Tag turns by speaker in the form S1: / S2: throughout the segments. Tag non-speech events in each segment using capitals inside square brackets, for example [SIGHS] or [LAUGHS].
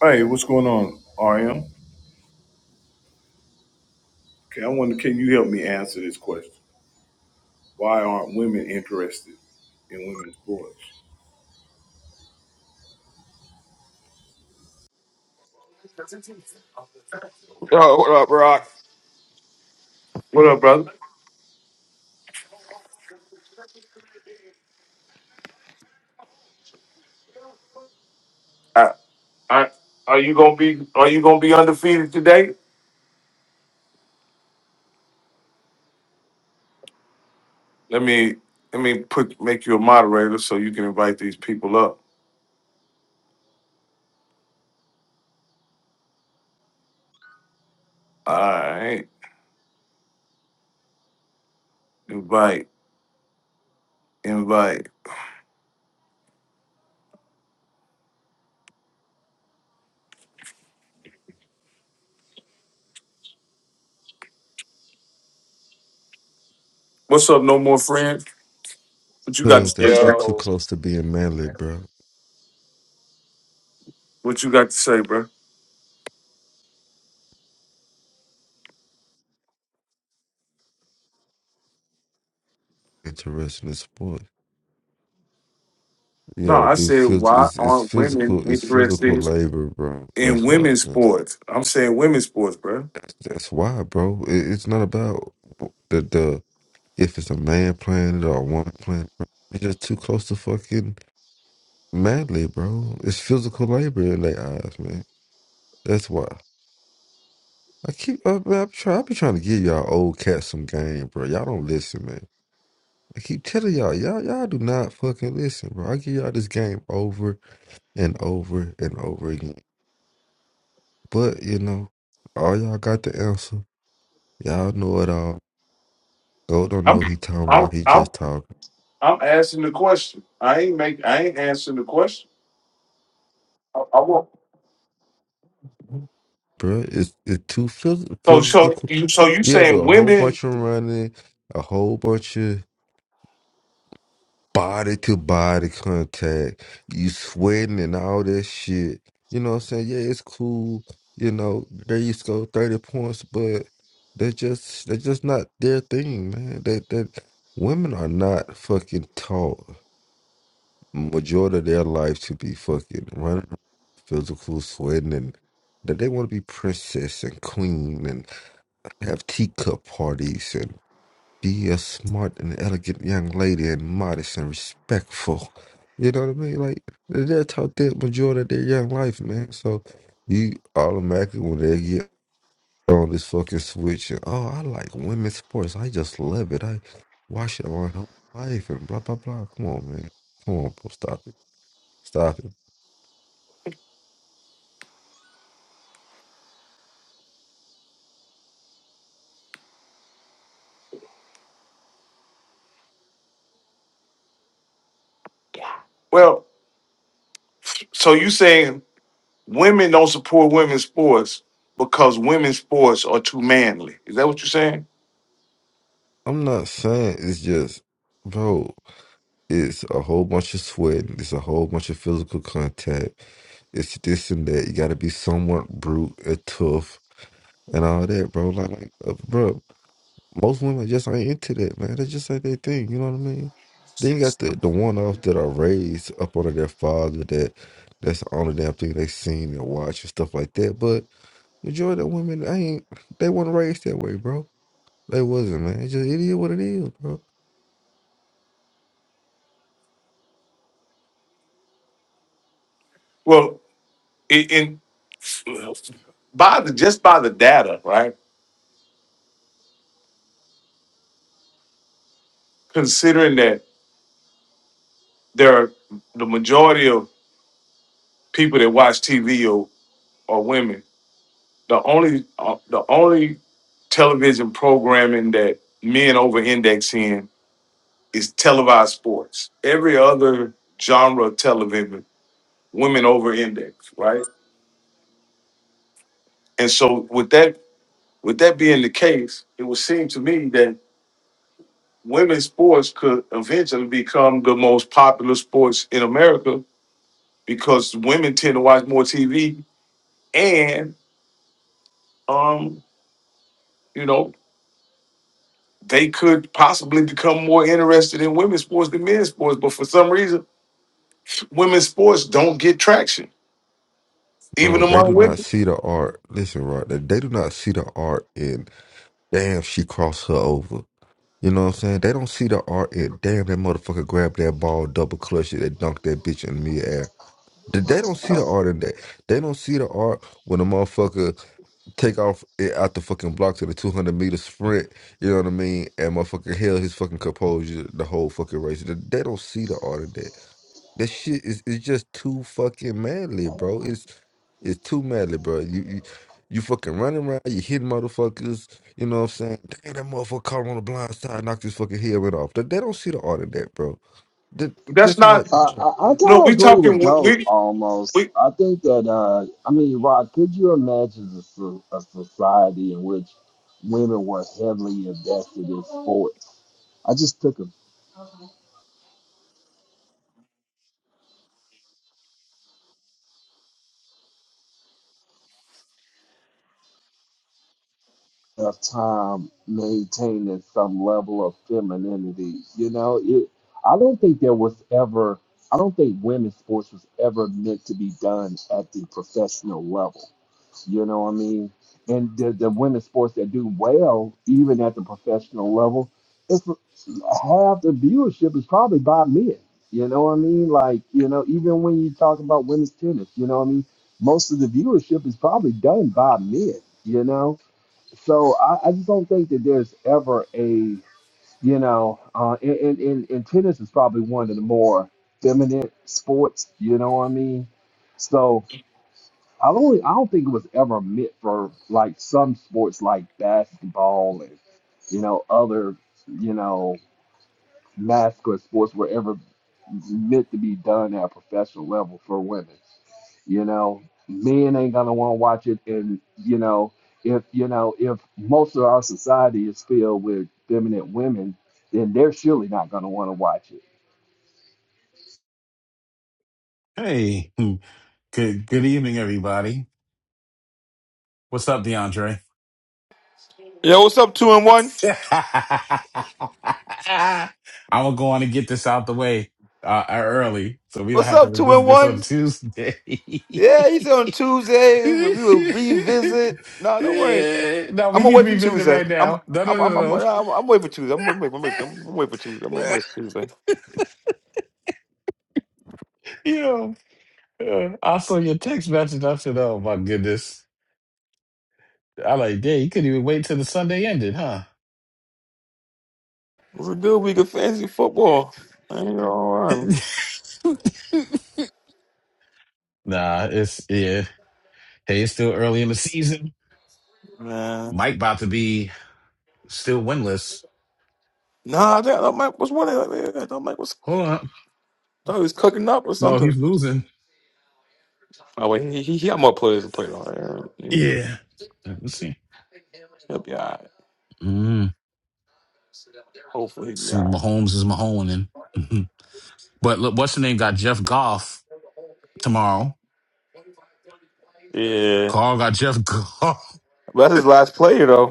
S1: Hey, what's going on, RM? Okay, I wonder, can you help me answer this question? Why aren't women interested in women's sports?
S2: Yo, what up, Rock?
S1: What up, brother? I, I, are you gonna be Are you gonna be undefeated today? Let me Let me put make you a moderator so you can invite these people up. All right, invite, invite. What's up, no more friends? What you got to
S3: Cause that
S1: say,
S3: shit
S1: bro?
S3: too
S4: Yo.
S3: close to being manly, bro.
S1: What you got to say, bro?
S3: Interested in sports. You
S1: No,
S3: gotta
S1: I
S3: do
S1: said,
S3: phys-
S1: why
S3: it's, it's
S1: aren't women
S3: physical it's physical
S1: interested
S3: labor, bro.
S1: in
S3: That's why I
S1: women's
S3: think
S1: sports? I'm saying women's sports, bro.
S3: that's, that's why, bro. It, it's not about the the if it's a man playing it or a woman playing it, bro. It's just too close to fucking manly, bro. It's physical labor in their eyes, man. That's why. I keep I, I, try, I be trying to give y'all old cats some game, bro. Y'all don't listen, man. I keep telling y'all, y'all, y'all do not fucking listen, bro. I give y'all this game over and over and over again. But you know, all y'all got the answer. Y'all know it all. Go don't
S1: I'm
S3: know he talking
S1: I'm
S3: about. He
S1: I'm
S3: just talking,
S1: I'm asking the question. I ain't make I ain't answering the question. I, I won't.
S3: bro. It's it's too phys-
S1: So so
S3: physical.
S1: you so you
S3: You gotta do
S1: saying
S3: a whole
S1: women?
S3: bunch of running, a whole bunch of body to body contact, you sweating and all that shit. You know what I'm saying? Yeah, it's cool. You know, they used to go 30 points, but they just they just not their thing, man. That that women are not fucking taught majority of their life to be fucking running around, physical sweating and that they want to be princess and queen and have teacup parties be a smart and elegant young lady and modest and respectful. You know what I mean? Like that's how the majority of their young life, man. So you automatically when they get on this fucking switch and oh, I like women's sports. I just love it. I watch it all my life and blah blah blah. Come on, man. Come on, bro. Stop it. Stop it.
S1: Well, so you saying women don't support women's sports because women's sports are too manly? Is that what you're saying?
S3: I'm not saying it's just bro. It's a whole bunch of sweating. It's a whole bunch of physical contact. It's this and that. You got to be somewhat brute and tough and all that, bro. Like, like uh, bro, most women just ain't into that, man. They just ain't their thing. You know what I mean? Then you got the, the one offs that are raised up under their father that that's the only damn thing they seen and watch and stuff like that. But majority of women, I ain't. They weren't raised that way, bro. They wasn't, man. It's just it is what it is, bro.
S1: Well, in, in by the just by the data, right? Considering that there are the majority of people that watch TV are, are women the only uh, the only television programming that men over index in is televised sports. Every other genre of television, women over index, right? And so with that with that being the case, it would seem to me that women's sports could eventually become the most popular sports in America because women tend to watch more TV and um, you know, they could possibly become more interested in women's sports than men's sports. But for some reason, women's sports don't get traction, even
S3: Bro, they
S1: among
S3: do not
S1: women.
S3: see the art. Listen, Rod, they they do not see the art in damn she crossed her over. You know what I'm saying? They don't see the art in damn that motherfucker grabbed that ball, double clutched it, and dunked that bitch in midair. They they don't see the art in that. They don't see the art when a motherfucker take off it out the fucking block to the 200 meter sprint. You know what I mean? And motherfucker held his fucking composure the whole fucking race. They they don't see the art in that. That shit is it's just too fucking manly, bro. It's it's too manly, bro. You you, you fucking running around, you hitting motherfuckers, you know what I'm saying? Dang, that motherfucker caught him on the blind side, knocked his fucking head right off. They, they don't see the art of that, bro. That,
S1: That's
S3: that's not
S1: not
S5: Uh,
S3: them,
S5: I, I
S3: man.
S1: no.
S5: kind of
S1: We
S5: agree
S1: talking
S5: with
S1: wo-
S5: Goat
S1: we
S5: almost.
S1: we.
S5: I think that, uh, I mean, Rod, could you imagine a, so- a society in which women were heavily invested in sports? I just took a enough time maintaining some level of femininity. You know, it, I don't think there was ever, I don't think women's sports was ever meant to be done at the professional level. You know what I mean? And the, the women's sports that do well, even at the professional level, it's half the viewership is probably by men. You know what I mean? Like, you know, even when you talk about women's tennis, you know what I mean? Most of the viewership is probably done by men, you know? So I, I just don't think that there's ever a, you know, uh, and, and, and and tennis is probably one of the more feminine sports, you know what I mean? So. I don't I don't think it was ever meant for like some sports like basketball and you know other you know masculine sports were ever meant to be done at a professional level for women. You know, men ain't gonna want to watch it, and you know if you know if most of our society is filled with feminine women, then they're surely not gonna want to watch it.
S6: Hey, hmm. good good evening, everybody. What's up, DeAndre?
S2: Yo, what's up, two and one?
S6: [LAUGHS] I'm gonna go on and get this out the way uh, early, so we don't
S2: What's
S6: have to
S2: up, two and
S6: revisit this on
S2: one?
S6: Tuesday. [LAUGHS] no,
S2: Yeah, he said on Tuesday we will revisit. No, don't worry. I'm
S6: we
S2: gonna
S6: need to
S2: wait for
S6: revisit
S2: Tuesday.
S6: right
S2: I'm
S6: now. No, no,
S2: I'm
S6: no,
S2: I'm I'm, I'm, I'm waiting for Tuesday. I'm waiting. I'm
S6: no.
S2: waiting. I'm waiting for Tuesday. I'm
S6: no.
S2: waiting for Tuesday. It
S6: [LAUGHS] you know, uh, I saw your text message. I said, "Oh my goodness!" I like, "Yeah, you couldn't even wait till the Sunday ended, huh?"
S2: a good week of fantasy football. I ain't gonna lie,
S6: [LAUGHS] Nah, it's yeah. Hey, it's still early in the season.
S2: man.
S6: Mike about to be still winless.
S2: Nah, I think I thought Mike was winning. I thought Mike was
S6: Hold on.
S2: thought he was cooking up or
S6: No, he's
S2: something.
S6: losing.
S2: Oh wait, he he, he got more players to play on. He'll
S6: Yeah. All right, Let's see.
S2: be all right.
S6: Mm,
S2: Hopefully, he'll
S6: let's
S2: be
S6: see,
S2: all right.
S6: Mahomes is Mahoning. Mhm. but look, what's the name? Got Jeff Goff tomorrow.
S2: Yeah,
S6: Carl got Jeff [LAUGHS] Goff.
S2: but that's his last player though.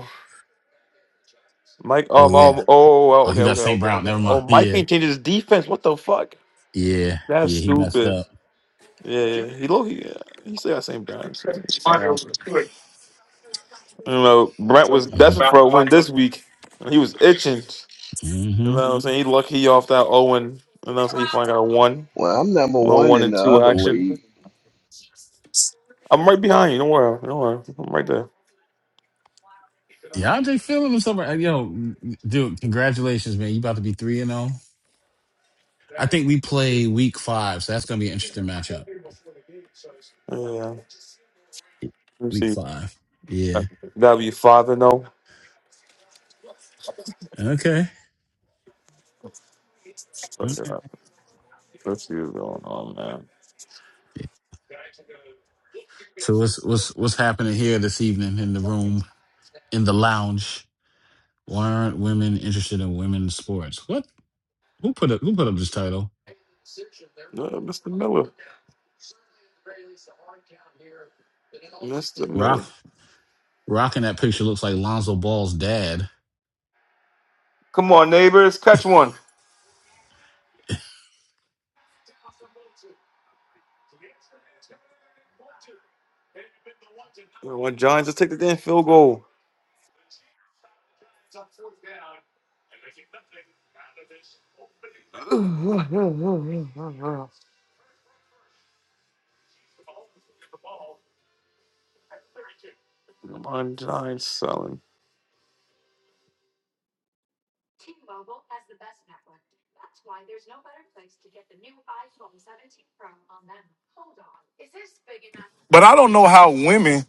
S2: Mike,
S6: Oh,
S2: um,
S6: yeah.
S2: um, oh, oh,
S6: Oh, he
S2: okay,
S6: got
S2: okay,
S6: St.
S2: okay,
S6: Brown.
S2: okay.
S6: Never
S2: Oh,
S6: mind.
S2: Mike
S6: Yeah.
S2: ain't changed his defense. What the fuck?
S6: Yeah.
S2: That's
S6: Yeah. He messed
S2: stupid.
S6: up.
S2: Yeah, yeah, yeah. he low. He, yeah, he still got St. Brown. so it's not happening. You know, Brent was
S6: hmm
S2: desperate for a win this week. and he was itching. You know
S6: hmm
S2: what I'm saying? He lucky off that Owen. You know what I'm saying? He finally got a one,
S5: Well, I'm number
S2: a little
S5: one
S2: one
S5: in
S2: and
S5: the
S2: two
S5: other
S2: action.
S5: league.
S2: I'm right behind you. Don't worry. Don't worry. I'm right there.
S6: DeAndre feeling himself. Yo, dude, congratulations, man. You about to be 3 and 0. I think we play week five, so that's gonna be an interesting matchup.
S2: Yeah. yeah, yeah. Let me
S6: Week
S2: see.
S6: five. Yeah.
S2: That'll be five and zero.
S6: Okay.
S2: So,
S6: Okay.
S2: yeah, Let's see what's going on, man.
S6: So what's what's what's happening here this evening in the room in the lounge? Why aren't women interested in women's sports? What? Who put up who put up this title?
S2: Uh, Mr. Miller. Mr.
S6: Rock
S2: Miller.
S6: rocking that picture looks like Lonzo Ball's dad.
S2: Come on, neighbors, catch one. One Giants to take the damn field goal. Come on, Giants selling.
S1: But I don't know how women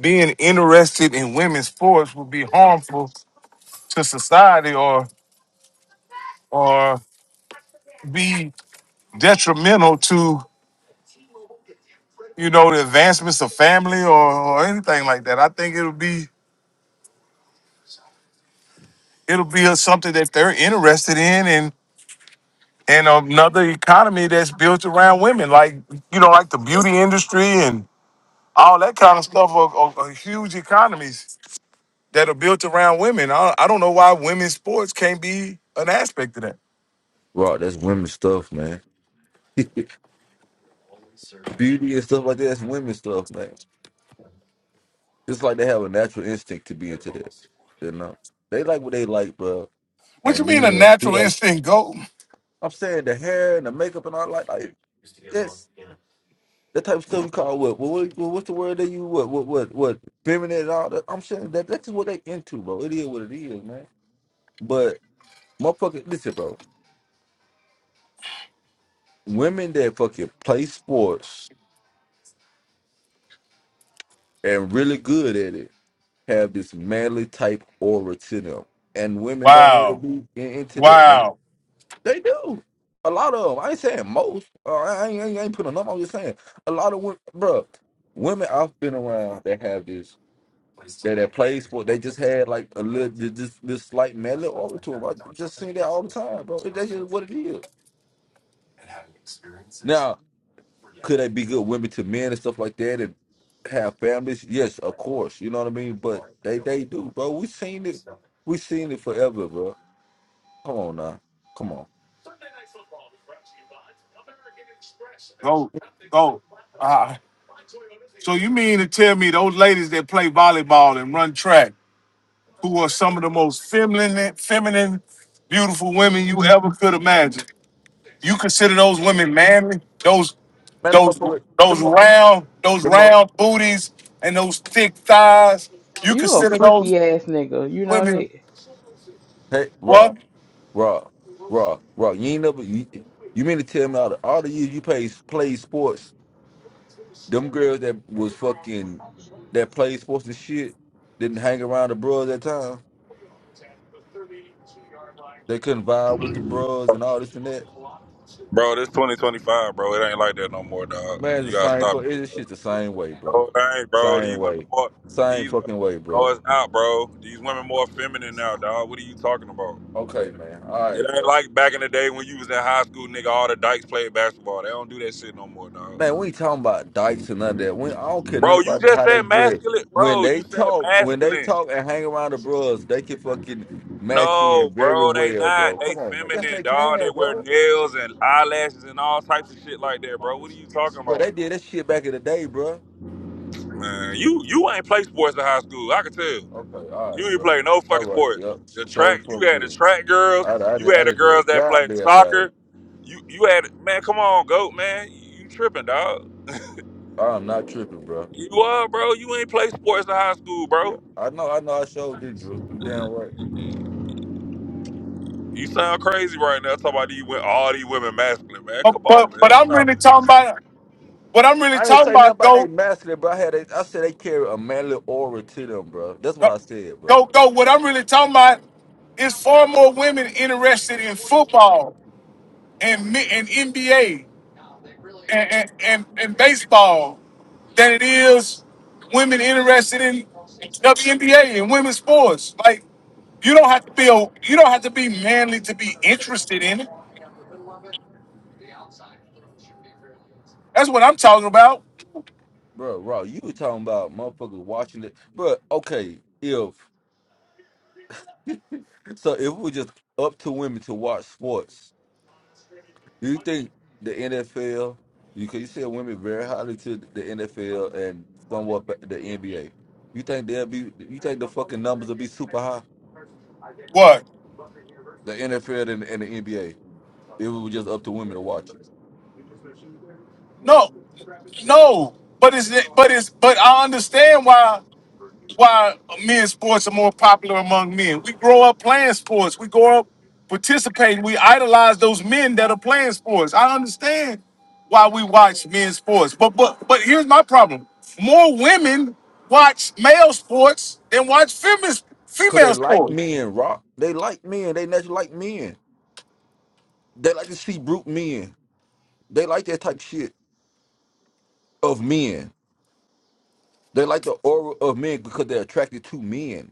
S1: being interested in women's sports would be harmful to society or or be detrimental to you know the advancements of family or, or anything like that. I think it'll be it'll be something that they're interested in And another economy that's built around women, like you know, like the beauty industry and all that kind of stuff are, are, are huge economies that are built around women. I, I don't know why women's sports can't be an aspect of that.
S3: Rock, that's women's stuff, man. [LAUGHS] Beauty and stuff like that, that's women's stuff, man. It's like they have a natural instinct to be into that. You know? They like what they like, bro.
S1: What you
S3: And
S1: mean
S3: me,
S1: a
S3: we
S1: natural
S3: like
S1: instinct goat?
S3: I'm saying the hair and the makeup and all like like this. That type of stuff we call what? What, what, what- What's the word that you what? What? What? What? Feminine and all that. I'm saying that that's what they into, bro. It is what it is, man. But motherfucker, listen, bro. Women that fucking play sports and really good at it have this manly type aura to them, and women don't want to
S1: Wow,
S3: be in, into that, man.
S1: wow,
S3: They do. A lot of them. I ain't saying most. Uh, I, ain't, I ain't putting them. I'm just saying a lot of women, bro. Women I've been around that have this that that plays where they just had like a little th- this this slight mellow over to them. I just seen that all the time, bro. That's just what it is. Now, could they be good women to men and stuff like that and have families? Yes, of course. You know what I mean. But they they do, bro. We seen it. We seen it forever, bro. Come on now. Come on.
S1: goat, goat. Ah, so you mean to tell me those ladies that play volleyball and run track, who are some of the most feminine, feminine, beautiful
S3: Man,
S1: women you ever could imagine? You consider those women manly? Those
S3: them
S1: those
S3: motherfuckers,
S1: those
S3: them motherfuckers,
S1: round those
S3: them motherfuckers.
S1: round booties and those thick thighs. You
S7: You a
S1: consider those
S7: freaky ass nigga. You know
S1: women
S7: that.
S3: Hey, Rob,
S1: what?
S3: Rob, Rob, Rob. You ain't never. You, you mean to tell me out of all the years you played play sports, them girls that was fucking that played sports and shit didn't hang around the bros at times? They couldn't vibe with the bros and all this and that.
S8: Bro, this 2025, bro. It ain't like that no more, dog.
S3: Man,
S8: You
S3: it's the
S8: gotta
S3: same.
S8: stop.
S3: fu-
S8: it.
S3: it. it's shit the same way, bro.
S8: No, it ain't, bro. These
S3: Same
S8: women
S3: way.
S8: more.
S3: Same
S8: These women.
S3: fucking way,
S8: No,
S3: bro.
S8: it's not, bro. These women more feminine now, dog. What are you talking about?
S3: Okay, man. All
S8: It
S3: right,
S8: ain't
S3: bro.
S8: like back in the day when you was in high school, nigga. All the dykes played basketball. They don't do that shit no more, dog.
S3: Man, we ain't talking about dykes and none of that. We, I don't care nothing
S8: Bro, you
S3: about
S8: just
S3: how
S8: said
S3: they dress.
S8: masculine,
S3: When
S8: bro. You
S3: they
S8: said
S3: talk, when they
S8: masculine.
S3: talk and hang around the bros, they can fucking match in
S8: No,
S3: very
S8: bro, they
S3: well,
S8: not.
S3: bro.
S8: They
S3: Come on, man. Yes,
S8: feminine,
S3: they
S8: dog. They
S3: can,
S8: wear
S3: bro.
S8: nails and eyelashes and all types of shit like that, bro. What are you talking
S3: But
S8: about?
S3: they did that shit back in the day, bro.
S8: Man, you you ain't play sports in high school. I can tell.
S3: Okay, all
S8: You
S3: right,
S8: ain't
S3: bro.
S8: play no
S3: All
S8: fucking
S3: right,
S8: sports.
S3: yep.
S8: The
S3: Show
S8: track, you
S3: fucking
S8: had the
S3: good.
S8: track girls,
S3: I, I,
S8: you
S3: didn't, I
S8: had the
S3: didn't do a
S8: girls that play
S3: goddamn thing.
S8: soccer. You you had man, come on, goat man, you, you tripping, dog?
S3: I'm not tripping, bro.
S8: You are, bro. You ain't play sports in high school,
S3: Yeah,
S8: bro.
S3: I know, I know. I showed did Drew. You damn right.
S8: You sound crazy right now. Talking about these wo- all these women masculine, man.
S1: But
S8: Come on,
S1: but, but
S8: man.
S1: I'm
S8: Stop
S1: really
S8: it.
S1: talking about what I'm really
S3: I didn't
S1: talking
S3: say nothing
S1: about.
S3: about they
S1: Go
S3: masculine, bro. I had, they, I said they carry a manly aura to them, bro. That's what
S1: uh,
S3: I said, bro.
S1: go go. What I'm really talking about is far more women interested in football and me- and NBA. and, and, and, and baseball than it is women interested in WNBA and women's sports. Like you don't have to feel you don't have to be manly to be interested in it. That's what I'm talking about.
S3: Bro, raw. you were talking about motherfuckers watching it, bro. Okay, if [LAUGHS] so, if it was just up to women to watch sports, do you think the NFL? You can you said women very highly to the NFL and somewhat the NBA. You think they'll be? You think the fucking numbers will be super high?
S1: What?
S3: The NFL and, and the NBA. It was just up to women to watch it.
S1: No, no. But it's but it's but I understand why. why men's sports are more popular among men. We grow up playing sports. We grow up participating. We idolize those men that are playing sports. I understand why we watch men's sports, but but but here's my problem: more women watch male sports than watch feminist
S3: Cause they
S1: female
S3: like
S1: sports.
S3: men, Rock. They like men. They naturally like men. They like to see brute men. They like that type of shit of men. They like the aura of men because they're attracted to men.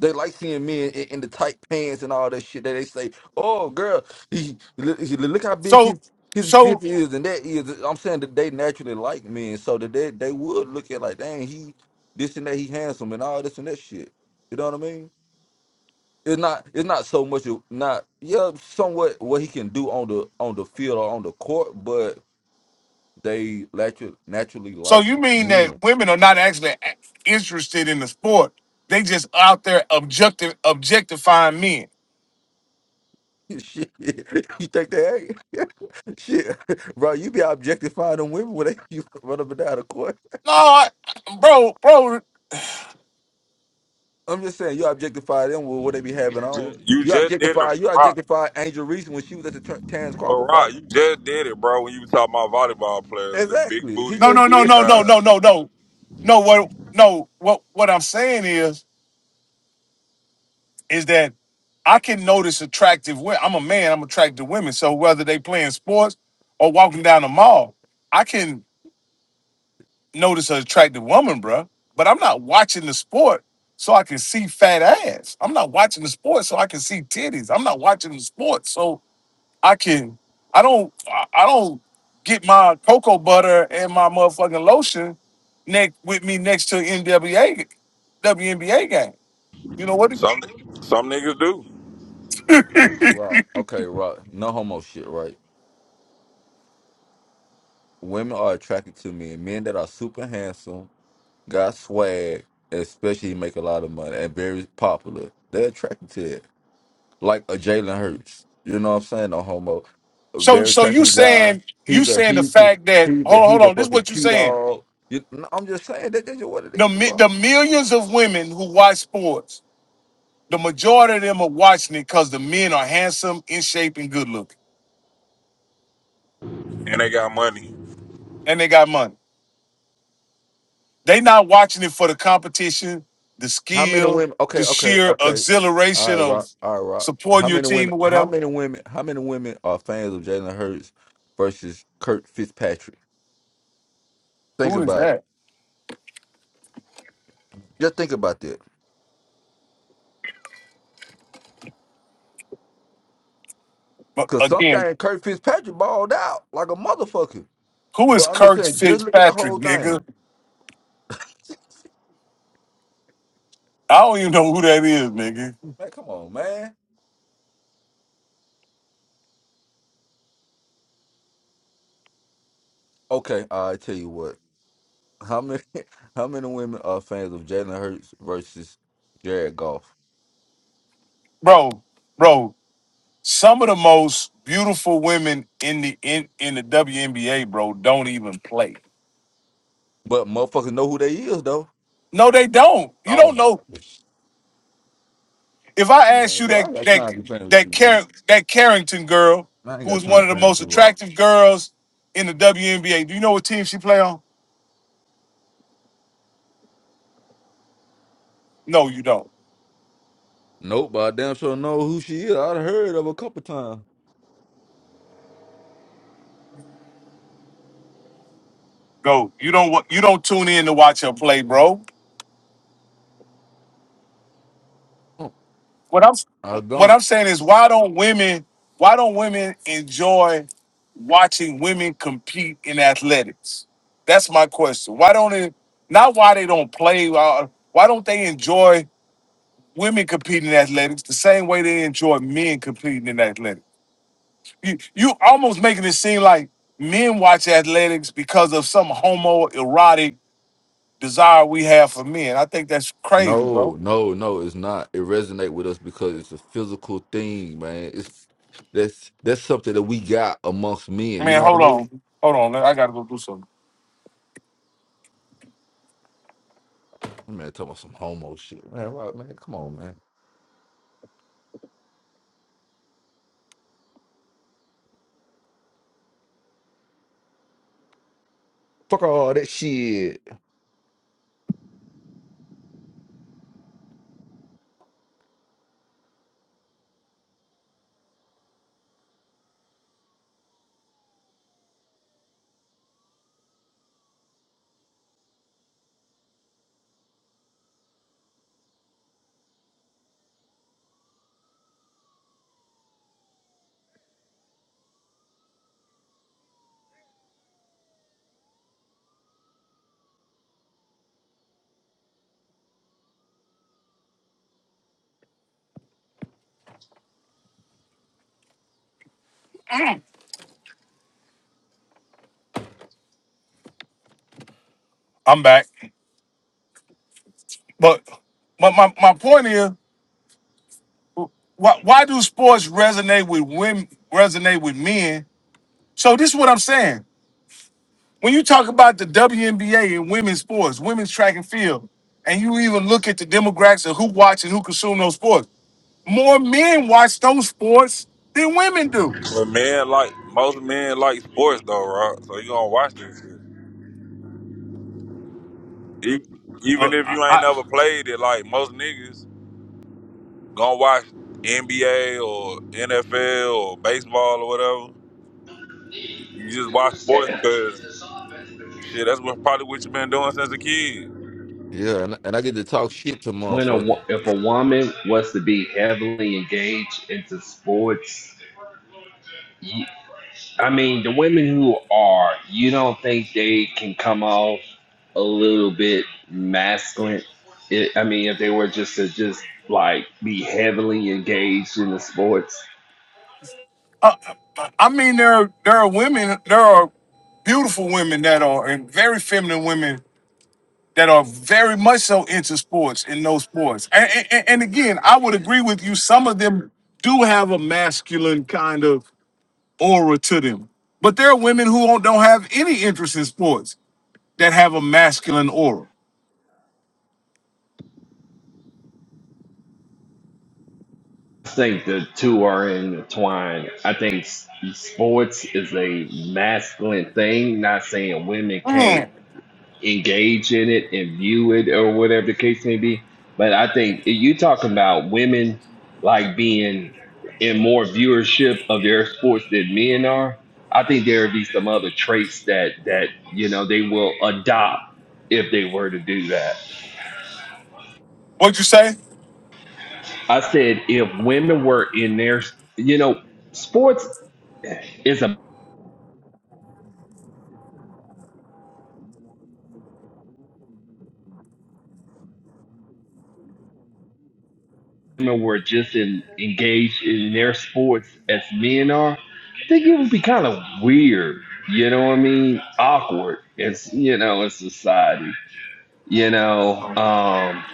S3: They like seeing men in, in the tight pants and all that shit that they say, oh girl, he, look look how big
S1: So
S3: his his biff
S1: so
S3: is and that is. I'm saying that they naturally like men, so that they, they would look at like, dang, he this and that, he handsome and all this and that shit. You know what I mean? it's not it's not so much of not yeah somewhat what he can do on the on the field or on the court, but they naturally naturally
S1: so
S3: like
S1: you mean
S3: men.
S1: that women are not actually a- interested in the sport? They just out there objective objectifying men.
S3: [LAUGHS] Shit, [LAUGHS] you think they ain't? [LAUGHS] Shit, bro, you be objectifying them women when they [LAUGHS] you run up and down the court.
S1: No, I, bro, bro.
S3: I'm just saying, you objectify them with what they be having on.
S8: Ju- You
S3: You
S8: just did it,
S3: objectify, you
S8: rock.
S3: objectify Angel Reese when she was at the Ter- Terrence
S8: Well,
S3: Crawford fight.
S8: rock, you just did it, bro. When you was talking about volleyball players, the big
S3: Exactly, he
S8: booties
S1: No,
S3: just
S8: and
S1: no, no,
S8: thick
S3: did. [LAUGHS]
S1: no, no, no,
S8: thighs.
S1: no, no. No, what no, what what I'm saying is is that I can notice attractive women. I'm a man, I'm attracted to women. So whether they playing sports or walking down the mall, I can notice an attractive woman, bruh. But I'm not watching the sport so I can see fat ass. I'm not watching the sport so I can see titties. I'm not watching the sport so. I can I don't I I don't get my cocoa butter and my motherfucking lotion neck with me next to NWA WNBA game. You know what?
S8: Some some niggas do,
S3: Wow. Okay, right. No homo shit, right? women are attracted to men. Men that are super handsome, got swag, especially make a lot of money and very popular. They're attracted to it. Like a Jalen Hurts. You know what I'm saying? No homo. A
S1: So
S3: very
S1: so you
S3: attractive guy.
S1: saying you
S3: He's a
S1: saying the
S3: he's he,
S1: fact that
S3: he's a
S1: hold on, hold
S3: he's a
S1: on, this is
S3: fucking
S1: what you
S3: cute
S1: saying.
S3: dog. You, no, I'm just saying that that's just what it
S1: The
S3: is,
S1: mi-
S3: bro.
S1: the millions of women who watch sports, the majority of them are watching it because the men are handsome, in shape, and good looking.
S8: and they got money.
S1: And they got money. They not watching it for the competition, the
S3: How many
S1: skill,
S3: women
S1: the
S3: okay, okay,
S1: sheer
S3: okay. All right,
S1: exhilaration of
S3: Rock. All right, Rock. How
S1: supporting your
S3: many
S1: team
S3: women
S1: or
S3: how
S1: whatever.
S3: many women how many women are fans of Jalen Hurts versus Kurt Fitzpatrick? Think
S1: Who is
S3: about it.
S1: that?
S3: Just think about that.
S1: But
S3: Cause some
S1: again,
S3: guy in Kirk Fitzpatrick balled out like a motherfucker.
S1: who
S3: But
S1: is
S3: I'm just
S1: Kurt
S3: saying, just look at the
S1: Fitzpatrick,
S3: whole thing.
S1: nigga? I don't even know who that is, nigga.
S3: Man, come on, man. Okay, I tell you what. How many [LAUGHS] how many women are fans of Jalen Hurts versus Jared Goff?
S1: Bro, bro, some of the most beautiful women in the in, in the WNBA, bro, don't even play.
S3: But motherfuckers know who they is though.
S1: No, they don't. You
S3: Oh
S1: don't
S3: my
S1: know. if I asked
S3: man,
S1: you
S3: bro, I
S1: that
S3: ain't got
S1: that
S3: time to be playing with
S1: that
S3: you, man.
S1: Car- that Carrington girl,
S3: I ain't
S1: who
S3: got
S1: was
S3: time
S1: one
S3: to
S1: of the
S3: play with
S1: most
S3: you, Rock.
S1: attractive girls in the WNBA, do you know what team she play on? No, you don't.
S3: Nope, but I damn sure know who she is. I'd heard of her a couple times.
S1: No, you don't. wa- You don't tune in to watch her play, bro.
S3: Mm,
S1: What I'm
S3: I
S1: what
S3: don't.
S1: I'm saying is, why don't women? Why don't women enjoy watching women compete in athletics? That's my question. Why don't it? Not why they don't play. uh, Why don't they enjoy women competing in athletics the same way they enjoy men competing in athletics? you you almost making it seem like men watch athletics because of some homoerotic desire we have for men. I think that's crazy, bro.
S3: No, no, no, it's not. It resonate with us because it's a physical thing, man. It's that's that's something that we got amongst men. You
S1: Man,
S3: know what I
S1: hold
S3: mean?
S1: on, hold on. I gotta go do something.
S3: Man, talking about some homo shit, man. Right, man, come on, man. Fuck all that shit.
S1: I'm back, but my my, my point is, why why do sports resonate with women? Resonate with men? So this is what I'm saying. When you talk about the WNBA and women's sports, women's track and field, and you even look at the demographics of who watch and who consume those sports, more men watch those sports than women do.
S8: But men like most men like sports though, Rob. So you gonna watch this shit. E-
S1: Uh,
S8: Even if
S1: I,
S8: you ain't
S1: I,
S8: never played it, like most niggas gonna watch NBA or NFL or baseball or whatever. You just watch sports because shit, that's what probably what you been doing since a kid.
S3: Yeah, and, and I get to talk shit to
S5: when a wo-
S3: motherfuckers.
S5: if a woman was to be heavily engaged into sports, you, I mean the women who are, you don't think they can come off a little bit masculine? It, I mean, if they were just to just like be heavily engaged in the sports,
S1: I, I mean, there are, there are women, there are beautiful women that are, and very feminine women that are very much so into sports in those sports. And, and, and again, I would agree with you. Some of them do have a masculine kind of aura to them, but there are women who don't, don't have any interest in sports that have a masculine aura.
S5: I think the two are intertwined. I think s- sports is a masculine thing. Not saying women can't.
S1: Mm.
S5: engage in it and view it or whatever the case may be. But I think you talk about women like being in more viewership of their sports than men are. I think there would be some other traits that that you know they will adopt if they were to do that.
S1: What'd you say?
S5: I said if women were in their you know sports is women were just in, engaged in their sports as men are, I think it would be kind of weird. You know what I mean? Awkward. It's you know in society. You know, um,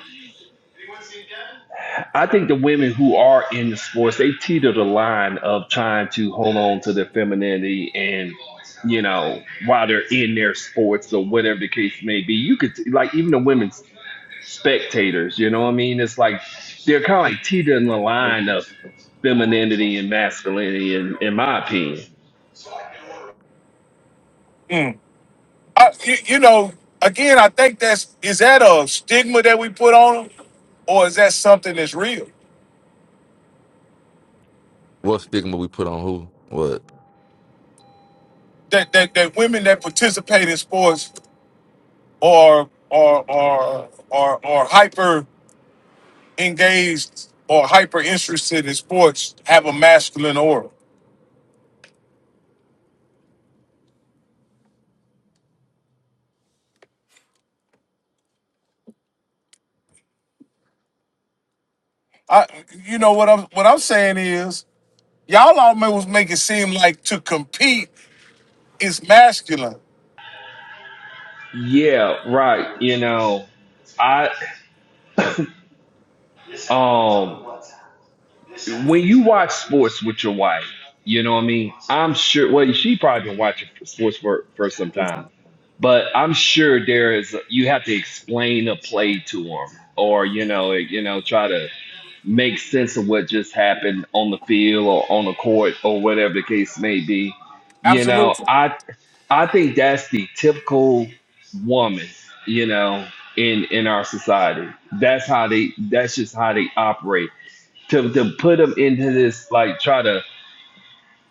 S5: I think the women who are in the sports they teeter the line of trying to hold on to their femininity and you know while they're in their sports or whatever the case may be. You could like even the women's spectators. You know what I mean? It's like they're kind of like teetering the line of femininity and masculinity in, in my opinion.
S1: Hmm. I, you, you know, again, I think that's is that a stigma that we put on them, or is that something that's real?
S3: What stigma we put on who? What?
S1: That that, that women that participate in sports are are are are, are hyper engaged or hyper interested in sports have a masculine aura. I, you know what I'm what I'm saying is y'all almost make it seem like to compete is masculine.
S5: Yeah, right. You know, I um when you watch sports with your wife, you know what I mean? I'm sure well she probably been watching sports for, for some time. But I'm sure there is you have to explain a play to them or you know, like, you know, try to make sense of what just happened on the field or on the court or whatever the case may be. You know,
S1: Absolutely.
S5: I I think that's the typical woman, you know, in in our society. That's how they. That's just how they operate. To to put them into this like try to.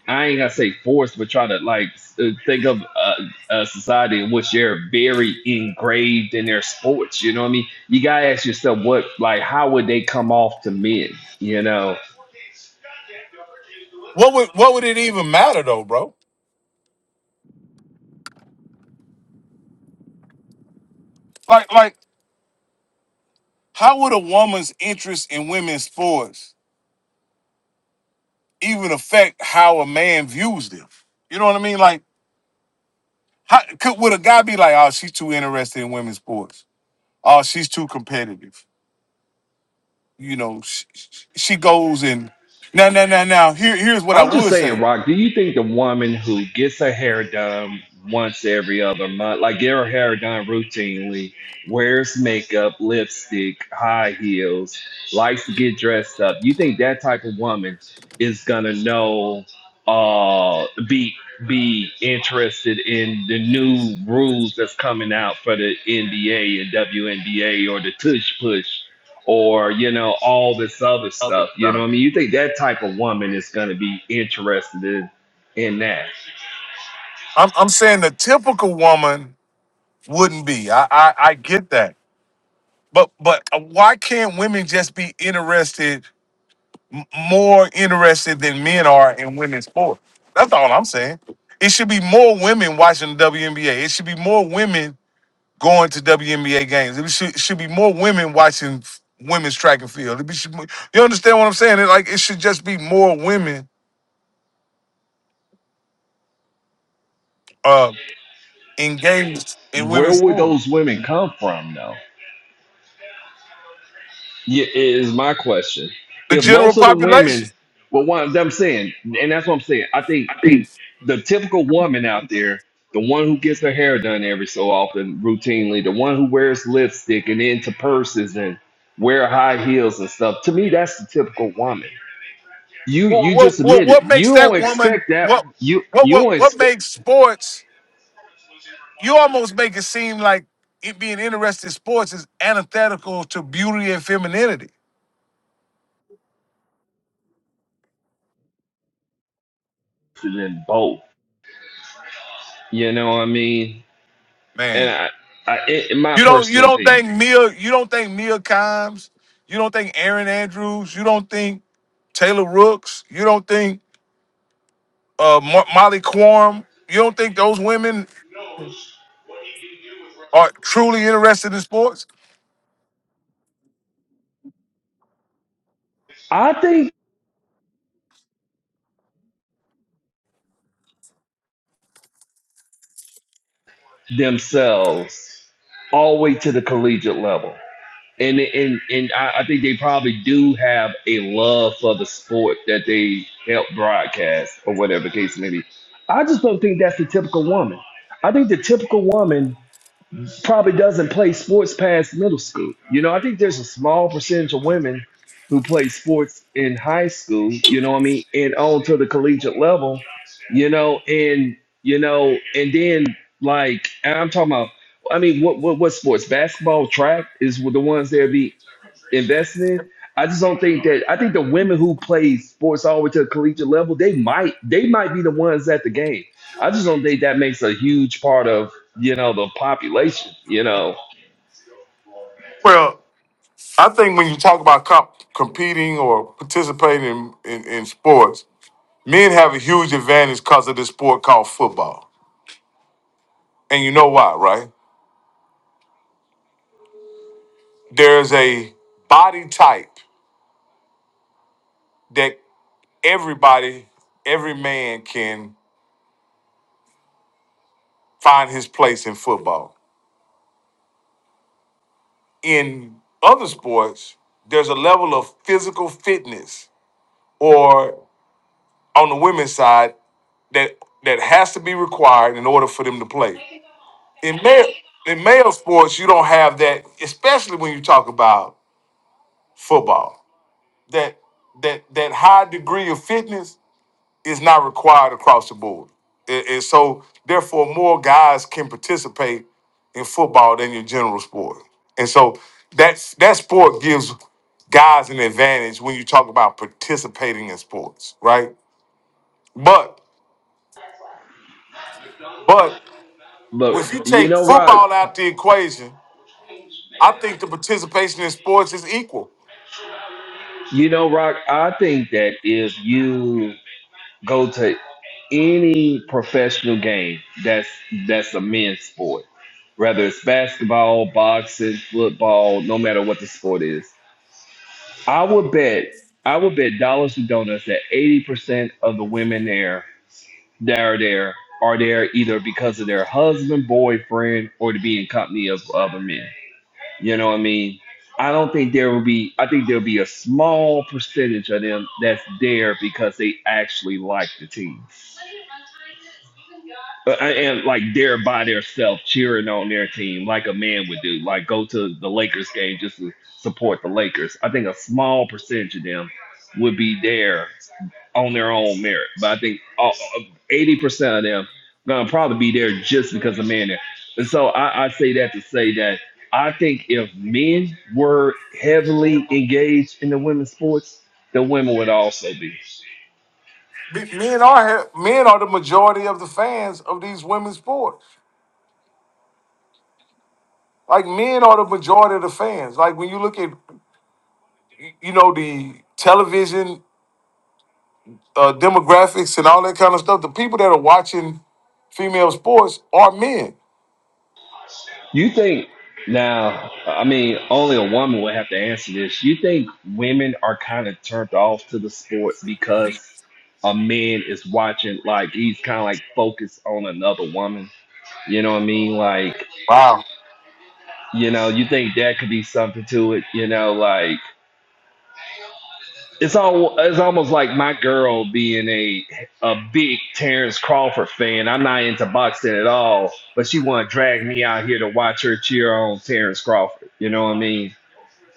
S5: I ain't gonna say force, but try to like s- uh, think of a, a society in which they're very engraved in their sports. You know what I mean? You gotta ask yourself what like how would they come off to men? You know?
S1: What would what would it even matter though, bro? Like like How would a woman's interest in women's sports even affect how a man views them? You know what I mean? Like, how could would a guy be like, "Oh, she's too interested in women's sports. Oh, she's too competitive. You know, she, she goes and now, now, now, now. Here, here's what I
S5: I'm just
S1: would
S5: saying,
S1: say.
S5: Rock, do you think the woman who gets her hair done once every other month, like get her hair done routinely, wears makeup, lipstick, high heels, likes to get dressed up, you think that type of woman is gonna know uh be be interested in the new rules that's coming out for the NBA and WNBA or the tush push or you know all this other
S1: Okay,
S5: stuff you know
S1: stop.
S5: what i mean you think that type of woman is going to be interested in in that
S1: I'm, I'm saying the typical woman wouldn't be. I, I, I get that, but, but why can't women just be interested more interested than men are in women's sports. That's all I'm saying. It should be more women watching the WNBA. It should be more women going to WNBA games. It should, should be more women watching f- women's track and field. It be- should, you understand what I'm saying? It, like it should just be more women uh, engaged in
S5: where
S1: women's
S5: would
S1: sports.
S5: those women come from though yeah, is my question
S1: The
S5: if
S1: general
S5: most of the
S1: population.
S5: women well what i'm saying and that's what i'm saying i think the typical woman out there the one who gets her hair done every so often routinely the one who wears lipstick and into purses and wear high heels and stuff to me that's the typical woman You
S1: What,
S5: you
S1: what
S5: just
S1: what
S5: admitted
S1: what
S5: you
S1: makes
S5: don't
S1: that woman
S5: expect that
S1: what
S5: you
S1: what
S5: you
S1: what
S5: don't
S1: what
S5: expect
S1: makes sports? you almost make it seem like it being interested in sports is antithetical to beauty and femininity.
S5: in both. You know what I mean? And
S1: Man,
S5: I, I in my
S1: you don't you
S5: personal
S1: don't
S5: opinion,
S1: think Mia you don't think Mia Kimes, you don't think Aaron Andrews, you don't think Taylor Rooks, you don't think uh, Mo- Molly Quorum, you don't think those women are truly interested in sports?
S5: I think themselves all the way to the collegiate level. And and and I, I think they probably do have a love for the sport that they help broadcast or whatever the case may be. I just don't think that's the typical woman. I think the typical woman probably doesn't play sports past middle school. You know, I think there's a small percentage of women who play sports in high school, you know what I mean, and on to the collegiate level, you know, and you know, and then like and I'm talking about I mean what what what sports? Basketball, track is the ones that be investing in. I just don't think that. I think the women who play sports all the way to the collegiate level, they might they might be the ones at the game. I just don't think that makes a huge part of you know the population. You know,
S1: Well, I think when you talk about comp- competing or participating in, in, in sports, men have a huge advantage because of this sport called football. And you know why, right? there's a body type that everybody, every man can find his place in football. In other sports, there's a level of physical fitness or on the women's side that that has to be required in order for them to play. In male in male sports, you don't have that, especially when you talk about football. That that that high degree of fitness is not required across the board. And, and so, therefore, more guys can participate in football than your general sport. And so, that's, that sport gives guys an advantage when you talk about participating in sports, right? But, but
S5: but
S1: if you
S5: you
S1: take
S5: know, Rock,
S1: football out the equation, I think the participation in sports is equal.
S5: you know, Rock, I think that if you go to any professional game that's that's a men's sport, whether it's basketball, boxing, football, no matter what the sport is, I would bet I would bet dollars to donuts that eighty percent of the women there that are there are there either because of their husband, boyfriend, or to be in company of other men. You know what I mean? I don't think there will be. I think there'll be a small percentage of them that's there because they actually like the team, Uh, and like they're by themselves cheering on their team like a man would do. Like go to the Lakers game just to support the Lakers. I think a small percentage of them would be there on their own merit. But I think all, eighty percent of them gonna probably be there just because of men there. And so I, I say that to say that I think if men were heavily engaged in the women's sports, the women would also be.
S1: Be- Men are ha- men are the majority of the fans of these women's sports. Like men are the majority of the fans. Like when you look at y- you know the television uh, demographics and all that kind of stuff. The people that are watching female sports are men.
S5: You think now? I mean, only a woman would have to answer this. You think women are kind of turned off to the sport because a man is watching, like he's kind of like focused on another woman. You know what I mean? Like
S1: Wow.
S5: You know, you think that could be something to it. You know, like it's all it's almost like my girl being a a big Terrence Crawford fan. I'm not into boxing at all, but she want to drag me out here to watch her cheer on Terrence Crawford. You know what I mean?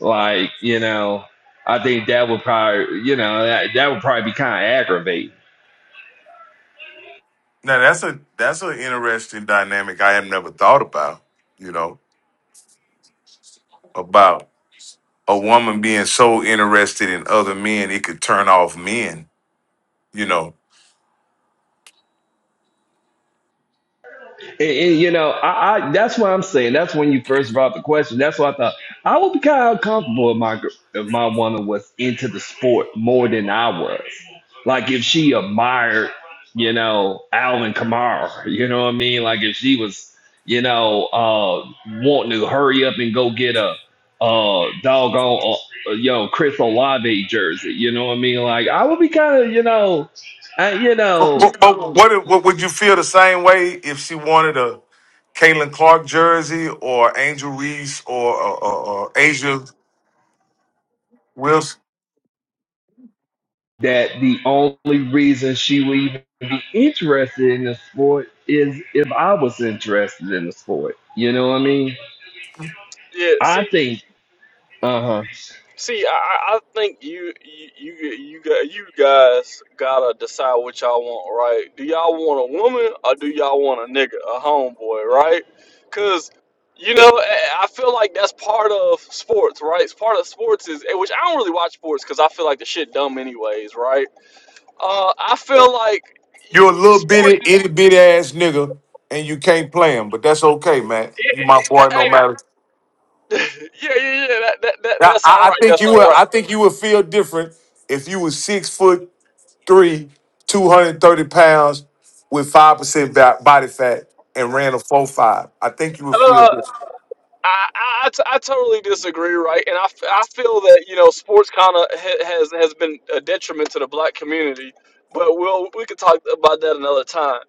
S5: Like, you know, I think that would probably, you know, that, that would probably be kind of aggravating.
S1: Now that's a that's an interesting dynamic I have never thought about. You know about a woman being so interested in other men it could turn off men. You know,
S5: And, and, you know, I, I that's what I'm saying. That's when you first brought up the question. That's what I thought. I would be kind of uncomfortable if my gr- if my woman was into the sport more than I was. Like if she admired, you know, Alvin Kamara. You know what I mean? Like if she was, you know, uh, wanting to hurry up and go get a uh doggone uh, yo Chris Olave jersey. You know what I mean? Like I would be kind of you know, I, you
S1: but,
S5: know.
S1: but, but what, if- what would you feel the same way if she wanted a Caitlin Clark jersey or Angel Reese or, or, or, or Asia Wilson?
S5: that the only reason she would even be interested in the sport is if I was interested in the sport. You know what I mean?
S9: Yeah,
S5: I
S9: see,
S5: think. Uh huh.
S9: see, I, I think you, you, you, you got, you guys gotta decide what y'all want, right? Do y'all want a woman or do y'all want a nigga, a homeboy, right? Cause you know, I I feel like that's part of sports, right? It's part of sports is, eh, which I don't really watch sports because I feel like the shit dumb anyways, right? Uh, I feel like y-
S1: You're a
S9: y-
S1: little
S9: sports
S1: bitty,
S9: is,
S1: itty bitty ass nigga, and you can't play him, but that's okay, man. You my boy, no matter.
S9: [LAUGHS] yeah, yeah, yeah, that, that, that,
S1: Now,
S9: that's all
S1: I, I
S9: right,
S1: think
S9: that's
S1: you
S9: all
S1: would. I think you would feel different if you was six foot three, two hundred thirty pounds, with five percent body fat, and ran a four five. I think you would
S9: right.
S1: feel
S9: Uh,
S1: different.
S9: I, I, I t- I totally disagree, right? And I, f- I feel that you know sports kind of ha- has has been a detriment to the black community, but we'll we could talk about that another time.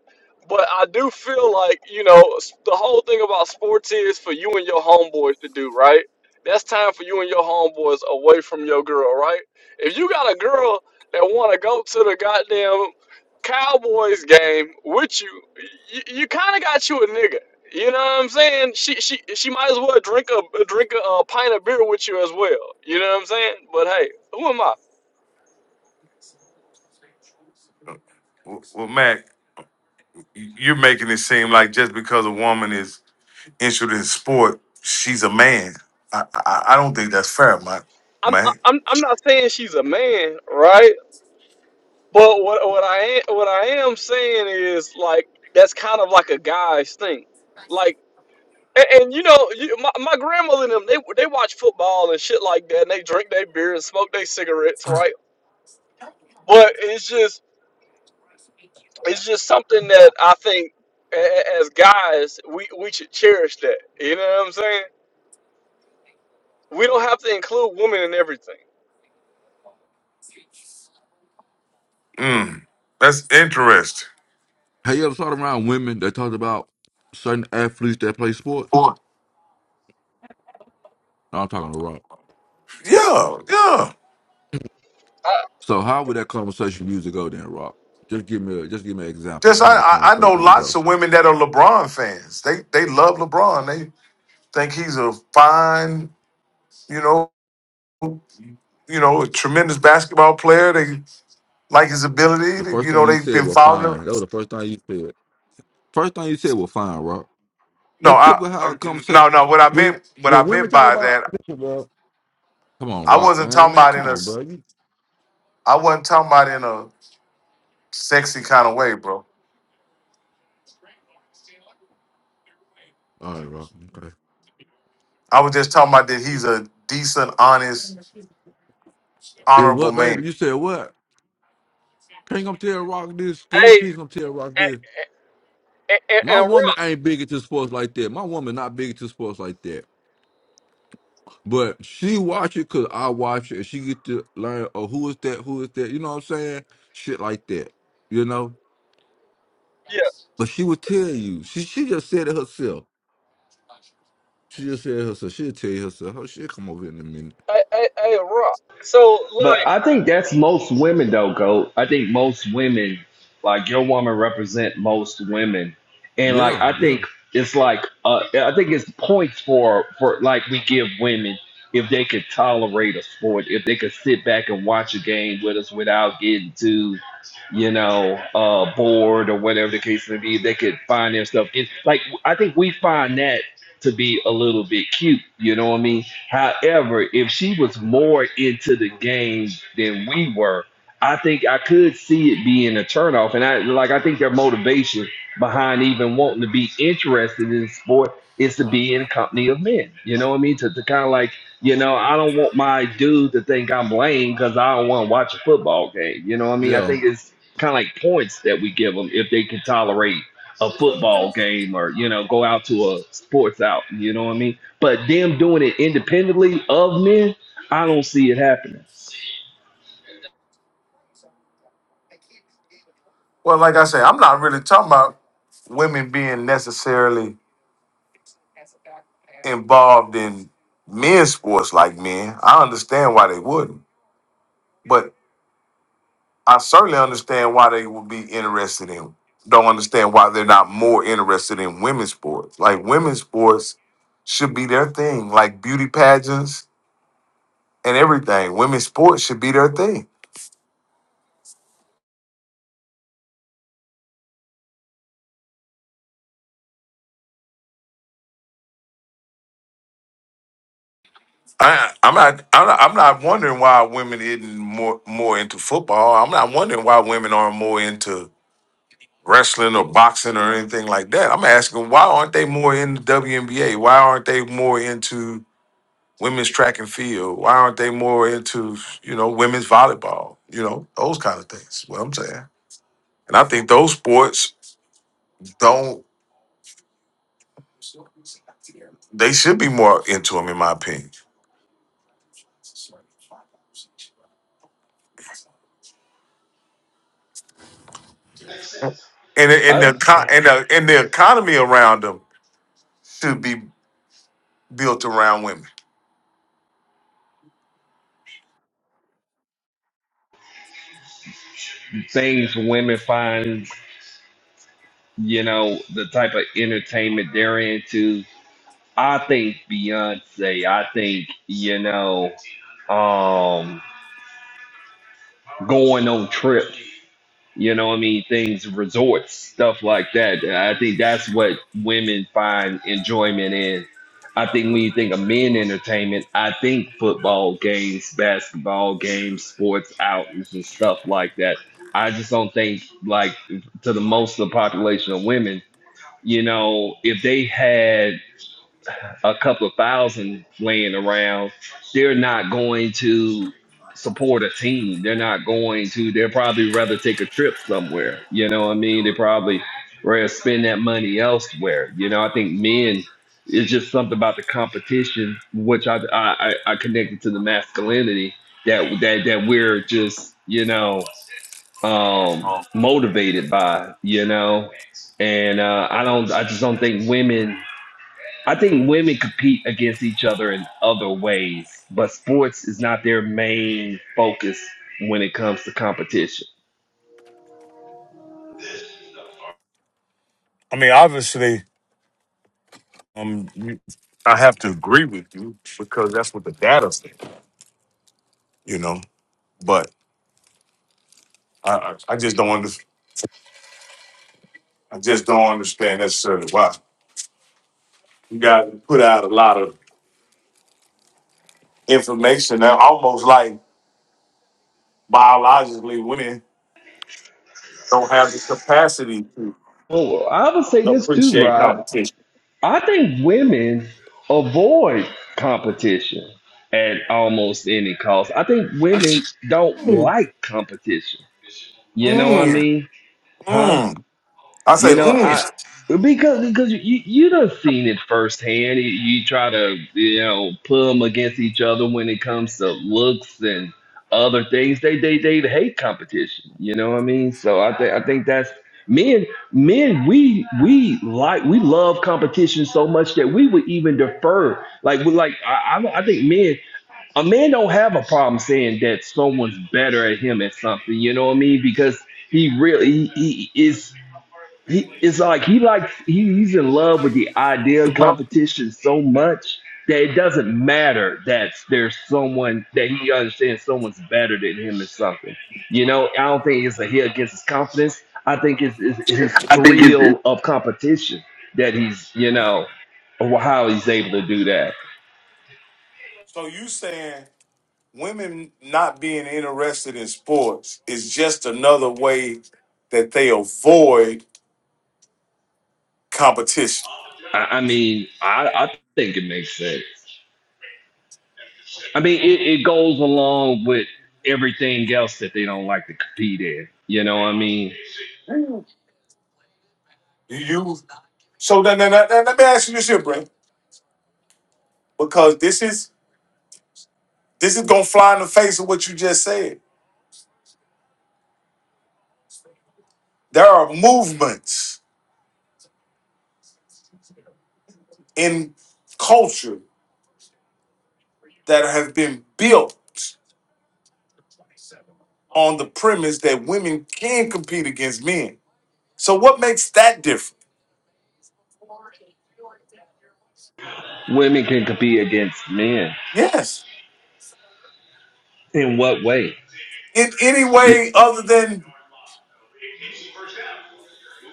S9: But I do feel like you know s- the whole thing about sports is for you and your homeboys to do, right? That's time for you and your homeboys away from your girl, right? If you got a girl that want to go to the goddamn Cowboys game with you, you, you kind of got you a nigga. You know what I'm saying? She she she might as well drink a drink a, uh pint of beer with you as well. You know what I'm saying? But hey, who am I?
S1: Well, well, Mac, you're making it seem like just because a woman is interested in sport, she's a man. I I, I don't think that's fair, Mac.
S9: I'm
S1: Mac,
S9: I'm I'm not saying she's a man, right? But what what I am what I am saying is like that's kind of like a guy's thing, like. And, and you know, you, my, my grandmother and them, they they watch football and shit like that, and they drink their beer and smoke their cigarettes, right? But it's just it's just something that I think a- as guys we we should cherish that. You know what I'm saying? We don't have to include women in everything.
S1: mm, that's interesting.
S3: Have you ever thought around women that talked about certain athletes that play sport? No, I'm talking to Rock.
S1: Yeah, yeah.
S9: Uh,
S3: So how would that conversation usually go then, Rock? Just give me a just give me an example
S1: Just I,
S3: how that
S1: I I know
S3: conversation would go.
S1: lots of women that are LeBron fans. They they love LeBron. They think he's a fine, you know, you know, a tremendous basketball player. They like his ability.
S3: The
S1: They-
S3: first
S1: You
S3: thing
S1: know,
S3: you
S1: they've
S3: said
S1: been
S3: was
S1: following
S3: fine.
S1: him.
S3: That was the first thing you said. First thing you said was fine, Rock.
S1: No,
S3: That's
S1: I
S3: typical how a
S1: no
S3: conversation
S1: no. What I
S3: when
S1: meant what
S3: when
S1: I
S3: women
S1: meant
S3: talk
S1: by
S3: about
S1: that,
S3: listen, bro. Come on,
S1: I
S3: Rock,
S1: wasn't
S3: man,
S1: talking
S3: man,
S1: about
S3: come
S1: in a
S3: on,
S1: s-
S3: bro. You
S1: I wasn't talking about in a sexy kind of way, bro.
S3: all right, Rock? Okay.
S1: I was just talking about that he's a decent, honest,
S3: It
S1: honorable
S3: what,
S1: man.
S3: baby? You said what? Can you come tell Rock this? Can you
S9: hey,
S3: please come tell Rock this?
S9: and, and,
S3: My
S9: and Rock,
S3: woman ain't big into sports like that. My woman not big into sports like that. But she watch it cause I watch it, and she get to learn. Oh, who is that? Who is that? You know what I'm saying? Shit like that. You know.
S9: yeah,
S3: But she would tell you. She she just said it herself. She just said it herself. She'll tell you herself. Oh, she'll come over in a minute.
S9: hey, hey, hey, Rock. So
S5: But
S9: like,
S5: I think that's most women though, Goat. I think most women, like your woman represent most women. And like
S3: Yeah,
S5: I
S3: yeah,
S5: think it's like uh I think it's points for for like we give women if they could tolerate a sport, if they could sit back and watch a game with us without getting too, you know, uh bored or whatever the case may be, they could find their stuff. It's like I think we find that to be a little bit cute, you know what I mean? However, if she was more into the game than we were, I think I could see it being a turnoff. And I like I think their motivation behind even wanting to be interested in sport is to be in company of men. You know what I mean? To, to kind of like, you know, I don't want my dude to think I'm lame because I don't want to watch a football game. You know what I mean? I
S3: yeah.
S5: think it's kind of like points that we give them if they can tolerate a football game or you know go out to a sports out you know what i mean but them doing it independently of men i don't see it happening
S1: Well, like I said, I'm not really talking about women being necessarily involved in men's sports like men. I understand why they wouldn't, but I certainly understand why they would be interested in. Don't understand why they're not more interested in women's sports. Like women's sports should be their thing, like beauty pageants and everything. Women's sports should be their thing. I, I'm not. I'm not. I'm not wondering why women isn't more more into football. I'm not wondering why women aren't more into wrestling or boxing or anything like that. I'm asking why aren't they more in the WNBA? Why aren't they more into women's track and field? Why aren't they more into, you know, women's volleyball? You know, those kind of things. What I'm saying. And I think those sports don't they should be more into them in my opinion. And the- and the
S5: I,
S1: co- and the, and the economy around them should be built around women.
S5: things women find you know the type of entertainment they're into i think beyonce i think you know um going on trips you know what I mean, things, resorts, stuff like that. I think that's what women find enjoyment in. I think when you think of men entertainment, I think football games, basketball games, sports outings, and stuff like that. I just don't think, like, to the most of the population of women, you know, if they had a couple thousand laying around, they're not going to support a team. They're not going to. They'll probably rather take a trip somewhere. You know what I mean? They probably rather spend that money elsewhere. You know, I think men it's just something about the competition, which I I, I I connected to the masculinity that that that we're just you know um motivated by you know and uh i don't i just don't think women I think women compete against each other in other ways, but sports is not their main focus when it comes to competition.
S1: I mean, obviously. Um, you- I have to agree with you because that's what the data said, you know. But I, I I just don't under, I just don't understand necessarily why you guys put out a lot of information that almost like biologically women don't have the capacity to
S5: Oh, I would say this too,
S1: appreciate
S5: Rod.
S1: competition.
S5: I think women avoid competition at almost any cost. I think women don't
S1: Mm,
S5: like competition. You know what I
S1: mm,
S5: mean? Huh?
S1: mm. I say,
S5: You know, I
S1: mm.
S5: because because you you you done seen it firsthand. You, you try to you know put them against each other when it comes to looks and other things. They they they hate competition. You know what I mean? So I think I think that's men men we we like we love competition so much that we would even defer like we like I I, I think men. A man don't have a problem saying that someone's better at him at something, you know what I mean? Because he really he, he is. He it's like he likes he, he's in love with the idea of
S1: Well,
S5: competition so much that it doesn't matter that there's someone that he understands someone's better than him or something. You know, I don't think it's a hit against his confidence. I think it's, it's his
S1: I think
S5: thrill
S1: it's
S5: of competition that he's you know or how he's able to do that.
S1: so you saying? women not being interested in sports is just another way that they avoid competition.
S5: I, I mean, I, I think it makes sense. I mean, it, it goes along with everything else that they don't like to compete in. You know what I mean?
S1: You so then, then, then let me ask you this here, Brent, because this is this is gonna fly in the face of what you just said. There are movements in culture that have been built on the premise that women can compete against men. So what makes that different?
S5: Women can compete against men.
S1: Yes.
S5: In what way?
S1: In any
S5: You-
S1: way other than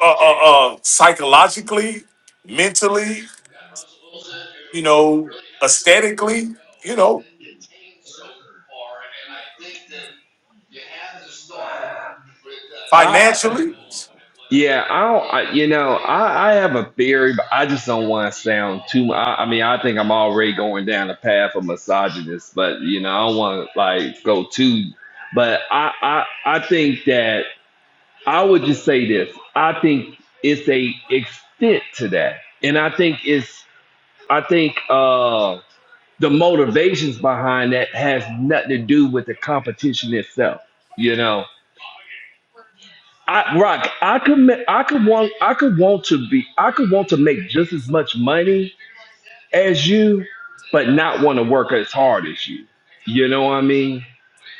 S1: uh, uh, uh, psychologically, mentally, you know, aesthetically, you know,
S5: I,
S1: financially.
S5: yeah, I don't. I, you know, I, I have a theory, but I just don't want to sound too. I, I mean, I think I'm already going down the path of misogynist, but you know, I don't want to like go too. But I, I, I think that. I would just say this. I think it's a extent to that. And I think it's I think uh the motivations behind that has nothing to do with the competition itself. You know. I rock, I could ma- I could want I could want to be I could want to make just as much money as you, but not want to work as hard as you. You know what I mean?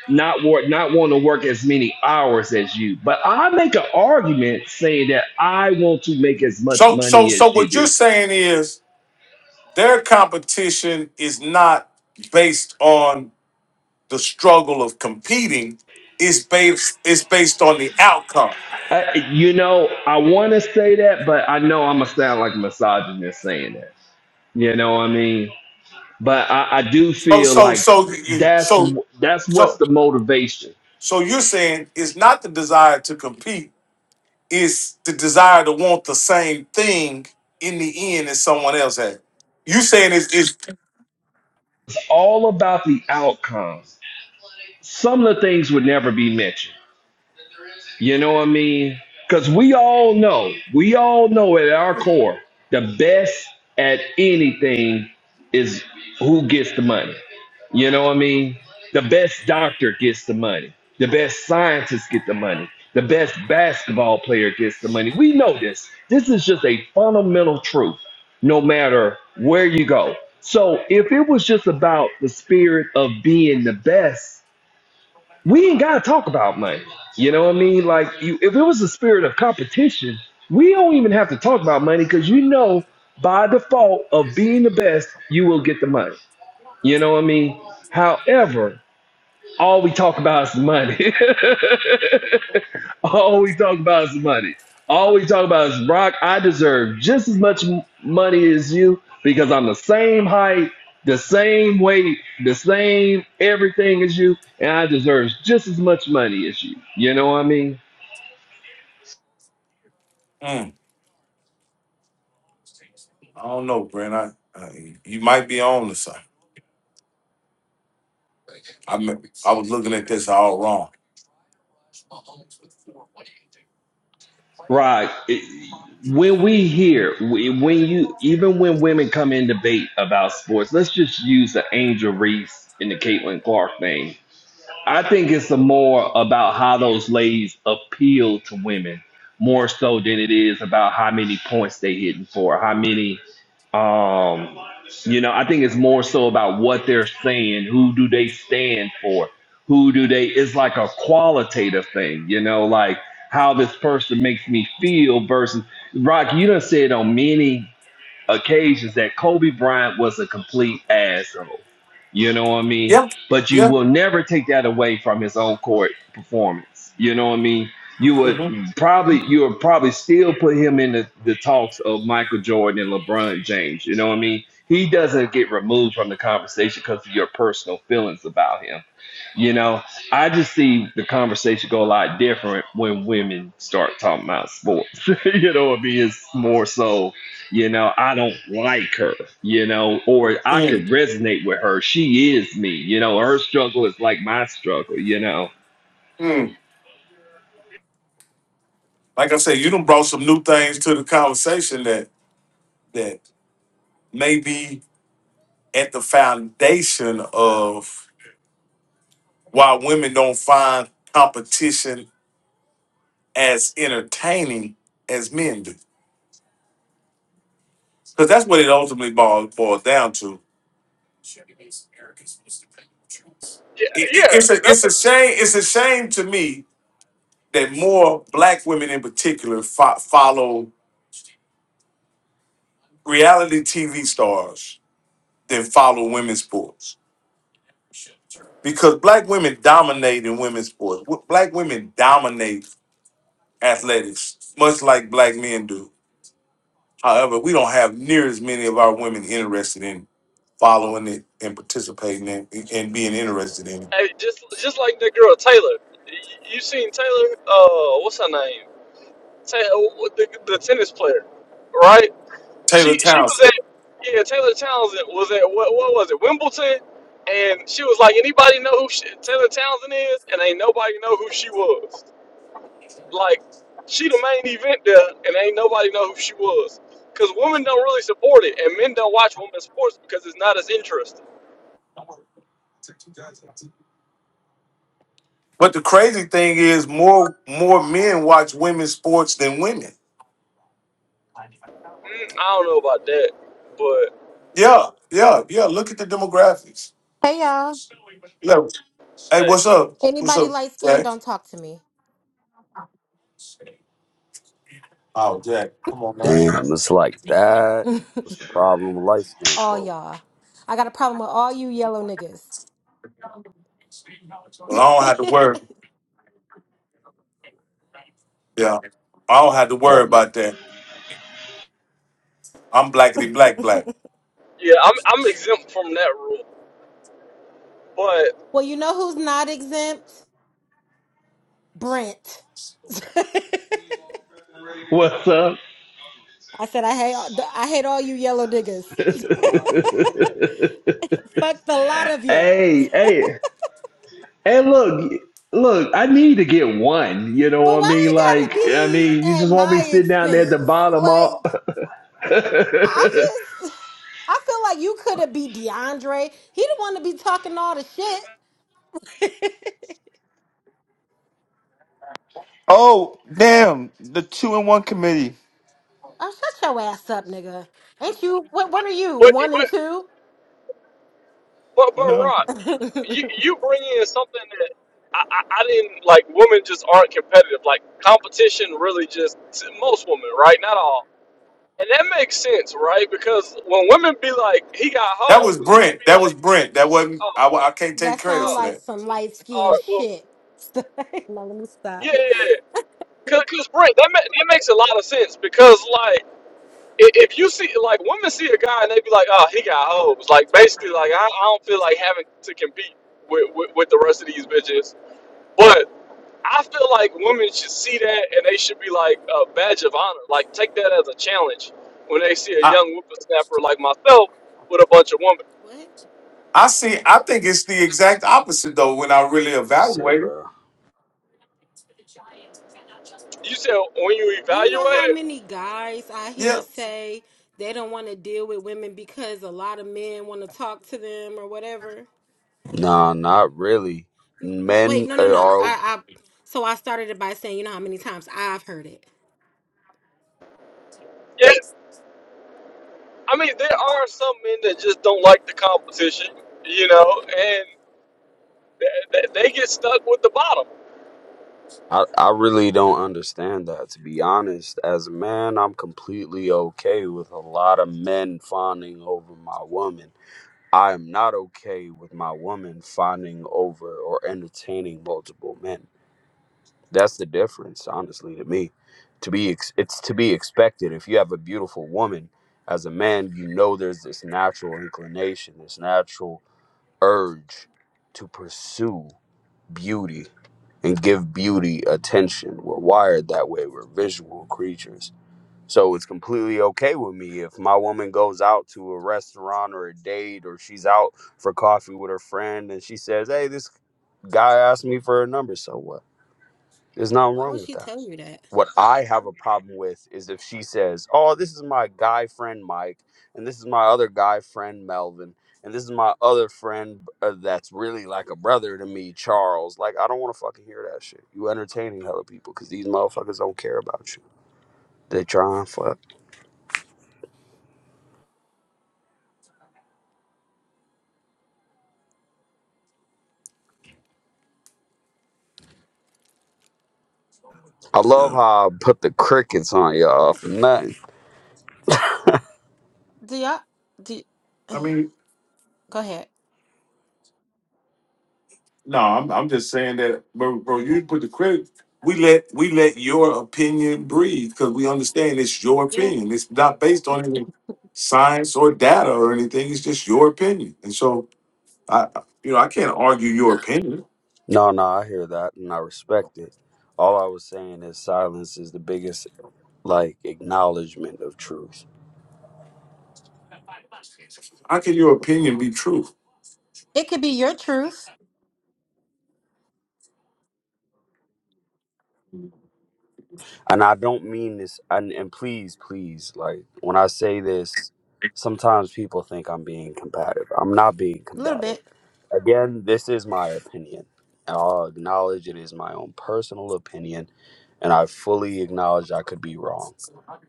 S5: not work, not want to work as many hours as you. But I make an argument saying that I want to make as much
S1: So, so,
S5: money
S1: so,
S5: as you
S1: what you're
S5: do.
S1: saying is their competition is not based on the struggle of competing; it's based it's based on the outcome.
S5: I, you know, I want to say that, but I know I'm gonna sound like a misogynist saying that. You know what I mean? But I, I do
S1: So,
S5: feel
S1: so,
S5: like
S1: so,
S5: th-
S1: you-
S5: that's
S1: so,
S5: that's what's
S1: so,
S5: the motivation.
S1: so, you're saying it's not the desire to compete; is the desire to want the same thing in the end as someone else had. You saying it's, it's
S5: It's all about the outcomes. Some of the things would never be mentioned You know what I mean? Because we all know, we all know at our core, the best at anything is who gets the money. You know what I mean? The best doctor gets the money. The best scientist get the money. The best basketball player gets the money. We know this. This is just a fundamental truth, no matter where you go. So if it was just about the spirit of being the best, we ain't gotta talk about money. You know what I mean? Like you, if it was a spirit of competition, we don't even have to talk about money because you know by default of being the best, you will get the money. You know what I mean? However, all we talk about is money. [LAUGHS] All we talk about is money. All we talk about is Brock. I deserve just as much m- money as you because I'm the same height, the same weight, the same everything as you, and I deserve just as much money as you. You know what I mean?
S1: mm, I don't know, Brent. I, I you might be on to something. I mean, I was looking at this all wrong.
S5: Right. It- when we hear, we- when you, even when women come in debate about sports, let's just use the Angel Reese and the Caitlin Clark thing I think it's a more about how those ladies appeal to women more so than it is about how many points they hitting for, how many um you know, I think it's more so about what they're saying, who do they stand for, who do they it's like a qualitative thing, you know, like how this person makes me feel versus Rock, you done said on many occasions that Kobe Bryant was a complete asshole. You know what I mean?
S1: Yeah,
S5: But you
S1: yeah.
S5: will never take that away from his own court performance. You know what I mean? You would probably you would probably still put him in the, the talks of Michael Jordan and LeBron James. You know what I mean? He doesn't get removed from the conversation because of your personal feelings about him. You know, I just see the conversation go a lot different when women start talking about sports. [LAUGHS] you know, it means more so, you know, I don't like her, you know, or I could
S1: Mm,
S5: resonate with her. She is me, you know, her struggle is like my struggle, you know.
S1: mm. Like I said, you done brought some new things to the conversation that that may be at the foundation of why women don't find competition as entertaining as men do. Because that's what it ultimately boils, boils down to
S9: yeah,
S1: It-
S9: yeah
S1: it- it's a
S9: that's,
S1: it's
S9: what-
S1: a shame. It's a shame to me that more black women in particular fo- follow reality TV stars than follow women's sports because black women dominate in women's sports. W- Black women dominate athletics much like black men do. However, we don't have near as many of our women interested in following it and participating in and being interested in it.
S9: hey, just just like the girl Taylor. Y- You seen Taylor? Uh, what's her name? Taylor, the, the tennis player, right?
S1: Taylor
S9: She she was
S1: Townsend.
S9: at yeah Taylor Townsend was at what what was it Wimbledon, and she was like anybody know who she, Taylor Townsend is, and ain't nobody know who she was. Like she the main event there, and ain't nobody know who she was. Cause women don't really support it, and men don't watch women's sports because it's not as interesting.
S1: But the crazy thing is more more men watch women's sports than women
S9: Mm, I don't know about that, but
S1: Yeah, yeah, yeah. Look at the demographics.
S10: Hey y'all.
S1: Look, hey,
S9: hey,
S1: what's up? What's
S10: Anybody
S1: up,
S10: light skinned,
S1: Jack?
S10: don't talk to me.
S1: Oh, Jack, come on now.
S11: Damn, it's like that.
S10: [LAUGHS]
S11: What's the problem with light skin
S10: all
S11: folk?
S10: y'all. I got a problem with all you yellow niggas.
S1: Well, I don't have to worry. Yeah, I don't have to worry
S11: Woman.
S1: about that. I'm blackity black black.
S9: yeah, I'm I'm exempt from that rule. But
S10: [LAUGHS] well, you know who's not exempt? Brent. [LAUGHS] I
S5: What's up?
S10: said I hate all, I hate all you yellow niggas. [LAUGHS] Fuck the lot of
S5: [LAUGHS]
S10: you.
S5: hey, hey. And look, look, I need to get one. You know
S10: But
S5: what I
S10: why
S5: mean?
S10: it gotta
S5: Like, I
S10: be
S5: mean, you
S10: at
S5: just want me
S10: my
S5: sitting down there at the
S10: expense?
S5: bottom all
S10: Like,
S5: [LAUGHS]
S10: I just I feel like you could have be DeAndre. He the one to be talking all the shit. [LAUGHS]
S2: Oh, damn. The two and one committee.
S10: Oh, shut your ass up, nigga. Ain't you? What? What are you?
S9: but
S10: One and
S9: but
S10: two?
S9: but, but
S2: No,
S9: Rod,
S10: [LAUGHS]
S9: you
S10: that
S9: you bring in something that I, I, I didn't like. Women just aren't competitive. Like competition, really, just most women, right? Not all, and that makes sense, right? Because when women be like, "He got
S1: That
S9: hoes,"
S1: was
S9: you should
S1: Brent.
S9: be
S1: That was
S9: like,
S1: Brent. That wasn't.
S9: "Oh,
S1: I, wa- I can't take credit
S10: sound
S9: oh,
S1: for
S10: like
S1: that.
S10: some light
S9: all
S10: skinned
S9: right, well,
S10: shit. [LAUGHS] no, let me
S9: yeah,
S10: stop.
S9: yeah, yeah." Cause, cause Brent, that ma- that makes a lot of sense because like. i- If you see, like, women see a guy and they be like, "Oh, he got hoes." Like, basically, like, I, I don't feel like having to compete with, with with the rest of these bitches. but. I feel like women should see that and they should be like a badge of honor. Like take that as a challenge when they see a
S1: I
S9: young whippersnapper like myself with a bunch of women.
S10: What?
S1: I see. I think it's the exact opposite though. When I really
S11: That's it,
S1: evaluate it.
S11: bro.
S9: You said when you
S10: You know
S9: evaluate
S10: how
S9: it,
S10: many guys I
S1: Yeah.
S10: hear say they don't want to deal with women because a lot of men want to talk to them or whatever.
S11: Nah, not really.
S10: N- n- wait,
S11: Men
S10: no, no, no.
S11: are.
S10: I,
S11: Okay.
S10: I. So I started it by saying, you know how many times I've heard it.
S9: yeah. I mean, there are some men that just don't like the competition, you know, and th- they get stuck with the bottom.
S11: I. I really don't understand that. To be honest, as a man, I'm completely okay with a lot of men fawning over my woman. I am not okay with my woman fawning over or entertaining multiple men. That's the difference, honestly, to me. To be ex- it's to be expected. If you have a beautiful woman, as a man, you know there's this natural inclination, this natural urge to pursue beauty and give beauty attention. We're wired that way. We're visual creatures. So it's completely okay with me if my woman goes out to a restaurant or a date or she's out for coffee with her friend and she says, "Hey, this guy asked me for a number." So what? There's nothing
S10: Why
S11: wrong
S10: would
S11: with
S10: she
S11: that.
S10: tell you that?
S11: What I have a problem with is if she says, "Oh, this is my guy friend Mike, and this is my other guy friend Melvin, and this is my other friend uh, that's really like a brother to me, Charles." Like, I don't want to fucking hear that shit. You entertaining hella people because these motherfuckers don't care about you. They try and fuck. I love
S1: Yeah.
S11: how I put the crickets on y'all for nothing.
S10: Do y'all? Do go ahead.
S1: No, I'm I'm just saying that, bro. bro you put the credit. We let we let your opinion breathe because we understand it's your
S10: Yeah.
S1: opinion. It's not based on any science or data or anything. It's just your opinion. And so I, you know, I can't argue your opinion.
S11: No, no, I hear that and I respect it. All I was saying is silence is the biggest like acknowledgement of truth.
S1: How can your opinion be true?
S10: It could be your truth,
S11: and I don't mean this. And, and please, please, like when I say this, sometimes people think I'm being combative. I'm not being
S10: a little
S11: combative.
S10: bit.
S11: Again, this is my opinion. I'll acknowledge it is my own personal opinion, and I fully acknowledge I could be wrong.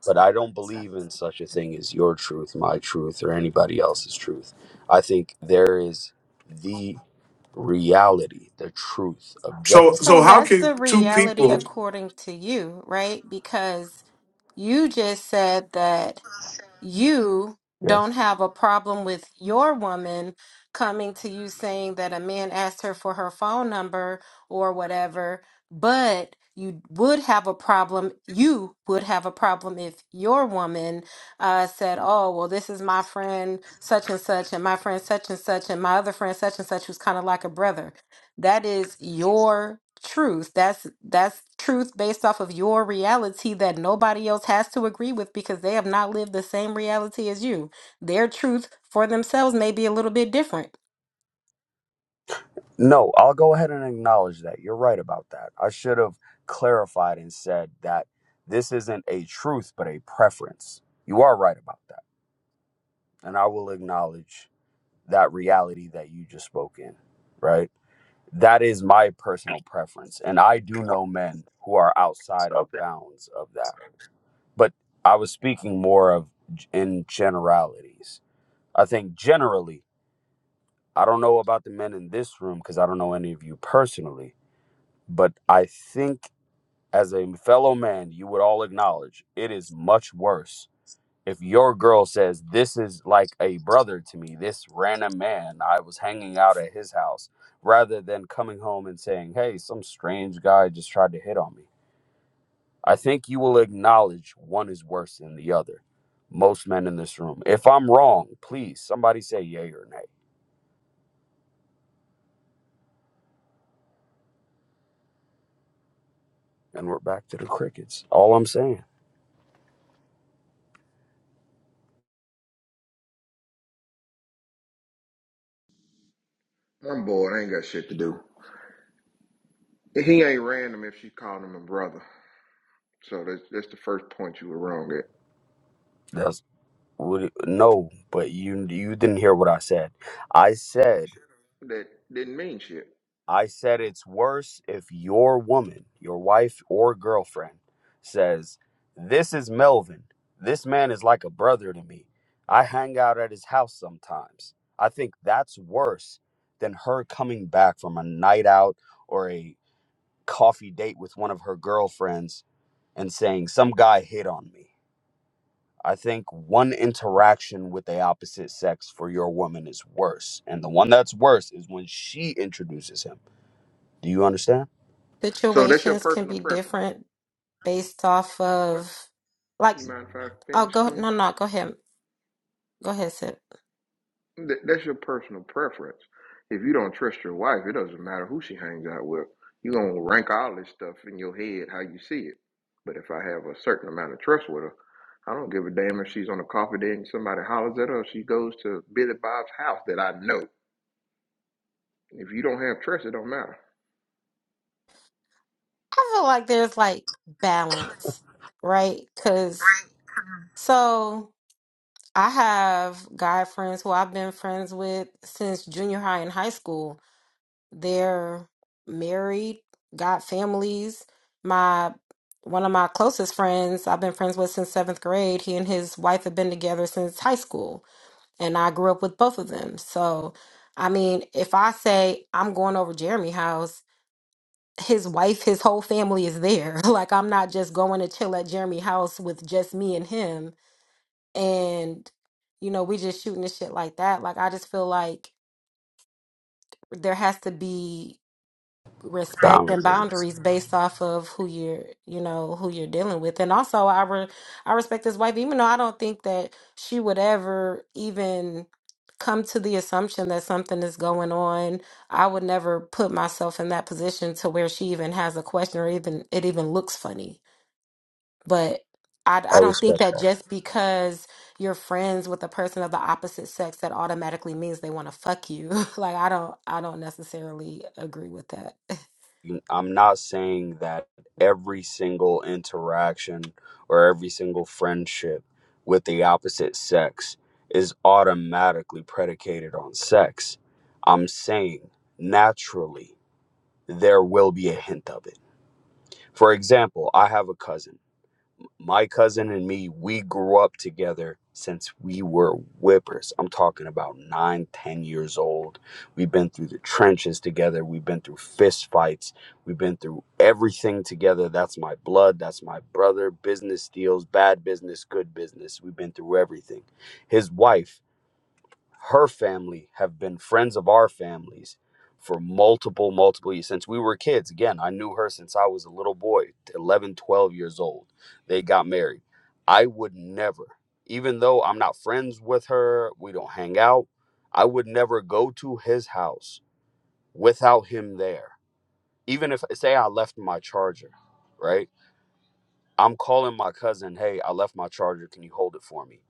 S11: But I don't believe in such a thing as your truth, my truth, or anybody else's truth. I think there is the reality, the truth,
S1: So
S11: objective.
S10: So
S1: so how
S10: that's
S1: can
S10: the
S1: two
S10: reality
S1: people?
S10: according to you, right? Because you just said that you
S11: Yes.
S10: don't have a problem with your woman coming to you saying that a man asked her for her phone number or whatever, but you would have a problem. You would have a problem if your woman uh, said, Oh, well, this is my friend such and such, and my friend such and such, and my other friend such and such, who's kind of like a brother that is your truth that's that's truth based off of your reality that nobody else has to agree with because they have not lived the same reality as you their truth for themselves may be a little bit different
S11: No, I'll go ahead and acknowledge that. You're right about that. I should have clarified and said that this isn't a truth, but a preference. You are right about that. And I will acknowledge that reality that you just spoke in, right? That is my personal preference. And I do know men who are outside of bounds of that. But I was speaking more of g- in generalities. I think generally, I don't know about the men in this room because I don't know any of you personally But I think, as a fellow man, you would all acknowledge it is much worse if your girl says, This is like a brother to me, this random man I was hanging out at his house, rather than coming home and saying, Hey, some strange guy just tried to hit on me. I think you will acknowledge one is worse than the other. Most men in this room. If I'm wrong, please somebody say yay or nay. And we're back to the crickets. All I'm saying.
S12: I'm bored. I ain't got shit to do. He ain't random if she called him a brother. So that's that's the first point you were wrong at.
S11: That's Would it- no, but you you didn't hear what I said. I said
S12: That didn't mean shit.
S11: I said it's worse if your woman, your wife or girlfriend says, "This is Melvin. This man is like a brother to me. I hang out at his house sometimes." I think that's worse than her coming back from a night out or a coffee date with one of her girlfriends and saying some guy hit on me. I think one interaction with the opposite sex for your woman is worse. And the one that's worse is when she introduces him. Do you understand?
S12: So that's your
S10: situations can
S12: personal
S10: be
S12: preference.
S10: different based off
S12: What?
S10: of like
S12: You mind if I
S10: oh
S12: finish,
S10: go
S12: Queen?
S10: no no go ahead go ahead Sip.
S12: That, that's your personal preference. If you don't trust your wife, it doesn't matter who she hangs out with. you going to rank all this stuff in your head how you see it. But if I have a certain amount of trust with her, I don't give a damn if she's on a coffee date and somebody hollers at her or she goes to Billy Bob's house that I know. If you don't have trust, it don't matter.
S10: I feel like there's like balance, right? Because so I have guy friends who I've been friends with since junior high and high school. They're married, got families. My one of my closest friends I've been friends with since seventh grade. He and his wife have been together since high school and I grew up with both of them. So, I mean, if I say I'm going over Jeremy house, his wife, his whole family is there. [LAUGHS] Like I'm not just going to chill at Jeremy house with just me and him and you know, we just shooting the shit like that. Like I just feel like there has to be respect and
S11: Boundaries.
S10: boundaries based off of who you're you know who you're dealing with and also i re- i respect his wife even though i don't think that she would ever even come to the assumption that something is going on i would never put myself in that position to where she even has a question or even it even looks funny but I,
S11: I
S10: I don't think
S11: respect
S10: that
S11: that.
S10: just because you're friends with a person of the opposite sex that automatically means they want to fuck you [LAUGHS] like i don't i don't necessarily agree with that [LAUGHS]
S11: You- I'm not saying that every single interaction or every single friendship with the opposite sex is automatically predicated on sex. I'm saying naturally there will be a hint of it. For example, I have a cousin. my cousin and me, we grew up together since we were whippers. I'm talking about nine, ten years old. We've been through the trenches together. We've been through fist fights. We've been through everything together. That's my blood. That's my brother. Business deals, bad business, good business. We've been through everything. His wife her family have been friends of our families for multiple multiple years since we were kids again i knew her since i was a little boy 11, 12 years old they got married i would never even though i'm not friends with her we don't hang out i would never go to his house without him there even if say i left my charger right i'm calling my cousin hey i left my charger can you hold it for me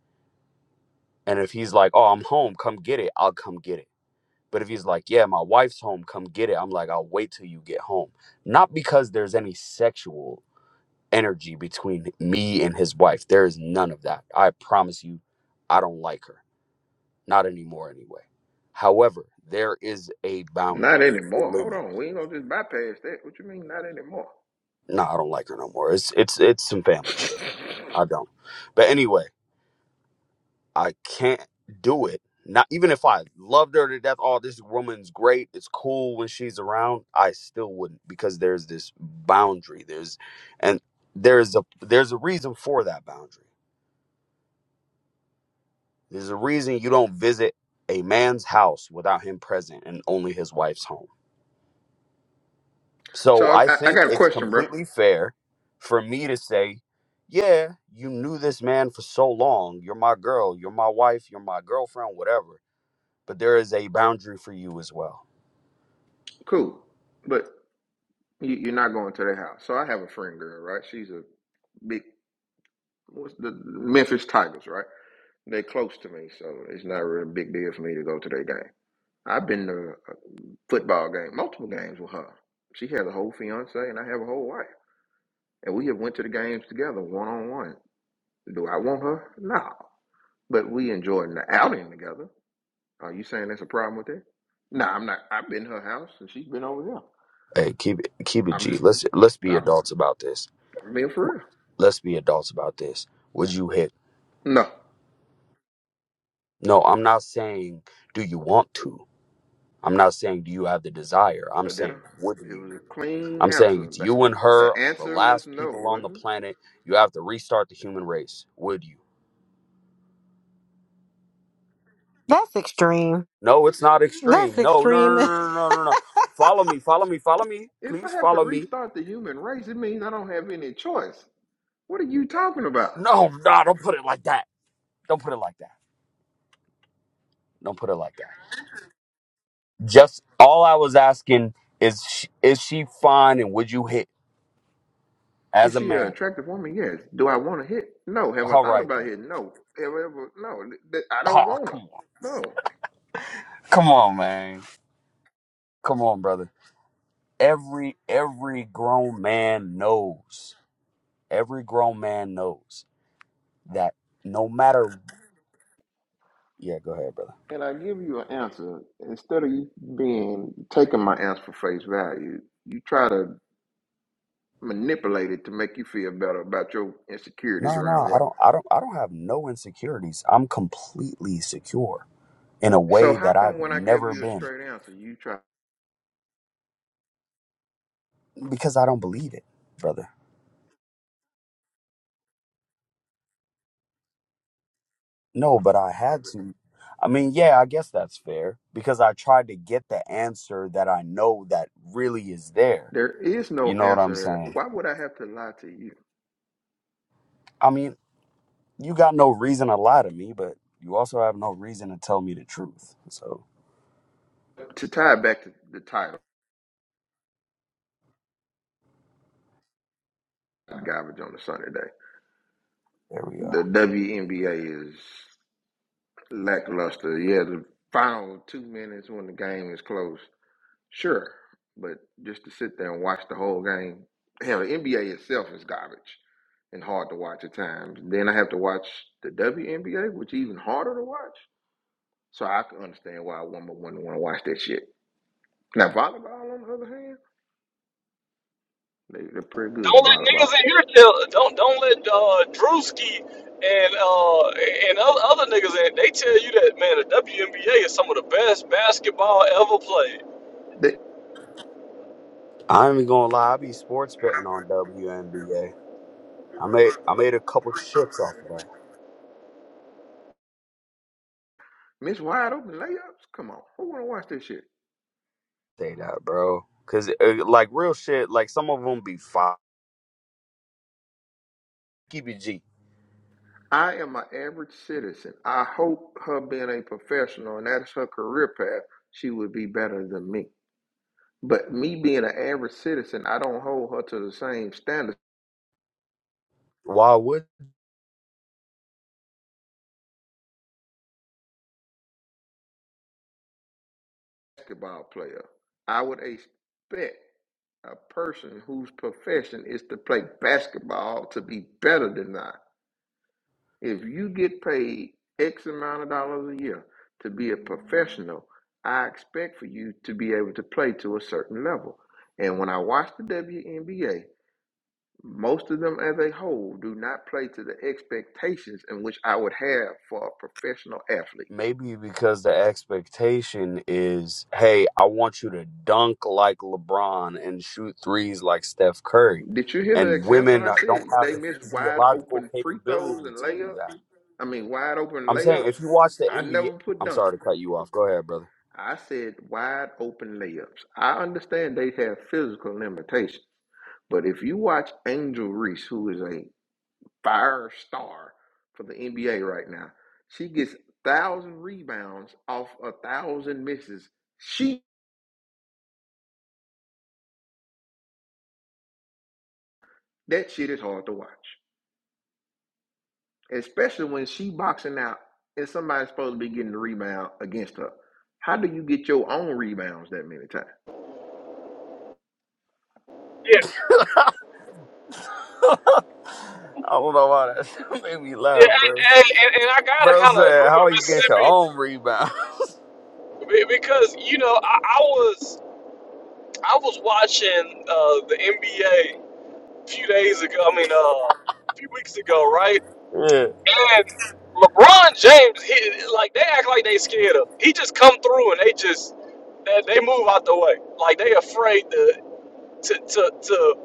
S11: and if he's like oh i'm home come get it i'll come get it But if he's like, yeah, my wife's home, come get it, I'm like, I'll wait till you get home. Not because there's any sexual energy between me and his wife. There is none of that. I promise you, I don't like her. Not anymore, anyway. However, there is a
S12: Not
S11: boundary, a
S12: anymore. Hold
S11: limit.
S12: on. We ain't gonna just bypass that. What you mean not anymore?
S11: No, I don't like her no more. It's it's it's some family shit. I don't. But anyway, I can't do it. Not even if I loved her to death. Oh, this woman's great. It's cool when she's around. I still wouldn't because there's this boundary. There's and there's a there's a reason for that boundary. There's a reason you don't visit a man's house without him present and only his wife's home.
S12: So
S11: So I
S12: I, I, I
S11: think
S12: got a
S11: it's
S12: question, bro.
S11: completely fair for me to say, yeah, you knew this man for so long. You're my girl. You're my wife. You're my girlfriend. Whatever but there is a boundary for you as well.
S12: Cool. But you, you're not going to their house. So I have a friend girl, right? She's a big what's the Memphis Tigers, right? They close to me, so it's not really a big deal for me to go to their game. I've been to a football game, multiple games with her. She has a whole fiance and I have a whole wife. And we have went to the games together one on one. Do I want her? No. But we enjoying the outing together. Are you saying that's a problem with that? Nah, I'm not. I've been to her house and she's been over there.
S11: Hey, keep it keep it
S12: I'm
S11: G.
S12: just,
S11: Let's let's be
S12: I'm
S11: adults about this.
S12: I'm being for real.
S11: Let's be adults about this. Would you hit?
S12: No,
S11: No, I'm not saying do you want to. I'm not saying do you have the desire. I'm
S12: Odetta,
S11: saying would
S12: it
S11: you?
S12: was a clean
S11: I'm saying
S12: answer.
S11: it's
S12: The,
S11: you and her,
S12: the
S11: the
S12: answer was
S11: last
S12: no,
S11: people on the
S12: wasn't
S11: planet. You have to restart the human race. Would you?
S10: That's extreme.
S11: No, it's not
S10: That's
S11: extreme. No, no, no,
S10: extreme. [LAUGHS]
S11: no, no, no, no. no. Follow me, follow me, follow me.
S12: it? If I
S11: Please
S12: have to
S11: follow me.
S12: restart the human race, it means I don't have any choice. What are you talking about?
S11: No, no, don't put it like that. Don't put it like that. Don't put it like that. Just all I was asking is, sh- is she fine and would you hit
S12: Is
S11: as a
S12: she an
S11: man?
S12: attractive woman? Yes. Do I want to hit? No. Have I
S11: All
S12: thought
S11: right
S12: about
S11: then.
S12: it? No. Have I ever? No. Th- th- I don't
S11: Oh,
S12: want her.
S11: come on,
S12: No.
S11: come on, man, come on, brother. Every every grown man knows. Every grown man knows that no matter. Yeah, go ahead, brother.
S12: and I give you an answer, instead of you being taking my answer for face value, you try to manipulate it to make you feel better about your insecurities
S11: No, no,
S12: around
S11: I
S12: women.
S11: don't, I don't, I don't have no insecurities. I'm completely secure in a
S12: So
S11: way
S12: how
S11: that
S12: come
S11: I've
S12: when I gave
S11: never
S12: you a
S11: been
S12: straight answer, you try?
S11: because I don't believe it, brother. No, but I had to. I mean, yeah, I guess that's fair because I tried to get the answer that I know that really is there.
S12: There is
S11: You
S12: no
S11: know what I'm
S12: answer.
S11: saying?
S12: Why would I have to lie to you?
S11: I mean, you got no reason to lie to me, but you also have no reason to tell me the truth. So
S12: To tie it back to the title, garbage on a Sunday day.
S11: there we
S12: The
S11: are.
S12: WNBA is lackluster. Yeah, the final two minutes when the game is close Sure, but just to sit there and watch the whole game, hell, the NBA itself is garbage and hard to watch at times. Then I have to watch the WNBA, which is even harder to watch. So I can understand why a woman wouldn't want to watch that shit. Now volleyball, on the other hand, they, they're pretty good at
S9: Don't let
S12: volleyball.
S9: niggas in here tell. Don't don't let uh, Drewski and uh, and other, other niggas in. They tell you that man, the WNBA is some of the best basketball ever played.
S12: They
S11: I ain't even gonna lie. I be sports betting on WNBA. I made I made a couple shits off of that.
S12: miss wide open layups. Come on, who want to watch this shit?
S11: Say that, bro. Cause uh, like real shit, like some of them be five. Keep it G.
S12: I am an average citizen. I hope her being a professional and that is her career path, she would be better than me. But me being an average citizen, I don't hold her to the same standard
S11: Why would
S12: as a basketball player. I would expect a person whose profession is to play basketball to be better than I. If you get paid X amount of dollars a year to be a professional, I expect for you to be able to play to a certain level. And when I watch the WNBA, most of them as a whole do not play to the expectations in which I would have for a professional athlete.
S11: Maybe because the expectation is, hey, I want you to dunk like LeBron and shoot threes like Steph Curry.
S12: Did you hear the
S11: And
S12: example
S11: women
S12: I
S11: don't
S12: said?
S11: have
S12: They
S11: the
S12: missed wide
S11: physiological
S12: open free throws
S11: capability
S12: and
S11: to do
S12: layups.
S11: that.
S12: I mean, wide open
S11: I'm saying
S12: layups.
S11: if you watch the
S12: I
S11: NBA,
S12: never put
S11: I'm sorry
S12: dunking.
S11: to cut you off. Go ahead, brother.
S12: I said wide open layups. I understand they have physical limitations, but if you watch Angel Reese, who is a fire star for the NBA right now, she gets thousand rebounds off a thousand misses. She that shit is hard to watch. especially when she boxing out and somebody's supposed to be getting the rebound against her. How do you get your own rebounds that many times?
S11: [LAUGHS] I don't know why that [LAUGHS] made me
S9: Yeah,
S11: laugh, bro.
S9: and, and, and I gotta
S11: Bro
S9: kind of
S11: said,
S9: agree
S11: how
S9: with
S11: you get your
S9: Mississippi
S11: own rebound?
S9: be- because you know I, I was I was watching uh, the NBA a a few days ago. I mean, uh, a few weeks ago, right?
S11: [LAUGHS] yeah.
S9: And LeBron James, he, like they act like they scared him. He just come through and they just they, they move out the way, like they afraid to to to, to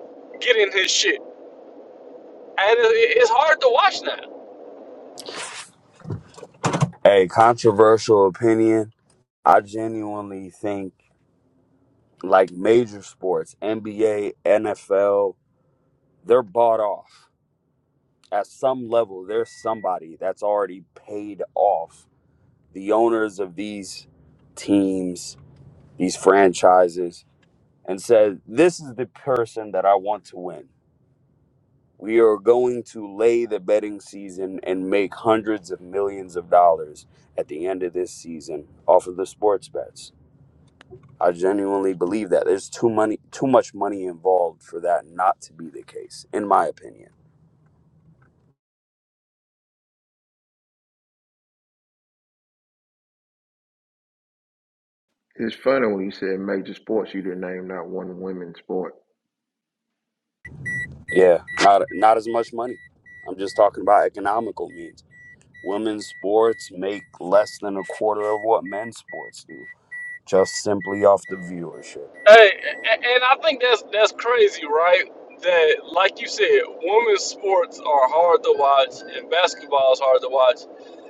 S9: get in his shit. And it, it's hard to watch now.
S11: Hey, controversial opinion. I genuinely think like major sports, NBA, NFL, they're bought off. At some level, there's somebody that's already paid off the owners of these teams, these franchises, and said, This is the person that I want to win. We are going to lay the betting season and make hundreds of millions of dollars at the end of this season off of the sports bets I genuinely believe that there's too money, too much money involved for that not to be the case, in my opinion.
S12: It's funny when you said major sports, you didn't name not one women's sport.
S11: Yeah, not not as much money. I'm just talking about economical means. Women's sports make less than a quarter of what men's sports do, just simply off the viewership.
S9: Hey, a- and I think that's that's crazy, right? That, like you said, women's sports are hard to watch, and basketball is hard to watch.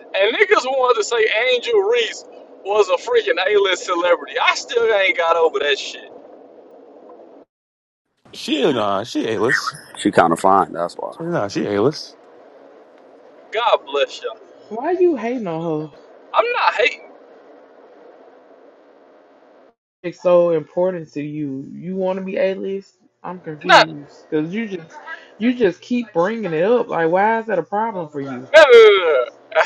S9: And niggas wanted to say Angel Reese was a freaking A-list celebrity. I still ain't got over that shit.
S2: she nah, she A-list.
S11: She kind of fine, that's why.
S2: Nah, she A-list.
S9: God bless y'all.
S7: Why you hating on her?
S9: I'm not hating.
S7: It's so important to you. You want to be a list? I'm
S9: Not.
S7: confused because you just you just keep bringing it up. Like, why is that a problem for you?
S9: No, no, no, no.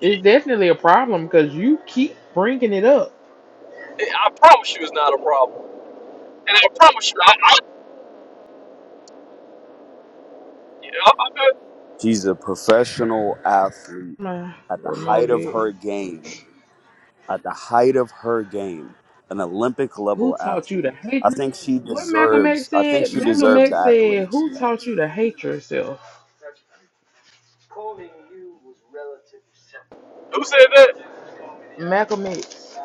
S7: It's definitely a problem because you keep bringing it up.
S9: no. [LAUGHS] I promise you, it's not a problem. And I promise you, I, I, you know, I- I-
S11: She's a professional athlete
S7: My
S11: at the
S7: remote
S11: height of
S7: it.
S11: her game. at the height of her game, an Olympic
S7: Who
S11: level
S7: taught you to
S11: athlete.
S7: hate?
S11: I think she
S7: What Malcolm X
S11: deserves. I think
S7: said?
S11: she
S7: Malcolm
S11: deserves the
S7: X said,
S11: accolades
S7: "Who
S11: she
S7: taught
S11: has.
S7: you to hate yourself?"
S9: who said that?
S7: Malcolm X.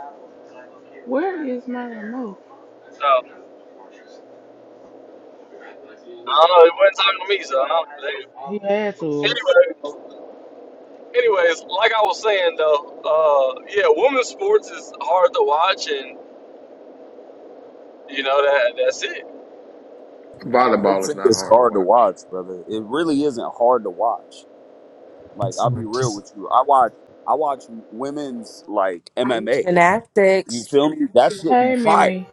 S7: Where is my remote?
S9: No, I don't know. It wasn't talking to me, so I don't.
S7: He had to.
S9: Anyway. anyways, like I was saying though, uh, yeah, women's sports is hard to watch, and you know that that's it.
S11: I don't
S12: Volleyball is
S11: think
S12: not
S11: it's
S12: hard to
S11: hard to
S12: watch.
S11: watch, brother. It really isn't hard to watch. Like I'll be real with you. I watch. I watch women's like MMA. You feel me? That shit be
S7: Hey,
S11: fire.
S7: Mimi.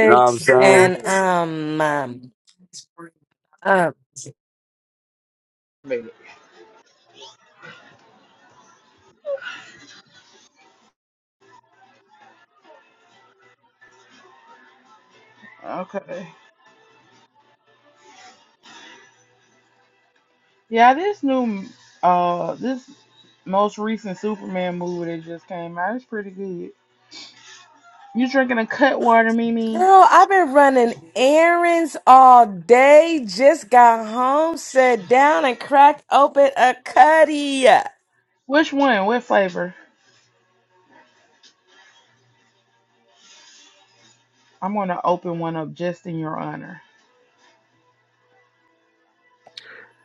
S11: You know what I'm saying?
S7: Baby. Okay. Yeah, this new, uh, this most recent Superman movie that just came out is pretty good. You drinking a cut water, Mimi?
S13: errands all day, just got home, sat down and cracked open a cutty.
S7: Which one? What flavor? I'm gonna open one up just in your honor.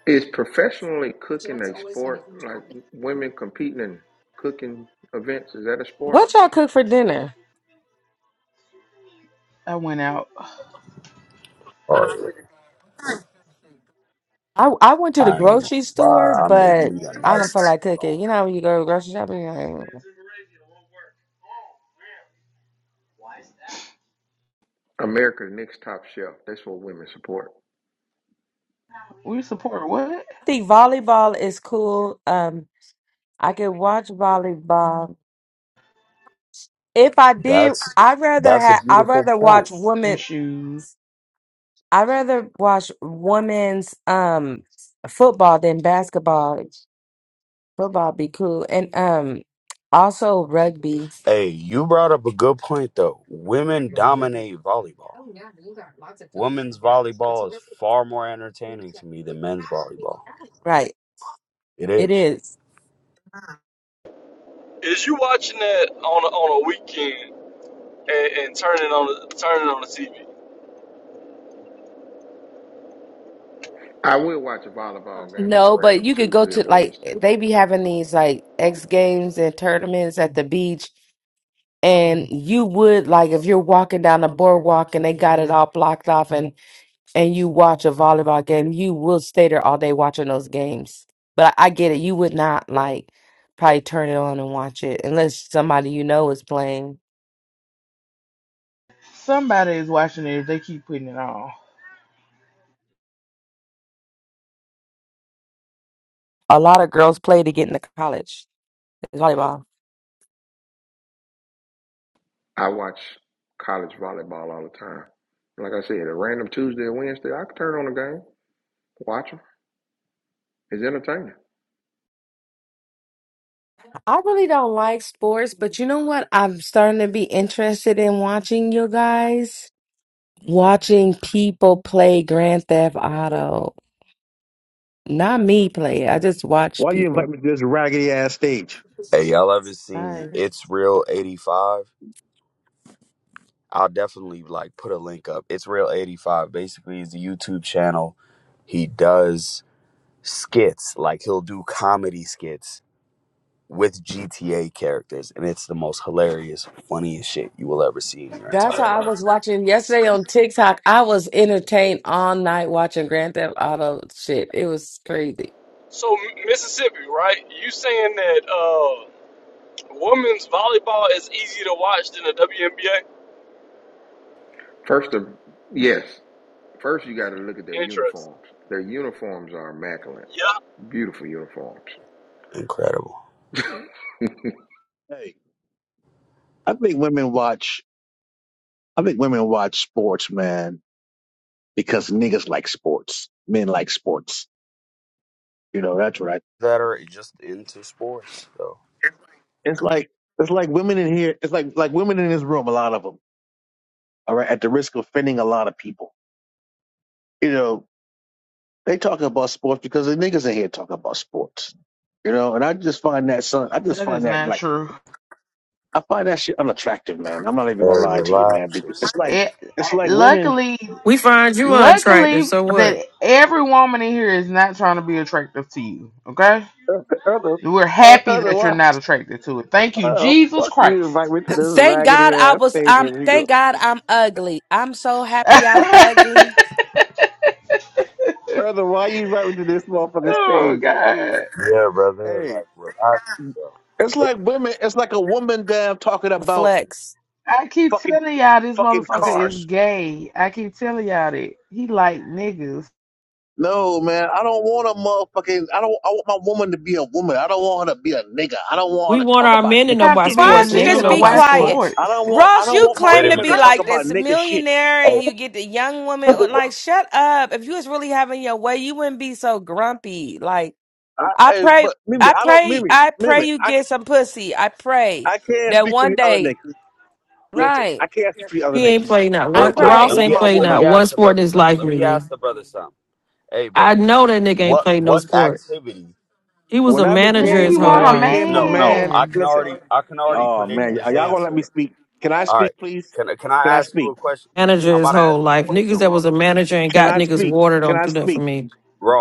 S12: Is professionally cooking a sport like women competing in cooking events? Is that a sport?
S13: What y'all cook for dinner?
S7: I went out.
S11: Or,
S13: I, I went to the
S11: I ain't even
S13: grocery
S11: gonna
S13: store,
S11: lie. I made
S13: but
S11: me a
S13: I don't
S11: nice.
S13: feel like cooking. You know when you go grocery shopping, you're like, "Mm."
S12: America's Next Top Chef. That's what women support.
S7: We support what?
S13: I think volleyball is cool. Um, I could watch volleyball. If I did,
S11: That's
S13: I'd rather
S11: that's a
S13: have. I'd
S11: beautiful
S13: rather watch
S11: point.
S7: And
S13: women.
S7: shoes.
S13: I'd rather watch women's um football than basketball Football be cool. And um also rugby.
S11: Hey, you brought up a good point though. Women dominate volleyball. Women's volleyball is far more entertaining to me than men's volleyball.
S13: Right.
S11: It
S13: It
S11: is.
S13: is.
S9: Is you watching that on a, on a weekend and, and turning on the, turning on the TV?
S12: I will watch a volleyball game on a
S13: No, but
S12: random
S13: you could go
S12: Tuesday or
S13: to like
S12: Wednesday.
S13: they be having these like X games and tournaments at the beach and you would like if you're walking down the boardwalk and they got it all blocked off and and you watch a volleyball game, you will stay there all day watching those games. But I get it, you would not like probably turn it on and watch it unless somebody you know is playing.
S7: Somebody is watching it if they keep putting it on.
S13: A lot of girls play to get into college. It's volleyball.
S12: I watch college volleyball all the time. Like I said, a random Tuesday or Wednesday, I can turn on a game, watch them. It's entertaining.
S13: I really don't like sports, but you know what? I'm starting to be interested in watching you guys, watching people play Grand Theft Auto. Not me play it. I just watch
S14: Why you invite
S13: people.
S14: me to this raggedy ass stage?
S11: Hey, y'all ever seen
S13: Sorry.
S11: It's Real 85? I'll definitely like put a link up. It's Real 85 basically is the YouTube channel. He does skits, like he'll do comedy skits with GTA characters, and it's the most hilarious, funniest shit you will ever see in your
S13: That's
S11: entire
S13: how I
S11: life.
S13: was watching yesterday on TikTok. I was entertained all night watching Grand Theft Auto shit. It was crazy.
S9: So Mississippi, right? You saying that uh, women's volleyball is easier to watch than the WNBA?
S12: First of yes, first you got to look at their
S9: Interest.
S12: uniforms. Their uniforms are immaculate,
S9: Yeah.
S12: beautiful uniforms.
S11: Incredible.
S12: [LAUGHS] now
S14: Hey, I think women watch. I think women watch sports, man, because niggas like sports. Men like sports. You know, that's right.
S11: That are just into sports though.
S14: It's like it's like women in here. It's like like women in this room. A lot of them. All right, at the risk of offending a lot of people. You know, they talk about sports because the niggas in here talk about sports. You know, and I just find that son. I just
S7: That
S14: find
S7: is
S14: that
S7: not
S14: like
S7: true.
S14: I find that shit unattractive, man. I'm not even gonna
S11: Hey,
S14: lie to you, man.
S11: relax
S14: Because it's
S11: yourself.
S14: like
S7: It,
S14: it's like women. [LAUGHS]
S7: luckily
S15: We find you unattractive,
S7: Luckily,
S15: so what?
S7: that every woman in here is not trying to be attractive to you. Okay,
S14: Other,
S7: we're
S14: uh,
S7: happy that you're
S14: other,
S7: not attracted to it. Thank you,
S14: Oh,
S7: Jesus
S14: fuck you,
S7: Christ.
S14: invite me to this
S13: Thank
S14: raggedy
S13: God I
S14: ass
S13: was
S14: stage
S13: I'm.
S14: and he goes,
S13: thank God I'm ugly. I'm so
S7: [LAUGHS]
S13: happy I'm
S14: Huh?
S13: ugly.
S14: Brother, why you invite me to this motherfucking
S7: oh
S14: stage?
S7: God,
S11: Yeah, brother.
S14: Hey,
S11: Like relax yourself.
S14: It's like women. It's like a woman damn talking about
S13: Flex.
S7: I keep
S14: fucking
S7: telling y'all this
S14: fucking
S13: Why
S7: motherfucker is
S14: cars.
S7: gay. I keep telling y'all that he like niggas. You
S14: No man, I don't want a motherfucking. I don't. I want my woman to be a woman. I don't want her to be a nigga. I don't
S15: We
S14: want her to
S15: want
S14: talk
S15: our
S14: about
S15: men to know
S14: nigga
S7: Have to
S15: about
S14: shit.
S7: be a
S15: sports,
S13: don't
S15: and
S13: you
S15: they don't
S7: nigga
S13: just
S15: know
S7: to
S13: be
S15: about
S7: watch
S13: quiet?
S15: sports.
S14: I
S7: sports.
S14: don't want. I
S13: Ross,
S14: don't
S11: Wait,
S13: you
S14: want my
S13: claim
S11: a
S13: to
S14: woman to
S13: be
S14: talk
S11: minute.
S13: like
S14: about
S13: this
S14: nigga shit.
S13: millionaire and
S11: Hey,
S13: you get the young woman like shut up. If you was really having your way, you wouldn't be so grumpy. Like
S14: I,
S13: I
S14: hey,
S13: pray
S14: but Mimi,
S13: I
S14: I don't.
S13: pray
S14: Mimi,
S13: I pray
S14: Mimi,
S13: you
S14: I can.
S13: get some pussy. I pray
S14: I can't
S13: that
S14: speak for
S13: one
S14: the other niggas.
S13: day
S14: Listen,
S13: right.
S14: I can't speak for the other
S15: He ain't
S14: niggas.
S15: played not
S13: I
S11: real
S15: one.
S14: I
S11: quick.
S14: don't
S13: pray.
S15: Ross
S11: Let
S14: want
S11: me
S15: ain't
S14: my
S15: played
S11: let me
S14: woman.
S15: not one
S11: ask the
S15: sport in
S11: brother
S15: his
S11: something.
S15: life,
S11: Let me
S15: Mimi.
S11: ask the brother something. Hey,
S15: I
S11: brother.
S15: know that nigga ain't
S11: What
S15: played no
S11: what
S15: sport.
S11: activity?
S15: He was
S14: When
S15: a
S14: I
S7: Yeah,
S15: manager
S14: became
S7: he
S15: his
S14: when
S15: whole
S7: want
S14: I
S7: a
S15: life.
S14: became a
S11: No, no.
S14: man,
S11: I
S7: man.
S11: can
S14: listen.
S11: already I can already
S14: Oh
S11: predict
S14: man,
S11: his
S14: are y'all gonna let me
S11: answer.
S14: speak? Can I
S11: All
S14: speak,
S11: right.
S14: please?
S11: Can can I
S14: Can I
S11: ask you
S14: speak?
S11: a question?
S15: Manager
S11: I'm
S15: his
S11: about to ask
S15: whole
S11: you a
S15: life. Niggas
S11: question,
S15: that
S11: Ross.
S15: was a manager and
S14: Can
S15: got
S14: I
S15: niggas
S14: speak?
S15: water
S14: Can
S15: don't
S14: I
S15: do that for
S14: speak?
S15: me.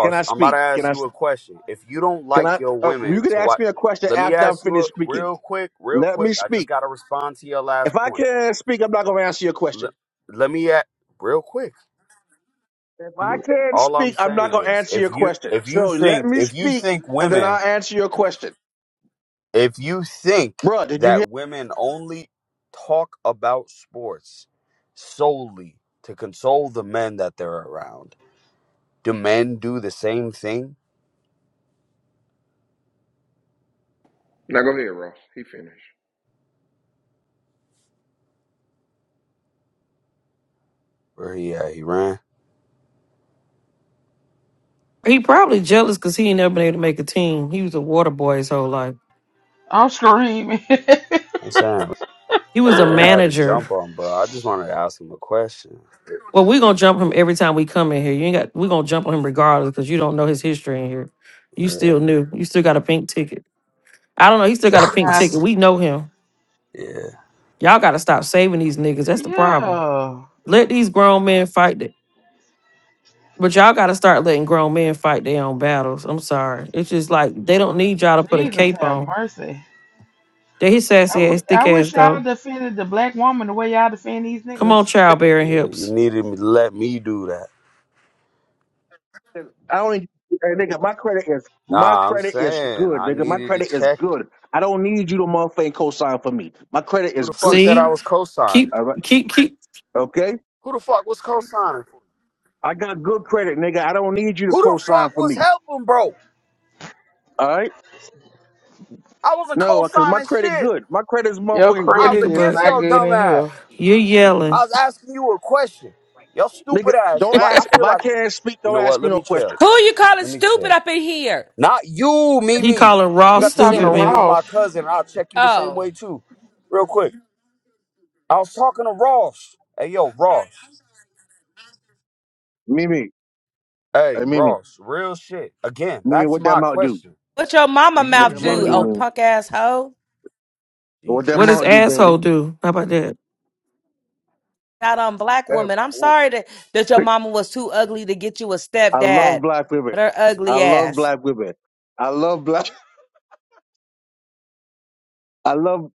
S14: Can I
S11: I'm about to
S14: speak? Can
S11: ask
S14: I?
S11: you a question. If you don't
S14: Can
S11: like
S14: I?
S11: your
S14: Uh, you
S11: women
S14: can
S11: to
S14: ask
S11: what?
S14: me a question
S11: Let me
S14: after I'm
S11: ask you a
S14: finished speaking.
S11: real quick, real
S14: Let
S11: quick.
S14: me
S11: I just
S14: speak.
S11: got to respond to your last
S14: If I
S11: point
S14: can't speak, I'm not gonna answer your question.
S11: le- let me at real quick.
S14: If I can't
S11: All I'm
S14: speak, I'm not
S11: saying
S14: gonna
S11: is
S14: answer
S11: if
S14: your
S11: you
S14: question.
S11: if you
S14: So let
S11: think
S14: me
S11: if you
S14: speak,
S11: think
S14: and then
S11: women
S14: I'll answer your question,
S11: if you think
S14: Bruh, Did you hear?
S11: that women only talk about sports solely to console the men that they're around, do men do the same thing?
S12: go ahead, Ross. He finished.
S11: Where he at? He ran.
S15: He probably jealous because he ain't never been able to make a team. He was a water boy his whole life.
S7: I'm screaming. [LAUGHS]
S11: I'm saying
S15: He was a
S11: we ain't had to
S15: manager.
S11: jump on, bro. I just wanted to ask him a question.
S15: Well, we're gonna jump him every time we come in here. You ain't got we're gonna jump on him regardless because you don't know his history in here. You
S11: Yeah,
S15: still new. You still got a pink ticket. I don't know. He still got
S11: [LAUGHS]
S15: a pink
S7: nah,
S15: ticket. We know him.
S11: yeah,
S15: Y'all gotta stop saving these niggas. That's the problem.
S7: yeah.
S15: Let these grown men fight it. But y'all gotta start letting grown men fight their own battles. I'm sorry. It's just like they don't need y'all to put a
S7: Jesus
S15: cape
S7: have
S15: on.
S7: mercy.
S15: There his
S7: I,
S15: sassy
S7: w-
S15: ass,
S7: I
S15: thick ass
S7: wish I
S15: go.
S7: defended the black woman the way y'all defend these
S15: Come
S7: niggas.
S15: on, childbearing
S11: yeah. You
S15: hips.
S11: needed me to let me do that.
S14: I only hey, nigga, my credit is my
S11: Nah, I'm
S14: credit is
S11: saying
S14: good,
S11: I
S14: nigga. My
S11: needed to
S14: credit is
S11: check.
S14: good. I don't need you to motherfucking co-sign for me. My credit
S11: Who
S14: is
S11: the fuck
S14: good.
S11: said I
S15: See?
S11: was co-signing?
S15: Keep
S14: All right.
S15: keep keep
S14: Okay?
S11: Who the fuck was co-signing?
S14: I got good credit, nigga. I don't need you to
S11: Who the
S14: co-sign
S11: fuck
S14: for
S11: was
S14: me.
S11: helping, bro?
S14: All right?
S11: I wasn't
S14: No, cause my
S11: co-signing
S14: credit
S11: shit.
S14: good. My credit is
S7: Your
S14: motherfucking
S11: I
S14: good.
S11: was
S7: credit
S15: thinking
S7: is
S15: but
S11: against
S7: not
S11: your
S7: good
S11: dumb
S7: in
S11: ass.
S7: here.
S15: you're
S11: I
S15: yelling.
S11: was asking you a question. Your
S14: Nigga,
S11: stupid ass.
S14: don't
S11: Like I
S14: ask if
S11: feel
S14: I
S11: like
S14: can't speak,
S11: you
S14: don't
S11: know
S14: ask
S11: what?
S14: me
S11: Let
S14: no
S11: me chill.
S14: question.
S13: Who you calling
S11: Let me
S13: stupid
S11: chill.
S13: up in here?
S11: Not you,
S15: He
S11: Mimi.
S15: calling raw
S11: You
S7: He
S11: got the
S7: talking
S13: You
S7: to
S11: same
S15: stupid, man.
S11: name as my
S7: Ross.
S11: cousin. I'll check you the same
S13: oh.
S11: way too. Real quick. I was talking to Ross. Hey yo, Ross.
S14: Mimi. Hey
S11: Hey,
S14: Mimi.
S11: Ross, real shit. Again,
S14: Mimi,
S11: back to
S14: what that
S11: my
S14: mouth do?
S11: question.
S13: What your mama
S11: Do
S14: What
S11: you
S14: that
S13: mouth
S14: mouth
S13: do,
S14: do,
S13: oh
S11: genuine
S14: Mimi?
S13: punk ass hoe?
S14: What that
S11: Jesus?
S15: What does
S14: mouth do, baby?
S15: asshole do? How about that?
S13: Not on black woman. I'm sorry that, that your
S14: Hey,
S13: mama was too ugly to get you a
S14: I love
S13: stepdad.
S14: black women.
S13: But her
S14: I
S13: ugly
S14: love
S13: ass.
S14: black women. I love black I love.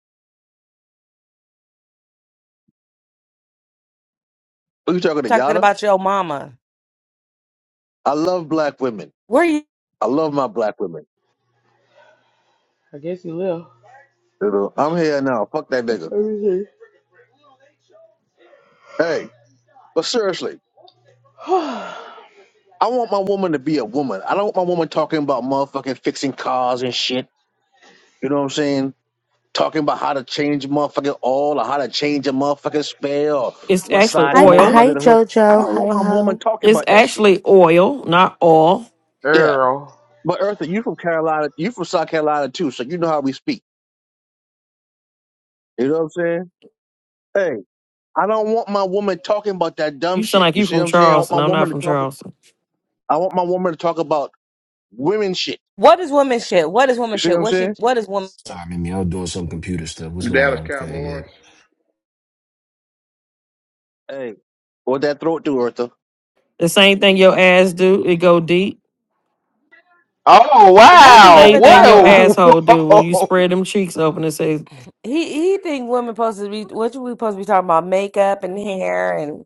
S14: Are you talking
S13: I'm
S14: to
S13: talking
S14: Yada?
S13: about your mama.
S14: I love black women.
S13: Where you
S14: I love my black women.
S7: I guess he left.
S14: You know, I'm here now. Fuck that
S7: Let
S14: nigga.
S7: me
S14: Hey, but seriously,
S7: see. [SIGHS]
S14: I want my woman to be a woman. I don't want my woman talking about motherfucking fixing cars and shit. You know what I'm saying? Talking about how to change motherfucking oil or how to change a motherfucking spare or
S15: It's
S14: what
S15: actually
S14: size motor
S15: oil.
S14: under the hood. I don't want my woman talking
S15: It's
S14: about that shit.
S15: actually oil, not oil.
S14: Yeah.
S7: Earl.
S14: But Eartha, you from Carolina, you from South Carolina too, so you know how we speak. You know what I'm saying? Hey, I don't want my woman talking about that dumb
S15: You sound
S14: shit.
S15: like
S14: You
S15: you
S14: see what
S15: from
S14: I'm saying? I want my
S15: Charleston. I'm
S14: woman
S15: not
S14: to
S15: from
S14: talk.
S15: Charleston.
S14: I want my woman to talk about women shit.
S13: what is woman shit? What is
S14: You
S13: woman
S14: see
S13: shit?
S14: what I'm
S13: What she
S14: saying?
S13: what is woman
S16: All right, mean, I'm doing some computer stuff. What's
S12: The
S16: going
S12: Dallas
S16: on, Fag? Yeah.
S12: Cowboys.
S14: Hey, what that throat do, Eartha?
S15: The same thing your ass do, it go deep.
S7: Oh
S13: what do
S7: wow!
S15: Same
S13: women
S15: thing
S13: talk
S15: your
S7: Whoa!
S13: about?
S7: [LAUGHS]
S15: asshole do when you
S7: Whoa!
S15: spread them cheeks open and say,
S13: He he think women supposed to be what you we supposed to be talking about? Makeup and hair and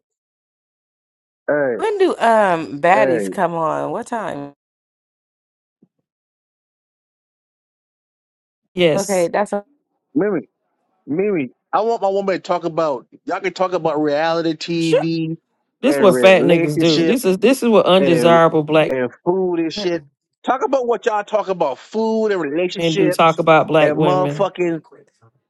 S14: Hey,
S13: when do um baddies
S14: hey,
S13: come on? What time? Okay,
S15: yes.
S13: that's a
S14: Mimi, Mimi. I want my woman to talk about. Y'all can talk about reality
S15: Sure.
S14: TV
S15: This
S14: and
S15: what fat niggas do. This
S14: relationships
S15: is this is what
S14: and
S15: undesirable black
S14: and food and shit. Talk about what y'all talk about: food and
S15: men do.
S14: relationships
S15: Talk about black
S14: and
S15: women.
S14: motherfucking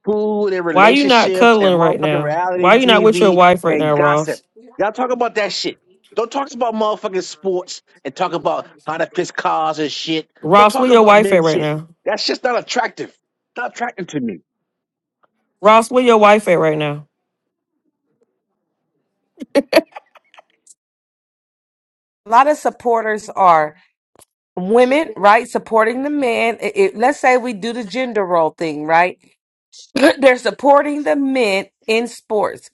S14: food and
S15: Why you not
S14: relationships and
S15: cuddling right
S14: motherfucking
S15: now?
S14: reality
S15: Why you not with your
S14: TV
S15: wife right
S14: and
S15: now,
S14: gossip.
S15: Ross?
S14: Y'all talk about that shit. Don't talk about motherfucking sports and talk about how to fix cars and shit. Don't
S15: Ross, where
S14: talk
S15: your
S14: about
S15: wife
S14: men
S15: at right
S14: shit.
S15: now?
S14: That's just not attractive. Not attractive to me.
S15: Ross, where your wife at right now?
S13: lot of supporters are. women, right, supporting the men. It, it- let's say we do the gender role thing, right? [CLEARS THROAT] They're supporting the men in sports,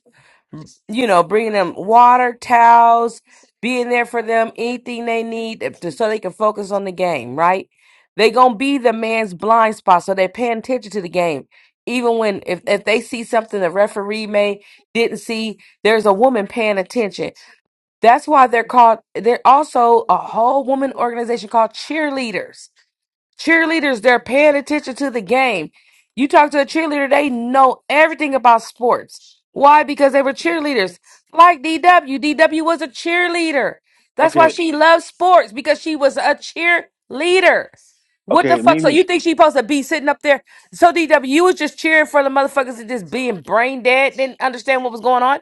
S13: you know, bringing them water, towels, being there for them, anything they need if- to, so they can focus on the game, right? They gonna be the man's blind spot, so they're paying attention to the game. Even when if, if they see something the referee may didn't see, there's a woman paying attention. That's why they're called. They're also a whole woman organization called cheerleaders Cheerleaders, they're paying attention to the game. You talk to a cheerleader, they know everything about sports. Why? Because they were cheerleaders. Like DW. DW was a cheerleader. That's why
S14: Okay,
S13: she loves sports because she was a cheerleader. What the
S14: okay,
S13: fuck? So
S14: Mimi.
S13: you think she supposed to be sitting up there? So DW, you was just cheering for the motherfuckers and just being brain dead, didn't understand what was going on?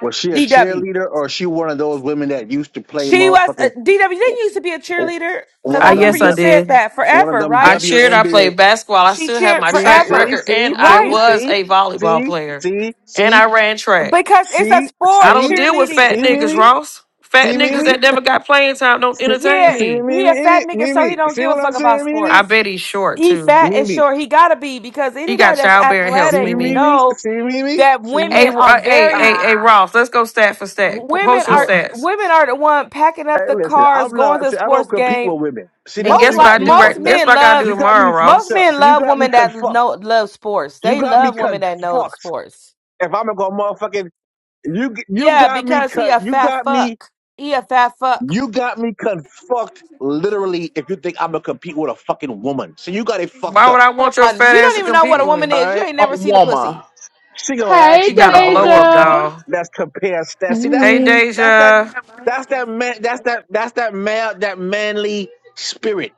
S14: Was she a
S13: DW.
S14: cheerleader or is she one of those women that used to play
S13: She was, uh,
S14: motherfucking
S13: DW, didn't you used to be a cheerleader?
S14: one
S13: Because I
S15: I
S14: of
S13: remember
S14: them
S15: yes,
S13: you
S15: I
S14: du-
S13: said
S15: did.
S13: that
S14: one of
S13: forever,
S14: them
S15: I
S13: right?
S15: cheered. I
S14: WNBA?
S15: played basketball. I
S13: She
S15: still have
S13: cheered
S15: my
S14: See,
S15: track
S14: see,
S13: forever.
S15: record,
S14: see,
S15: and I
S14: see,
S13: Right.
S15: was
S14: see,
S15: a volleyball
S14: see,
S15: player,
S14: see,
S15: and
S14: see.
S15: I ran track.
S13: Because it's a
S14: See,
S15: I
S13: sport,
S15: don't
S14: see,
S15: deal with
S13: cheerleading.
S15: fat
S14: see,
S15: niggas,
S14: Mimi,
S15: Ross. Fat
S14: see,
S15: niggas
S14: Mimi,
S15: that never got playing time don't
S14: see,
S15: entertain
S13: Yeah,
S14: see,
S15: me.
S14: Mimi,
S13: he a fat
S14: Mimi,
S13: nigga, so he
S14: Mimi.
S13: don't
S14: See
S13: give a
S14: what I'm
S13: fuck about
S14: saying,
S15: I
S14: Mimi,
S13: sports.
S15: bet he's short
S13: He
S15: too.
S13: fat and
S14: Mimi.
S13: short. He gotta be because
S15: He
S13: anybody
S15: got
S13: that's
S15: childbearing
S14: See,
S15: helps,
S13: athletic
S15: Mimi.
S14: Mimi,
S13: know
S14: see, Mimi,
S13: that
S14: see,
S15: Hey,
S14: Mimi.
S13: women are
S15: uh, hey,
S13: very
S15: hey, hey,
S14: Ah,
S15: Ross. Let's go stat for stat. P-
S13: women
S15: Post your
S13: are
S14: look,
S15: stats.
S13: women are the one packing
S14: hey,
S13: up the
S14: listen,
S13: cars,
S14: I'm
S13: going to
S14: not.
S13: the
S14: See, I don't
S13: sports
S14: compete
S13: game.
S14: with women. See,
S15: And
S14: that's where
S13: Most
S15: guess
S14: you
S15: what I
S14: got
S13: like
S14: me
S15: do
S13: most
S15: right?
S14: fucked up.
S15: Guess
S13: men
S15: what I gotta
S13: love
S15: do
S14: You got
S15: tomorrow,
S14: me fucked
S13: most
S15: Ross?
S14: up.
S13: men
S14: See, you
S13: love
S14: got me
S13: women that
S14: confucked.
S13: know love sports.
S14: You
S13: They
S14: got me
S13: love women that know the
S14: confucked.
S13: sports.
S14: If I'm gonna go motherfucking, you, you
S13: Yeah,
S14: got me
S13: because he
S14: cut.
S13: a
S14: You
S13: fat
S14: got me.
S13: fuck. He a fat fuck.
S14: You got me confucked literally if you think I'm gonna compete with a fucking woman. So you got it fucked
S15: Why would
S14: up.
S15: I
S13: Come
S15: want your
S13: on,
S15: fat
S13: you
S15: ass
S13: don't
S15: to
S13: even know
S15: compete
S13: what a
S15: with
S13: woman
S15: me?
S14: All
S13: is. You
S14: right,
S13: ain't
S7: A
S13: never seen a
S7: woman.
S13: pussy.
S14: she gonna
S7: Hey,
S14: ask
S15: You
S14: me
S15: got
S14: if
S15: to
S14: I want to
S15: blow up,
S14: compete.
S7: Deja.
S15: dog.
S14: That's compare stats. See, that's
S15: Hey,
S14: that,
S17: Hey,
S14: that's that
S15: Deja.
S14: that's that man that's that that's that man that manly spirit.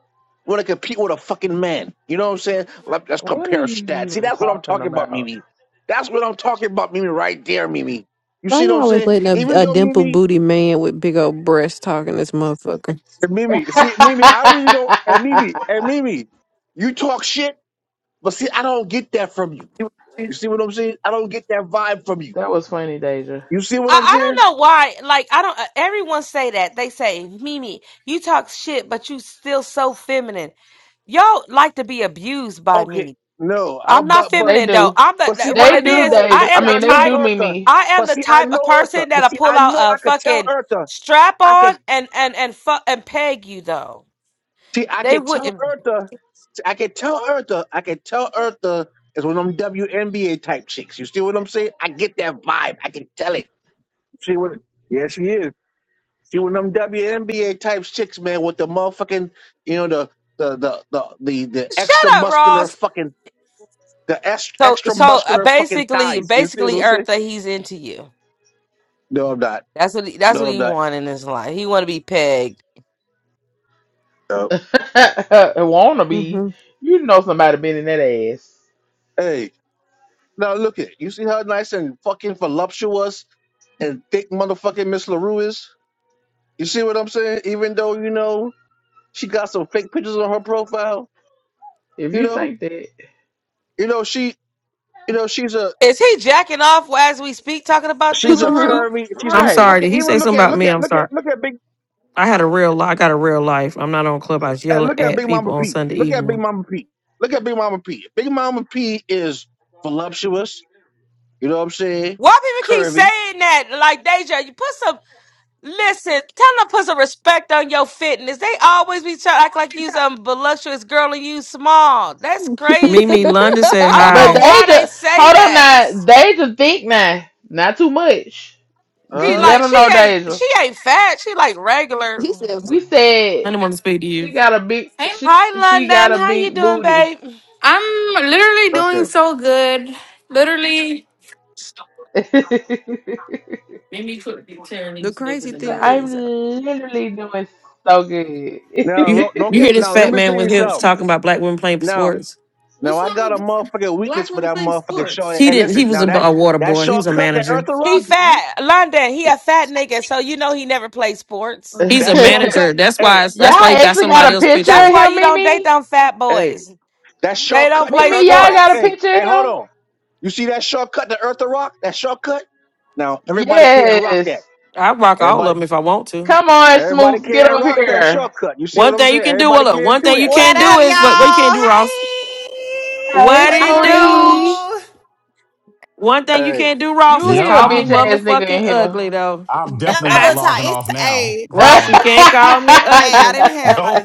S14: Want to compete with a fucking man? You know what I'm saying? Let, let's
S7: What are
S14: compare
S7: you
S14: stats. See,
S7: even
S14: that's what I'm
S7: talking
S14: talking about,
S7: about?
S14: Mimi. That's what I'm talking about, Mimi. Right there, Mimi. You
S17: why
S14: see what
S17: y'all
S14: I'm
S17: always
S14: saying?
S17: letting a,
S14: Even
S17: a
S14: though
S17: dimple
S14: Mimi,
S17: booty man with big old breasts talking this motherfucker?
S14: and Mimi,
S7: [LAUGHS]
S14: see, Mimi, I really don't. And Mimi, and
S7: that
S14: Mimi, you talk shit, but see, I don't get that from you. You see what I'm saying? I don't get that vibe from you.
S7: was funny, Deja.
S14: You see what
S13: I,
S14: I'm
S13: I
S14: saying?
S13: don't know why. Like I don't. Uh, everyone say that. They say, Mimi, you talk shit, but you still so feminine. Y'all like to be abused by
S14: Okay,
S13: me.
S14: no, I,
S13: I'm not
S14: but but
S7: They
S13: feminine though.
S7: do.
S13: I'm the
S14: but see,
S13: th- what
S14: I
S7: They
S13: it
S7: do,
S13: is.
S14: know,
S7: Deja.
S13: I
S14: but
S7: I
S14: see,
S13: am the
S14: I
S7: mean, they
S14: know
S13: type.
S7: do,
S14: Eartha,
S7: Mimi.
S13: I am
S14: but
S13: the
S14: see, I
S13: type of
S14: know Eartha,
S13: person
S14: but
S13: that'll
S14: see,
S13: pull
S14: I
S13: out
S14: know
S13: a
S14: I could tell
S13: fucking
S14: Eartha,
S13: strap
S14: I could
S13: on and and and fu- and peg you though.
S14: see, I
S13: They
S14: could tell
S13: wouldn't.
S14: Eartha, see, I could tell Eartha, I could tell Eartha is one of them WNBA type chicks. You see what I'm saying? I get that vibe. I can tell it. She was, yeah, she is. She one of them WNBA type chicks, man, with the motherfucking, you know, the the the the the, the
S13: Shut
S14: extra
S13: up,
S14: muscular
S13: Ross.
S14: fucking. The ex-
S13: So
S14: extra
S13: so uh,
S14: muscular fucking
S13: basically,
S14: thighs. You see what
S13: basically,
S14: I'm saying?
S13: Eartha, he's into you.
S14: No, I'm not.
S13: That's what he, that's
S14: No,
S13: what
S14: I'm
S13: he
S14: not.
S13: want in his life. He want to be pegged.
S14: No.
S7: [LAUGHS] Wanna be,
S17: hmm
S7: you know somebody been in that ass.
S14: Hey, now look at you. See how nice and fucking voluptuous and thick motherfucking Miss Larue is. You see what I'm saying? Even though you know she got some fake pictures on her profile,
S7: If
S14: you
S7: you
S14: know,
S7: think that,
S14: you know she, you know she's a
S13: Is he jacking off as we speak, talking about you,
S14: she's a
S17: [LAUGHS]
S13: Larue?
S14: curvy. She's a
S15: I'm sorry.
S7: right?
S14: okay.
S15: Did he
S14: Even
S15: say
S14: look
S15: something
S14: at
S15: about
S14: look
S15: me?
S14: at
S15: I'm
S14: look at
S15: sorry.
S14: look at big
S15: I had a real life. I got a real life. I'm not on Clubhouse
S14: uh,
S15: yelling
S14: look at
S15: at
S14: Big
S15: people
S14: Mama
S15: on
S14: P.
S15: Sunday
S14: Look at Big
S15: evening.
S14: Mama P. Look at Big Mama P. Big Mama P is voluptuous. You know what I'm saying?
S13: Why people keep
S14: Curvy.
S13: saying that? Like Deja, you put some listen. Tell them to put some respect on your fitness. They always be trying to act like you some voluptuous girl and you small. That's
S15: Mimi
S13: crazy.
S15: London said
S13: I don't
S7: But
S13: know
S15: hi.
S7: they
S13: why they
S7: just
S13: say
S7: hold on
S13: that.
S7: now. Deja think now, not too much.
S13: She
S14: Huh?
S7: Let
S13: like
S7: them
S13: she
S7: know,
S13: ain't
S7: Deja.
S13: she ain't fat. She like regular.
S17: he says
S7: We said
S15: London want to speak to
S7: she
S15: you.
S7: got a big she
S13: Hi
S7: she got a
S13: London, how you
S7: big
S13: doing,
S7: booty.
S13: babe?
S7: [LAUGHS]
S14: Okay.
S7: she
S15: Mimi could be tearing
S17: the
S15: these
S17: crazy
S15: niggas a
S7: said,
S15: new
S17: thing
S7: I'm
S17: is
S15: bedroom.
S7: literally doing so good. [LAUGHS]
S14: Now
S15: You
S14: lo- don't
S15: you
S14: get
S15: hear this
S14: now. Let
S15: fat
S14: me tell
S15: man
S14: you
S15: with hips
S14: something.
S15: talking about black women playing
S14: Now,
S15: sports?
S14: now I got a motherfucking weakness
S15: Black
S14: for
S15: women
S14: that
S15: playing
S14: motherfucking
S15: sports.
S14: short.
S15: He
S14: And
S15: didn't. He
S14: listen,
S15: was
S14: now
S15: a,
S14: that
S15: a water
S14: that
S15: boy. He was a
S14: shortcut, that Eartha
S15: manager.
S13: He
S14: Rock,
S13: fat. London, he a fat nigga, so you know he never play sports.
S15: Oh, He's yeah. a
S14: that shortcut,
S15: manager. That's why.
S14: hey,
S15: it's-
S7: y'all
S15: That's why he got
S7: actually got
S15: somebody
S7: a
S15: else's
S7: picture
S13: That's
S7: of
S15: picture.
S13: why
S7: him,
S13: you don't date
S7: Mimi?
S13: them fat
S14: hey,
S13: boys.
S14: that
S13: They don't
S14: shortcut, the
S13: play
S7: Mimi,
S14: Eartha
S7: y'all
S14: Rock,
S7: got a
S13: sports.
S14: hey,
S7: picture of
S14: hey, hold
S7: him?
S14: on. You see that shortcut, the Eartha Rock, that shortcut? Now everybody can't rock that.
S7: Yes.
S15: I rock all
S14: Everybody,
S15: of them if I want to.
S7: Come on,
S14: everybody
S7: Smoots, get
S14: can't
S7: up
S14: rock that
S7: here.
S14: shortcut. You see what
S15: One
S14: I'm
S15: thing you
S14: saying?
S15: can do,
S14: Everybody
S15: well, look,
S14: can't
S15: one
S14: do
S15: thing you
S14: that like
S18: What
S15: can't
S14: that.
S15: do
S18: up,
S15: is what, what you can't
S18: y'all?
S15: do, Ross.
S18: Hey,
S7: Hey,
S15: What
S18: what
S15: it
S18: it
S13: Hi,
S15: do?
S7: Smooty.
S13: Smooch.
S18: do?
S15: One thing you
S14: Hey,
S15: can't do, Ross,
S7: You
S15: is
S6: Yep,
S7: here,
S15: call me
S7: bitch
S6: I'm
S7: ass nigga in
S15: motherfucking
S7: here.
S15: ugly though.
S6: I'm
S15: [LAUGHS]
S6: definitely not
S18: Never talk.
S6: logging off
S18: It's
S6: now.
S18: hey,
S6: Hold
S15: Ross,
S6: on.
S15: you can't call me
S18: hey. I
S15: ugly.
S18: didn't have like
S7: [LAUGHS]
S6: Nope.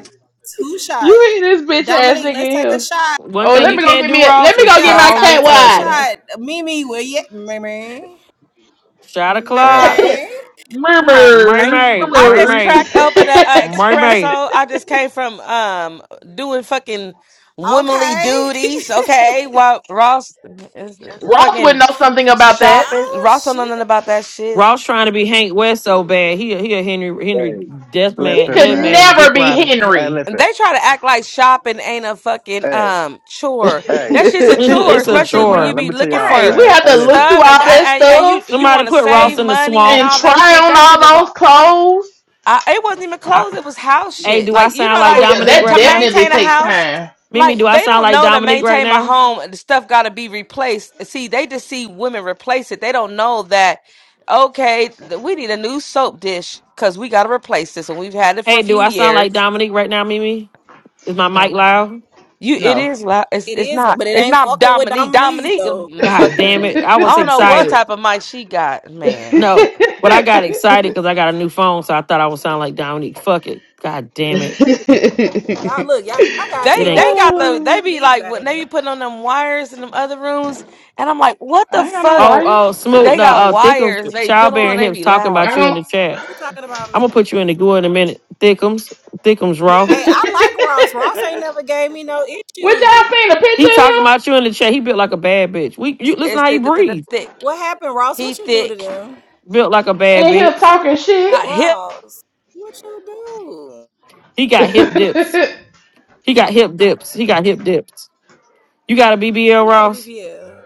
S18: two
S7: you
S18: shots.
S7: hear this bitch ass
S18: Dominique,
S7: nigga
S18: let's
S7: in
S18: take a
S7: here.
S18: shot.
S15: One
S7: Oh,
S15: thing
S7: let
S14: hey,
S15: you
S7: me go
S15: can't
S7: get me
S15: do,
S7: a, let
S15: Ross,
S7: me
S15: is
S7: go get
S18: Yeah,
S7: my
S15: call
S18: time to
S7: cat
S15: me
S18: take a
S15: ugly.
S18: shot.
S7: water.
S18: Mimi, will you? Mimi,
S15: Shot
S14: hey,
S15: o'clock.
S18: Mimi.
S7: [LAUGHS]
S13: I'm right.
S7: Murmur.
S15: Mermaid.
S13: I just
S7: Murmur. [LAUGHS]
S15: Mermaid.
S13: cracked open a, a
S15: Mermaid.
S13: espresso. I just came from um doing fucking womanly
S18: Okay.
S13: duties, okay? While Ross is
S7: Ross would
S13: fucking
S7: know something about that.
S13: shopping.
S18: Oh
S13: Ross don't know nothing
S18: shit.
S13: about that shit.
S15: Ross trying to be Hank West so bad. He a, he a Henry Henry
S14: hey,
S15: Death
S7: He
S15: Man,
S14: listen,
S7: could
S15: Dead
S14: man.
S15: Man,
S7: never
S15: Dick
S7: be
S15: Rider.
S14: Hey,
S7: Henry.
S14: listen.
S13: they try to act like shopping ain't a fucking
S14: Hey,
S13: um chore.
S14: hey,
S13: That
S15: [LAUGHS]
S13: shit's a chore,
S7: [LAUGHS]
S15: it's a
S13: especially
S14: listen,
S13: when you
S14: man.
S15: chore.
S14: Let
S13: be
S14: me tell
S13: looking
S14: y'all,
S7: Right.
S13: for
S7: We
S14: man.
S7: have
S14: Hey,
S7: to look
S14: listen.
S7: through
S13: stuff and
S7: all that
S13: and, and you
S7: stuff
S13: you
S15: Somebody
S13: want to
S15: put
S7: and
S15: Ross
S13: save
S15: in the
S13: money and
S15: swamp.
S7: and
S13: all that
S7: try
S13: shit.
S7: on
S13: That shit is
S7: all those
S13: all.
S7: clothes.
S13: I, it wasn't even
S15: I,
S13: clothes. It was house
S15: hey,
S13: shit.
S15: do I
S13: Like you
S15: sound
S13: know,
S15: like
S13: like
S7: Oh yeah,
S15: Dominique
S7: that
S13: to
S15: right now?
S7: definitely
S13: maintain a
S7: takes
S13: house.
S7: time.
S15: Mimi,
S13: Like
S15: do I
S13: they
S15: sound
S13: don't
S15: like
S13: know to
S15: Dominique right
S13: maintain a
S15: now?
S13: home. The stuff got to be replaced. See, they just see women replace it. They don't know that. Okay, th- we need a new soap dish because we got to replace this, and we've had it for a
S15: Hey, do
S13: few
S15: I sound like
S13: years.
S15: Dominique right now, Mimi? Is my mic
S13: No.
S15: loud?
S13: You, it
S7: No.
S13: is. loud. It's
S18: It
S13: it's
S18: is,
S13: not.
S18: but it
S13: It's
S18: ain't
S13: not
S18: fucking with
S13: Dominique.
S18: Dominique
S13: Dominique, uh,
S18: though.
S13: mm,
S15: God damn
S13: fucking.
S15: it. I
S13: I
S15: was
S13: don't
S7: [LAUGHS]
S13: know what
S15: excited.
S13: type of mic she got, man.
S15: No, but I got excited because I got a new phone, so I thought I would sound like Dominique. Fuck it. God damn it.
S18: Y'all look, y'all got
S15: It
S13: They
S18: too
S13: they
S15: ain't.
S18: much
S13: got
S18: money
S13: the.
S7: Oh,
S18: for
S13: They be
S18: me,
S13: like when
S18: baby.
S13: they be putting on them wires in them other rooms, and I'm like, what
S7: I
S13: the
S7: ain't got no
S13: fuck?
S15: Oh,
S7: wires.
S15: oh, Smoot.
S13: They
S15: No,
S13: got
S15: uh, Thickums,
S13: wires. They put on.
S15: Childbearing
S13: They
S15: Hips
S13: be
S15: talking
S13: loud.
S15: about
S7: I
S15: you in
S7: don't.
S15: the chat.
S18: Who's talking about
S15: I'm
S18: me?
S15: going to put you in the goo in a minute. Thickums, Thickums Raw.
S7: [LAUGHS]
S18: Hey, I like Ross. Ross ain't never gave me no
S7: Would y'all
S18: issues.
S7: seen a picture
S15: He
S7: of
S15: talking about you in the chat. He built like a bad bitch. We, you
S13: It's,
S15: Listen
S13: it's
S15: how
S13: the,
S15: he
S13: the, the, the
S15: breathes.
S13: thick.
S18: What happened, Ross? What
S13: He
S18: you do to
S13: thick.
S18: them?
S15: Built like a
S7: him?
S15: bad
S7: And him
S15: bitch.
S7: talking
S13: Not hip.
S18: Ross, what you do?
S15: He got hip dips. He got hip dips. He got hip dips. You got a BBL,
S18: Who got a
S15: Ross?
S18: BBL?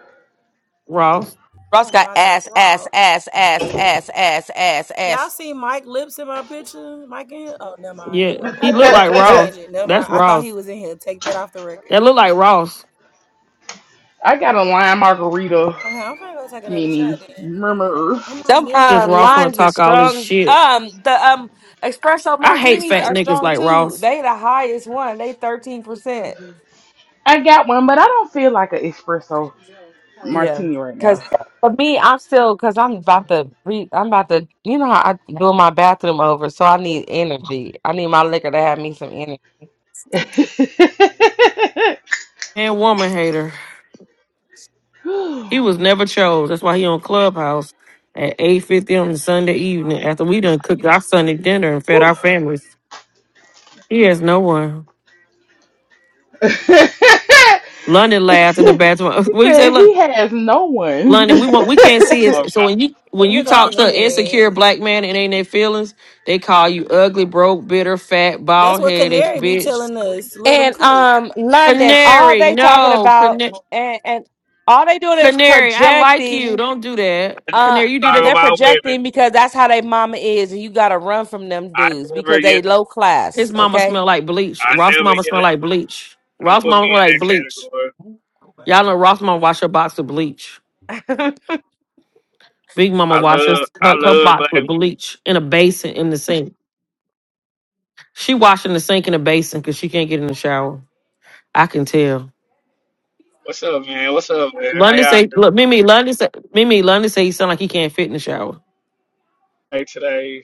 S15: Ross.
S13: Ross
S18: Oh
S13: got
S18: my God,
S13: ass, ass,
S18: Ross.
S13: ass, ass, ass, ass, ass,
S18: Y'all
S13: ass.
S18: see Mike lips in my picture? Mike in here? Oh, never mind,
S15: Yeah,
S18: never mind.
S15: he looked like
S18: Let me
S7: shit. [LAUGHS]
S15: Ross.
S18: change it. Never mind.
S15: That's
S18: I thought he
S15: Ross.
S18: was in here. Take that off the record.
S15: That look like Ross.
S7: I got a lime margarita
S18: Okay, I'm finna go take another shot
S7: mini
S18: then. Fuck it.
S7: murmur.
S18: I'm on
S13: Them
S18: mini
S15: Since
S13: um
S15: Ross
S18: vacation.
S15: want to
S13: limes is
S15: talk all this
S13: strong.
S15: shit,
S13: Um the um espresso
S15: I hate
S13: martinis
S15: fat
S13: are
S15: niggas
S13: strong
S15: like
S13: too.
S15: Ross
S13: They the highest one. They thirteen percent.
S7: I got one, but I don't feel like an espresso
S13: Yeah,
S7: martini right
S13: because
S7: now.
S13: for me, I'm still because I'm about to re. I'm about to, you know, how I do my bathroom over, so I need energy. I need my liquor to have me some energy.
S7: [LAUGHS]
S15: and woman hater.
S7: Whew.
S15: He was never chose. That's why he on Clubhouse at eight fifty on the Sunday evening after we done cooked our Sunday dinner and fed our families. He has no one.
S7: [LAUGHS] she
S15: London laughed in the bathroom. [LAUGHS] What you say,
S7: said
S15: Lon-
S7: he has no one. [LAUGHS]
S15: London? We want we can't see
S7: that
S19: No,
S15: it. So
S19: God,
S15: when you
S19: no,
S15: when
S18: Here
S15: you
S18: go
S19: God.
S15: talk to an
S18: Canary
S15: insecure
S18: ass.
S15: black man and ain't their feelings, they call you ugly, broke, bitter, fat,
S18: That's
S15: bald
S18: what
S15: headed,
S18: Canary be
S15: bitch.
S18: telling us. Let them
S13: And
S18: cook.
S13: um London, all
S15: Canary,
S13: they talking
S15: no,
S13: about
S15: canary.
S13: and, and all they doing is
S15: Canary, I like you.
S13: projecting
S15: Don't do that.
S19: I just
S13: uh
S15: Canary, you did
S19: talk
S15: it.
S13: they're
S19: about women.
S13: projecting because that's how they mama is and you gotta run from them
S19: I
S13: dudes because
S19: never
S13: they
S19: get, it.
S13: low class,
S15: His mama
S13: okay?
S15: smell like bleach.
S19: I
S15: Ross
S19: never
S15: mama
S19: get
S15: smell
S19: it.
S15: like bleach.
S19: Don't
S15: Ross
S19: put me
S15: mama smell
S19: in
S15: like
S19: that
S15: bleach.
S19: category.
S15: Y'all know Ross mama wash her box with bleach.
S13: [LAUGHS]
S15: Big mama
S19: I
S15: washes
S19: love, I
S15: her, her
S19: love
S15: box
S19: black
S15: with
S19: women.
S15: bleach in a basin in the sink. She washing the sink in a basin because she can't get in the shower. I can tell.
S19: What's up, man? What's up, man? How
S15: London
S19: y'all
S15: say,
S19: doing
S15: look, Mimi, London say, Mimi, London say he sound like he can't fit in the shower.
S19: Hey, today?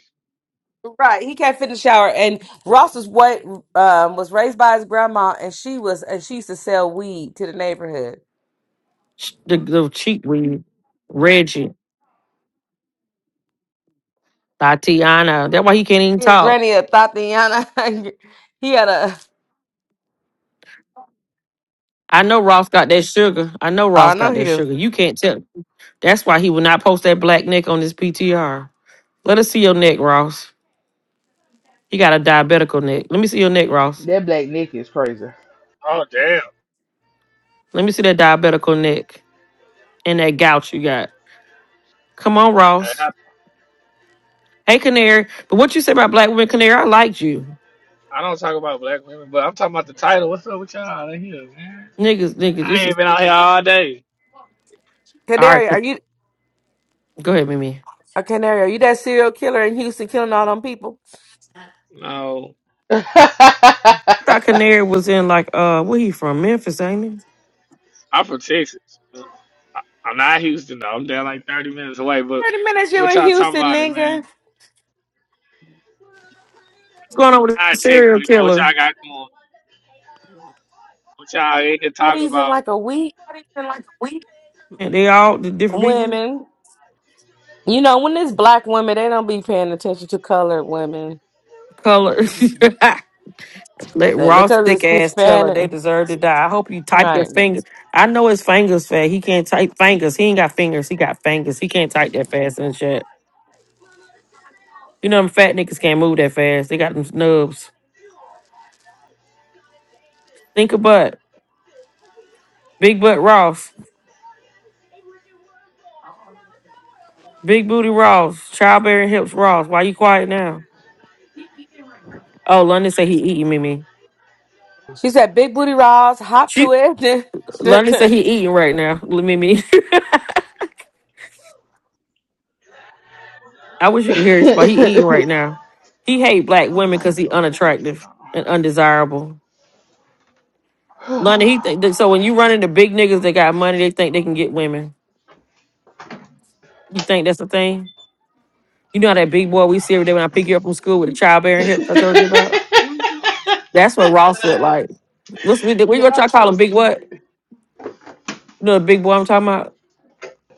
S13: Right, he can't fit in the shower. And Ross is what um, was raised by his grandma, and she was and she used to sell weed to the neighborhood.
S15: Sh- The, the cheek weed. Reggie, Tatiana. That's why he can't even
S13: His
S15: talk.
S13: granny a Tatiana. [LAUGHS] he had a.
S15: I know Ross got that sugar. I know
S13: I
S15: Ross
S13: know
S15: got
S13: he
S15: that
S13: do.
S15: sugar. You can't tell. That's why he will not post that black neck on his PTR. Let us see your neck, Ross. You got a diabetical neck. Let me see your neck, Ross.
S7: black Nick is crazy. [LAUGHS]
S19: Oh, damn.
S15: Let me see that diabetical neck and that gout you got. Come on,
S19: I,
S15: Ross.
S19: I,
S15: Hey, Canary. But what you said about black women, Canary, I liked you.
S19: I don't talk about black women, but I'm talking about the title. What's up with y'all out here, man?
S15: Niggas, niggas, it's
S19: I ain't
S15: just
S19: been out here all day.
S15: all right.
S13: Canary, are you
S15: Go ahead, Mimi.
S13: a canary? Are you that serial killer in Houston killing all them people?
S19: No,
S7: Damn,
S15: I thought Canary was in like uh where he from? Memphis, ain't he? What's
S19: I'm from Texas. I, I'm not Houston, though. I'm down like 30 minutes away, but
S13: Thirty minutes you
S19: what
S13: in
S19: y'all talking
S13: Houston,
S19: about, it,
S13: nigga.
S19: man?
S15: going on with the
S19: Not
S15: serial
S19: technically, bro. What
S15: killer?
S19: y'all got going? What y'all in here
S13: How
S19: talking
S13: these in
S19: about?
S13: like a week?
S15: And they all the different people?
S13: Women, you know when it's black women, they don't be paying attention to colored women
S15: Color. [LAUGHS] Let
S13: And
S15: raw
S13: because
S15: stick
S13: it's
S15: ass tell her
S13: Hispanic,
S15: they deserve to die. I hope you type your
S13: right?
S15: finger. I know his fingers fat. He can't type fingers. He ain't got fingers. He got fingers. He can't type that fast and shit. You know them fat niggas can't move that fast. They got them snubs. Think of butt. Big butt Ross. Big booty Ross. Childbearing hips Ross. Why you quiet now? Oh, London say he eating Mimi.
S13: She said, "Big booty Ross, hop to
S15: She
S13: it."
S15: London say
S13: [LAUGHS]
S15: he eating right now. Mimi. [LAUGHS] I wish you could hear this, but he eating right now. He hate black women
S7: I
S15: because
S7: gotta
S15: he
S7: go turn this shit
S15: unattractive
S7: on.
S15: and undesirable. Lonnie, he think so when you run into big niggas that got money, they think they can get women. You think that's the thing? You know how that big boy we see every day when I pick you up from school with the childbearing hips I told you about? That's what Ross looked
S7: [SIGHS] [LAUGHS]
S15: like. What's we we gonna try
S7: Y'all
S15: to call
S7: so
S15: him big what?
S7: stupid.
S15: You know the big boy I'm talking about?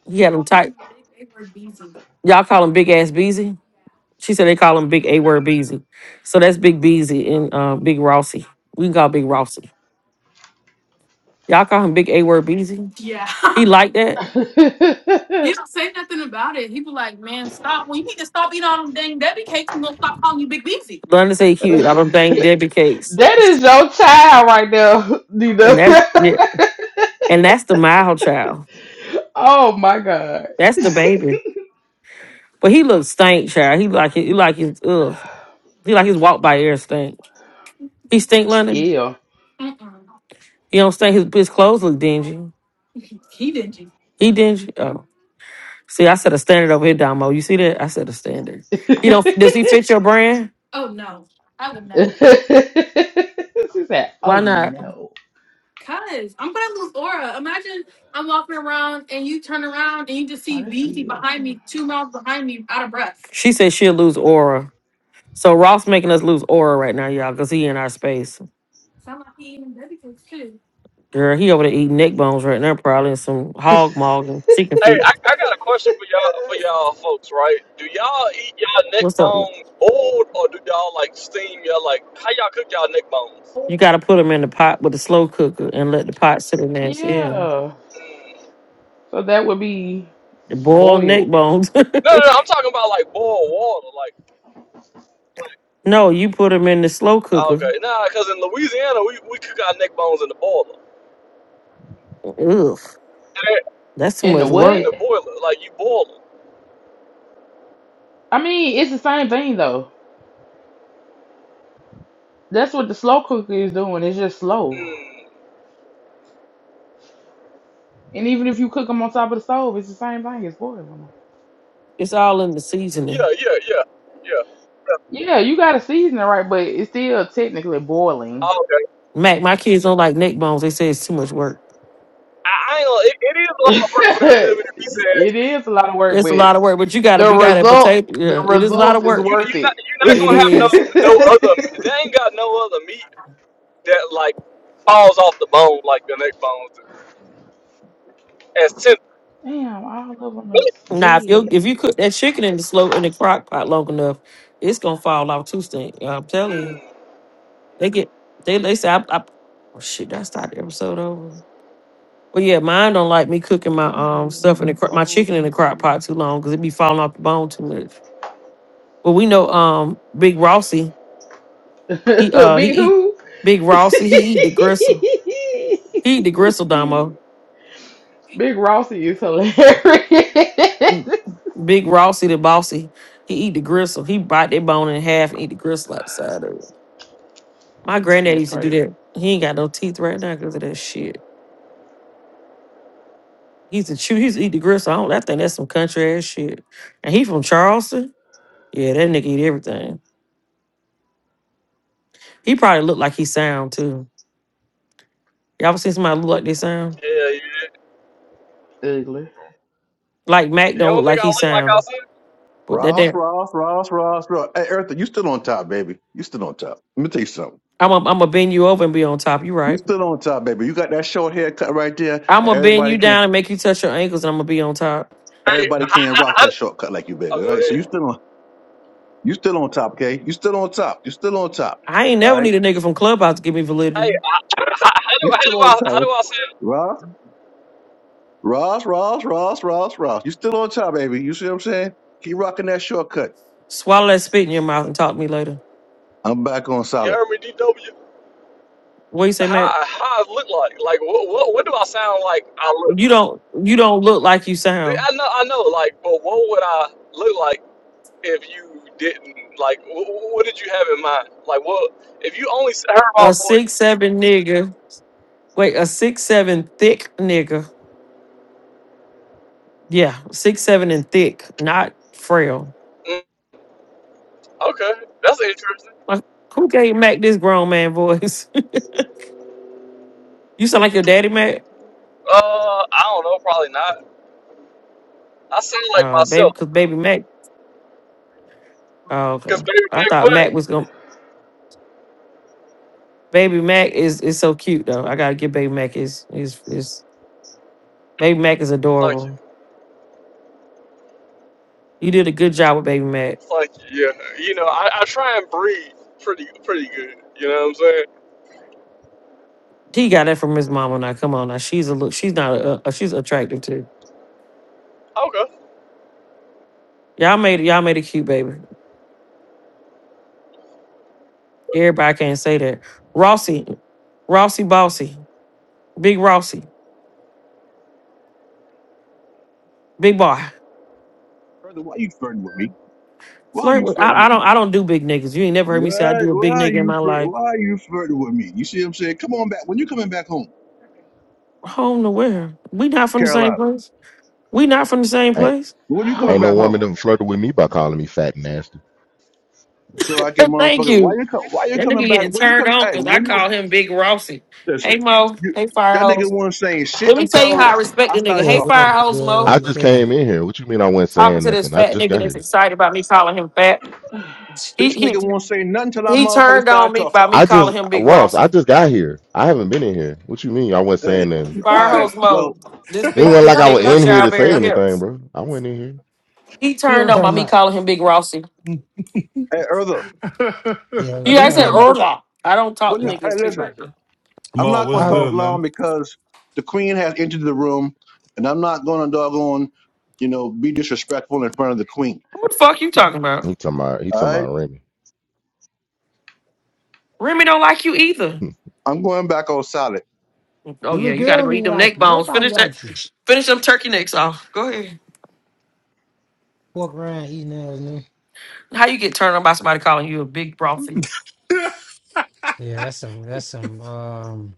S15: He had him tight. Y'all call him big ass Beezy? She said they call him big A word Beezy. So that's big Beezy and uh, big Rossi. We can call big Rossi. Y'all call him big A word Beezy? Yeah. [LAUGHS] He like
S7: [LAUGHS]
S15: that?
S7: that
S15: London say he cute. I don't think Debbie cakes.
S7: is your child right there,
S15: And
S7: Nina.
S15: that's yeah, and that's the mild child.
S7: [LAUGHS] oh my god.
S15: That's the baby. But he looks stink, child. He like he like his ugh. He like his walk by air stink. He stink London.
S7: Yeah.
S15: He don't stink. His his clothes look dingy. He dingy. Oh, see, I set a standard over here, Damo. You see that? I set a standard.
S7: [LAUGHS]
S15: He
S7: she
S15: don't. Does he fit your brand?
S7: said,
S15: Why
S7: "Oh
S15: not?
S7: no, oh this is."
S15: She said she'll lose aura. So Ross making us lose aura right now, y'all, because he in our space. Girl, he over there eating neck bones right now, probably, and some hog maw and chicken
S9: Hey,
S15: feet.
S9: I, I got a question for y'all for
S7: [LAUGHS]
S9: y'all folks, right? Do y'all eat y'all neck
S15: What's up?
S9: bone old or do y'all like steam y'all like how y'all cook y'all neck bones?
S15: You got to put them in the pot with a slow cooker and let the pot sit in there. Yeah.
S7: yeah.
S9: Mm.
S7: So that would be
S15: The boiled neck
S7: boiled
S15: bones.
S9: No, no, no. I'm talking about like boiled water. Like,
S15: [LAUGHS] no, you put them in the slow
S9: ah,
S15: cooker.
S9: okay, nah, because in Louisiana we, we cook our neck bones in the boiler,
S15: Ugh,
S9: Eh,
S15: that's too
S7: in the
S15: much
S9: in
S15: work.
S9: the
S7: what?
S9: boiler. Like you boil them.
S7: I mean, it's the same thing though. That's what the slow cooker is doing. It's just slow.
S9: Mm,
S7: And even if you cook them on top of the stove, it's the same thing. It's boiling them.
S15: It's all in the seasoning.
S9: yeah, yeah, yeah, yeah.
S7: Yeah, you gotta season it right, but it's still technically boiling.
S9: Ah, okay.
S15: Mac, my kids don't like neck bones. They say it's too much work.
S9: I, I ain't, gonna- it, it is a
S7: [LAUGHS]
S9: lot of work for that living
S7: it
S9: if pizza ass meat.
S7: is a lot of work,
S15: It's a
S7: but
S15: lot of work, but you got to
S7: the
S15: be got to
S7: result,
S15: potato.
S7: the
S15: Yeah, it is a lot
S7: results
S15: of
S7: is
S15: work.
S9: You you
S7: worth
S9: not
S7: it.
S9: you are not
S15: It
S9: gonna have
S15: is.
S9: no no other. They
S7: [LAUGHS]
S9: ain't got no other meat that like falls off the bone like the neck bones do. as tender.
S7: Damn, all of them is
S15: Now, if you
S7: dead.
S15: if you cook that chicken in the slow in the crock pot long enough, it's gonna fall off too stink. I'm telling you,
S9: Mm,
S15: they get they they say I, I oh shit. I start the episode over. But yeah, mine don't like me cooking my
S7: I
S15: um
S7: need one
S15: stuff
S7: of
S15: in the
S7: them
S15: cro- my
S7: old
S15: chicken in the crock
S7: school.
S15: pot too long because it be falling off the bone too much. But we know um Big Rossi he
S7: [LAUGHS]
S15: uh he
S7: Big
S15: eat
S7: who?
S15: Big Rossi he eat the gristle he eat the gristle
S7: [LAUGHS]
S15: Damo
S7: Big Rossi is hilarious.
S15: Mm,
S7: [LAUGHS]
S15: Big Rossi the bossy he eat the gristle he bite that bone in half and eat the gristle outside of it. My granddad
S7: That's
S15: used to do
S7: crazy.
S15: that. He ain't got no teeth right now because of that shit. He used to chew. He used to eat the gristle. I don't. I think that's some country ass shit. And he from Charleston. Yeah, that nigga eat everything. He probably look like he sound too. Y'all ever seen somebody look like they sound?
S9: yeah, yeah.
S7: Ugly.
S15: Like Mac
S9: You
S15: don't
S9: don't
S15: look like
S9: think I
S15: he
S9: look like I
S15: sound.
S9: see?
S15: But that
S14: Ross,
S15: damn,
S14: Ross, Ross, Ross, Ross. Hey, Eartha, you still on top, baby. You still on top. Let me tell you something.
S15: I'm i I'm gonna bend you over and be on top. You
S14: You
S15: right.
S14: still on top, baby. You got that short haircut right there,
S15: I'm
S14: and
S15: gonna bend
S14: everybody
S15: you
S14: can
S15: down and make you touch your ankles, and I'm gonna be on top.
S9: Hey, [LAUGHS]
S14: everybody
S9: I,
S14: can
S9: I,
S14: rock
S9: I,
S14: that shortcut like you, baby. All
S9: oh, go
S14: right. So you
S9: ahead.
S14: still on you still on top, okay? You still on top. You still on top.
S15: I ain't
S14: All
S15: never
S14: right.
S15: need a nigga from Clubhouse to give me
S9: Hey.
S15: validity.
S9: How, how do
S14: You
S9: how
S14: still
S9: do
S14: on
S9: I how
S14: top.
S9: do I sound?
S14: Ross, Ross, Ross, Ross, Ross, Ross. You still on top, baby. You see what I'm saying? Keep rocking that shortcut.
S15: Swallow that spit in your mouth and talk to me later.
S14: I'm back on
S9: You
S14: solid.
S9: heard me, DW.
S15: What you say, Mac?
S9: How how I look like? Like what what what do I sound like? I look.
S15: You don't. You don't look like you sound.
S9: I know I know. Like, but what would I look like if you didn't? Like, what, what did you have in mind? Like, what if you only heard my
S15: A
S9: voice?
S15: six seven nigga. Wait, a six seven thick nigga. Yeah, six seven and thick, not frail.
S9: Mm, okay, that's interesting.
S15: Like, who gave Mac this grown man voice? [LAUGHS] you sound like your daddy, Mac.
S9: Uh, I don't know. Probably not. I sound like
S15: Oh, baby,
S9: myself.
S15: cause baby Mac. Oh, okay.
S9: Cause baby,
S15: I
S9: baby,
S15: thought
S9: what?
S15: Mac was gonna. Baby Mac is is so cute though. I gotta give Baby Mac his his his. Baby Mac is
S9: Thank you,
S15: adorable. You did a good job with Baby Mac.
S9: thank you. Yeah, you know, I, I try and breathe pretty pretty good. You know what I'm saying?
S15: He got that from his mama. Now, come on, now she's a look. She's not a. a she's attractive too.
S9: Okay.
S15: Y'all made it. Y'all made it cute, baby. Everybody can't say that. Rossi, Rossi Bossy, Big Rossi, Big Boy.
S14: Eartha, why you flirting with me? Why are
S15: Flirt
S14: you
S15: with
S14: flirting
S15: I, I
S14: with
S15: don't
S14: me?
S15: I don't do big niggas. You ain't never heard me say I
S14: Why,
S15: do a big
S14: why are
S15: nigga in
S14: you
S15: my
S14: flirt?
S15: life.
S14: Why are you flirting with me? You see what I'm saying? Come on back. When you coming back home,
S15: Home to where? We not from the same
S14: Carolina?
S15: place. We not from the same
S20: Ain't,
S15: place.
S14: When you coming
S20: ain't no
S7: Oh
S14: back
S7: my
S14: home?
S20: woman
S7: god.
S20: done flirted with me by calling me fat and nasty.
S14: So I
S15: [LAUGHS]
S14: can
S15: Thank
S14: motherfucker. Why
S15: you.
S14: you come? Why you
S15: That
S14: coming
S15: nigga
S14: back?
S15: getting
S14: When you
S15: turned
S14: coming?
S15: on
S14: Hey,
S15: because I
S14: when you
S15: call him Big Rossi. Hey
S14: listen?
S15: Mo.
S14: You
S15: Hey Fire
S14: that nigga
S15: Hose.
S14: wasn't saying shit
S15: Let me tell you how I
S14: until
S15: respect
S14: I
S15: the nigga.
S14: started
S21: Yeah,
S15: Hey
S21: what
S14: talking.
S15: Fire
S21: up, D
S15: Hose
S21: Dub? How
S20: I
S15: Mo.
S21: you
S20: just
S21: feeling?
S20: came in here. What you mean I wasn't
S15: Talking
S20: saying
S15: to this
S20: nothing? I
S15: fat
S20: just
S15: nigga
S20: got
S15: that's
S20: here.
S15: excited about me calling him fat. He
S14: Bitch, nigga
S15: he
S14: will not say nothing until I
S15: he
S14: motherfucker
S15: turned on
S14: started
S15: me
S14: talking.
S15: by me
S20: I just
S15: calling him Big
S20: Ross,
S15: Rossi.
S20: I just got here. I haven't been in here. What you mean I wasn't
S14: Hey,
S20: saying nothing?
S14: all right.
S15: Firehose
S14: Well,
S15: mode. this
S20: It
S15: big
S20: wasn't like
S15: thick
S20: I was
S15: nigga with
S20: in here to say
S15: childbearing
S20: anything,
S15: hips.
S20: bro. I wasn't in here.
S15: He turned
S6: Yeah.
S15: on
S21: Tell
S15: by me
S21: my,
S15: calling him Big Rossi.
S14: hey, Erla,
S6: [LAUGHS]
S21: yeah,
S15: He
S21: you
S14: when
S15: I
S14: you
S15: said
S14: coming back?
S21: know,
S14: to-
S15: Urla. I don't talk
S14: When
S15: to
S14: you
S21: like,
S15: niggas that
S14: hey,
S15: speak
S14: listen.
S15: like that.
S14: I'm
S6: Mo,
S14: not
S21: I
S14: going
S6: what's
S14: to talk
S21: heard
S6: good,
S14: long
S6: man?
S14: because the queen has entered the room, and I'm not going to doggone, you know, be disrespectful in front of the queen.
S15: What the fuck you
S14: All
S15: talking about?
S20: He talking about he talking
S14: right,
S20: about Remy.
S15: Remy don't like you either.
S20: Hmm.
S14: I'm going back on solid.
S21: the
S15: Oh
S21: little
S15: yeah, you
S21: girl
S15: gotta go
S21: don't
S15: eat
S21: even
S15: them
S21: like
S15: neck
S21: you.
S15: bones.
S21: Nobody
S15: Finish that
S21: likes you.
S15: finish them turkey necks off. Go ahead.
S21: Walk around eating ass nigga.
S15: How you get turned on by somebody calling you a big Rossi?
S6: [LAUGHS]
S21: Yeah, that's some that's some um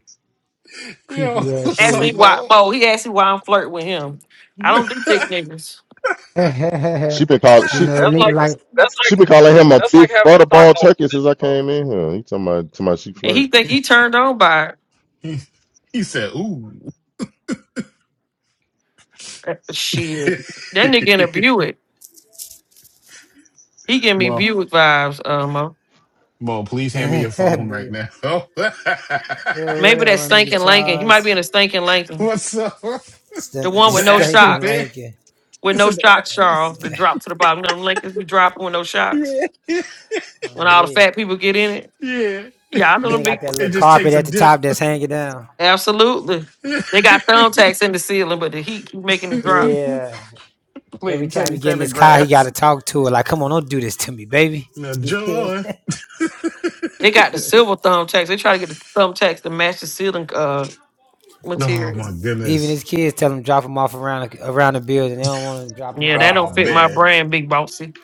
S6: Yo,
S21: creepy ass
S6: what's
S21: shit.
S15: Ask
S6: up,
S15: me
S21: [LAUGHS] you
S15: why
S6: Mo?
S15: Mo, he asked me why I'm flirting with him. I don't do
S6: [LAUGHS]
S15: thick niggas.
S20: she been calling she
S6: Ah!
S21: know,
S9: That's
S21: nigga
S15: He-
S9: like the
S21: like
S9: that's
S20: she
S9: like
S20: been calling him a
S9: That's
S20: big
S9: like having a
S20: butterball
S9: Stockholm
S20: turkey since I
S9: syndrome.
S20: came in here. He talking about talking about she
S15: and he
S20: flirt.
S15: think he turned on by
S6: he said, ooh.
S15: it. Shit. That nigga in a
S6: [LAUGHS]
S15: Buick. He give me
S6: Well,
S15: Buick vibes, uh, Mo.
S6: well,
S21: [LAUGHS]
S6: please hand me your phone right
S21: Bro.
S6: now. [LAUGHS]
S21: Yo, what
S15: Maybe
S21: up,
S15: that
S21: my nigga
S15: stinking Lincoln. He might be
S21: Charles?
S15: in a stinking Lincoln.
S6: What's up?
S21: Stank,
S15: The
S21: [LAUGHS]
S15: one with
S6: The
S15: no
S6: Astro
S21: stinking
S15: shocks.
S6: fan?
S21: Lincoln.
S6: He
S15: With no
S6: said the
S15: shocks,
S6: Astro. [LAUGHS]
S15: Charles. That drop to the bottom. You know them Lincolns be dropping with no shocks.
S6: Yeah.
S21: Oh,
S15: When all the
S21: gee.
S15: fat people get in it.
S6: Yeah.
S15: Yeah, I
S21: And
S15: know
S6: [LAUGHS]
S21: then
S15: them
S21: he got
S15: big
S21: that
S6: It
S21: little
S15: ones.
S6: just
S21: carpet
S6: takes a
S21: at the
S6: dip.
S21: top that's hanging down.
S15: Absolutely. They got
S6: [LAUGHS]
S15: thumbtacks in the ceiling, but the heat keep making it drop.
S21: Yeah. Every
S6: Playing
S21: time he
S6: Teddy
S21: get in his car, he got to
S6: Pendergrass.
S21: talk to her. Like, come on, don't do this to me, baby.
S6: Now,
S21: [LAUGHS]
S6: joy.
S15: They got the silver thumbtacks. They try to get the thumbtacks to match the ceiling uh
S6: Oh, my
S15: materials.
S21: Even
S6: goodness.
S21: his kids tell him drop him off around the, around the building. They don't want to drop him
S15: Yeah,
S21: off in
S15: that
S21: the
S6: Oh,
S15: don't
S21: front of
S15: fit my
S6: man.
S21: school.
S15: brand, big bossy.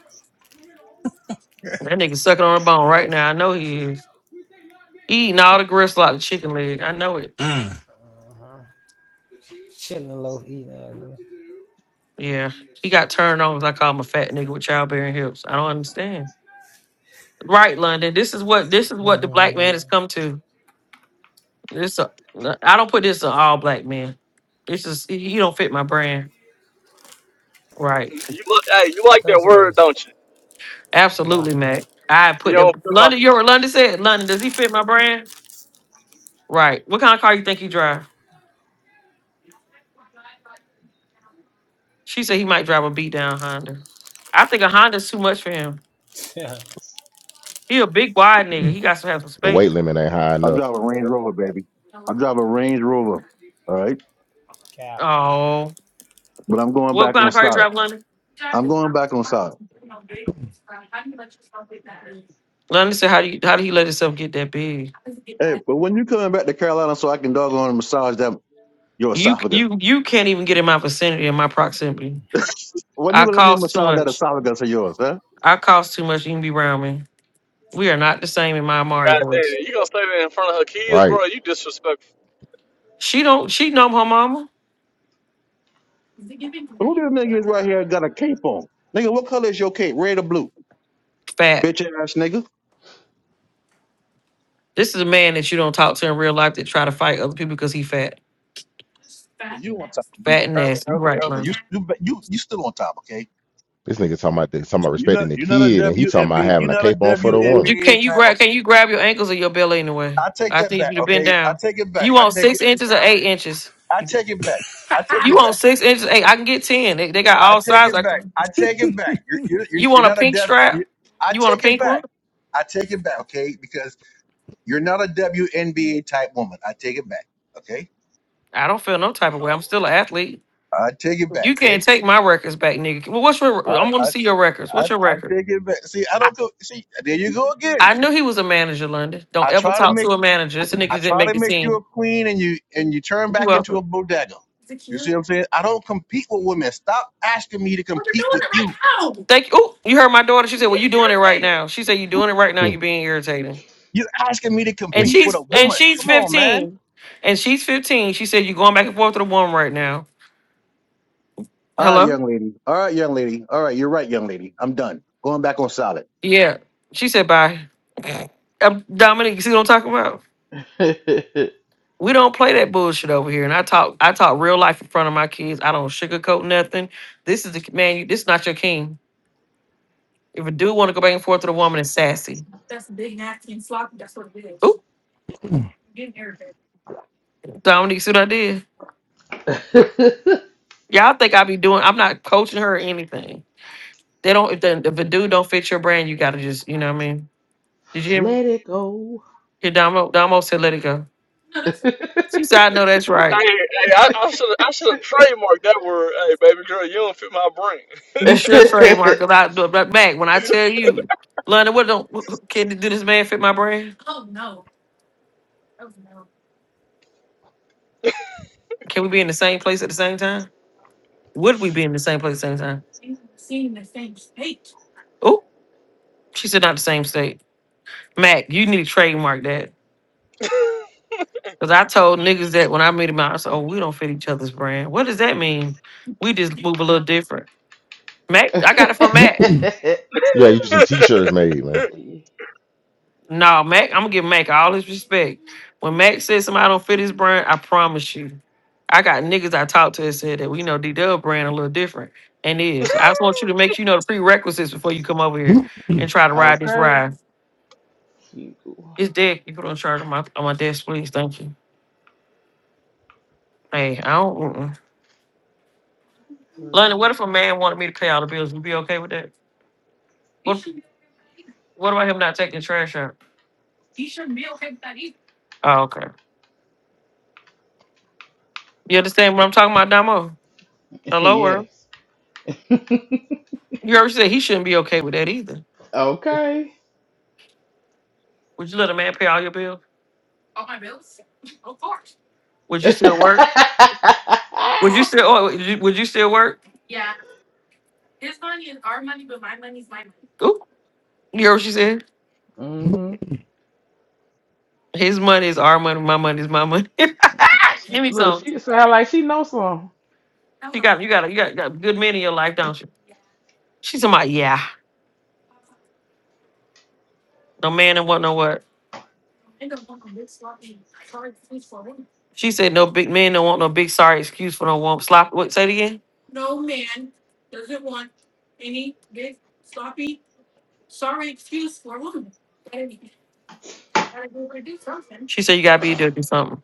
S15: That nigga sucking on a bone right now. I know he is. He eating all the gristle out of the chicken leg. I know it.
S6: Mm.
S21: Uh-huh. Chilling low, eating. Uh,
S15: Yeah, he got turned on like I'm a fat nigga with childbearing hips. I don't understand. Right, London. This is what this is what the black man
S21: mm-hmm.
S15: has come to. This a, I don't put this on all black men. This is you don't fit my brand. Right.
S9: bro. You look, hey, you like that
S21: That's what
S9: word,
S21: it's
S9: don't you?
S15: Absolutely, Mac. I
S9: You
S15: put that.
S9: don't feel my
S15: London. You're what London said. London, does he fit my brand? Right. What kind of car you think he drive? She said he might drive a beat down Honda. I think a Honda's too much for him.
S21: y'all.
S15: He a big wide nigga.
S20: The
S15: He got to have some space.
S20: weight limit ain't high
S14: I
S20: enough.
S14: drive a Range Rover, baby. I drive a Range Rover. All right,
S21: [LAUGHS] Cow.
S15: Oh,
S14: but I'm going
S15: what
S14: back
S15: kind
S14: on
S15: of car you
S14: solid.
S15: drive, London?
S14: I'm going back on solid.
S15: I understand how do you how do he let himself get that big?
S14: Hey, but when you coming back to Carolina so I can doggone massage that your
S15: You
S14: esophagus?
S15: you you can't even get in my vicinity in my proximity.
S14: When you
S15: I
S14: gonna let me
S15: cost too
S14: massage that
S15: much.
S14: esophagus of yours, huh?
S15: I cost too much. You can be around me. We are not the same in my Amari
S9: goddamn.
S15: voice.
S9: You gonna say that in front of her kids,
S20: Right.
S9: bro? You disrespectful.
S15: She don't she know her mama
S14: Who this nigga is right here got a cape on? Nigga, what color is your cape? Red or blue?
S15: fat.
S14: Bitch ass nigga.
S15: This is a man that you don't talk to in real life that try to fight other people because he fat,
S14: You on time,
S15: fat and
S14: Elder,
S15: nasty. You
S14: Elder,
S15: Right,
S14: Elder.
S15: man.
S14: You, you, you, you still on top, okay?
S20: This nigga talking about this, talking about
S14: You're not,
S20: respecting the
S14: you're not a
S20: kid and he talking about
S14: WNB,
S20: having
S14: you're
S20: a
S14: not a
S20: cape on for the woman.
S15: You
S14: WNBA
S15: can you
S14: type. Of,
S15: grab can you grab your ankles or your belly anyway?
S14: I take
S15: I
S14: that
S15: need
S14: back,
S15: you to bend
S14: okay? I
S15: down.
S14: take it back.
S15: You
S14: I
S15: want
S14: take
S15: six
S14: it.
S15: inches or eight inches?
S14: I take it back. I take
S15: You
S14: it
S15: want
S14: back.
S15: six inches? Eight? I can get ten. They, they got
S14: I
S15: all
S14: take it back.
S15: sizes.
S14: I take it back. You're, you're, you're
S15: You
S14: you're
S15: want a
S14: not a
S15: pink
S14: dev. You,
S15: strap?
S14: I
S15: You want a
S14: take it
S15: pink
S14: back.
S15: one?
S14: I take it back, okay? Because you're not a WNBA type woman. I take it back, okay?
S15: I don't feel no type of way. I'm still an athlete.
S14: I take it back,
S15: You can't
S14: okay?
S15: take my records back, nigga. Well, what's your?
S14: I,
S15: I'm going to
S14: I,
S15: see your records.
S14: I,
S15: What's your
S14: I
S15: record?
S14: take it back. See, I
S15: I,
S14: don't go. See, there you go again.
S15: I knew he was a manager, London. Don't
S14: I
S15: ever
S14: try to
S15: talk
S14: make.
S15: to a manager. This nigga
S14: I
S15: didn't
S14: try
S15: make
S14: to
S15: the
S14: make you
S15: team.
S14: a queen and you and you turn
S15: You
S14: back into a
S15: welcome.
S14: bodega. You see what I'm saying? I don't compete with women. Stop asking me to compete with you.
S15: Thank you. Oh, you heard my daughter. She said, "Well, you doing it right now." She said, "You doing it right now.
S20: Hmm.
S15: You being irritating."
S14: You're asking me to
S15: And
S14: compete with a
S15: she's and
S14: woman.
S15: she's
S14: Come on, man.
S15: 15, and she's 15. She said, "You going back and forth to the woman right now?"
S14: All right,
S15: Hello.
S14: young lady. All right, young lady. All right, you're right, young lady. I'm done. Going back on solid.
S15: Yeah. She said, "Bye." [LAUGHS] Um, Dominic, you see what I'm talking about?
S7: [LAUGHS]
S15: We don't play that bullshit over here. And I talk, I talk real life in front of my kids. I don't sugarcoat nothing. This is the man. You, this is not your king. If a dude want to go back and forth with a woman, it's sassy. that's That's big nasty and sloppy. That's what it is. Ooh, Dominique, see what I did? Y'all think I be doing? I'm not coaching her or anything. They don't. If, the, if a dude don't fit your brand, you gotta just, you know what I mean? Did you hear me?
S7: Let it go.
S15: Here, Domo, Domo said, "Let it go."
S7: [LAUGHS]
S15: She said, "I know that's right.
S9: Hey, hey, I, I should I should have trademarked that word. Hey, baby girl, you don't fit my brain. [LAUGHS]
S15: You should trademark a lot." But but, Mac, when I tell you, London, what don't can do this man fit my brand? Can we be in the same place at the same time? Would we be in the same place at the same time? Oh, she said not the same state. Mac, you need to trademark that. Because I told niggas that when I met him, I said, oh, we don't fit each other's brand. What does that mean? We just move a little different. Mac, I got it from Mac.
S20: [CLEARS THROAT] Yeah, you get some t-shirts made, man.
S7: See.
S15: No, Mac, I'm going to give Mac all his respect. When Mac says somebody don't fit his brand, I promise you. I got niggas I talked to that said that we know D-Dub brand a little different. And it is. I just want you to make you know the prerequisites before you come over here
S20: [CLEARS THROAT]
S15: and try to ride this
S7: Okay.
S15: ride.
S7: Two,
S15: It's dead. You put on charge on my on my desk, please. Thank you. Hey, I don't. Mm-mm. Lonnie, what
S7: three.
S15: if a man wanted me to pay all the bills? Would you be okay with that? What What about him not taking the trash out? Oh, okay. You understand what I'm talking about, Damo?
S7: [LAUGHS]
S15: Hello, world.
S7: yes.
S15: You already said he shouldn't be okay with that either.
S7: Okay.
S15: Would you let a man pay all your bills? Would
S7: [LAUGHS]
S15: you still work? Would you still? Oh, would you, would you still work? Ooh, you heard what she said.
S7: mhm.
S15: His money is our money. My money is my money. [LAUGHS] Give
S7: She
S15: me
S7: look.
S15: some.
S7: She sound like she knows some.
S15: You got you got you got, got good men in your life, don't you? She's talking about yeah. No man and what no what. She said no big men don't want no big sorry excuse for no warm sloppy. What say it again? She said you gotta be there to do something.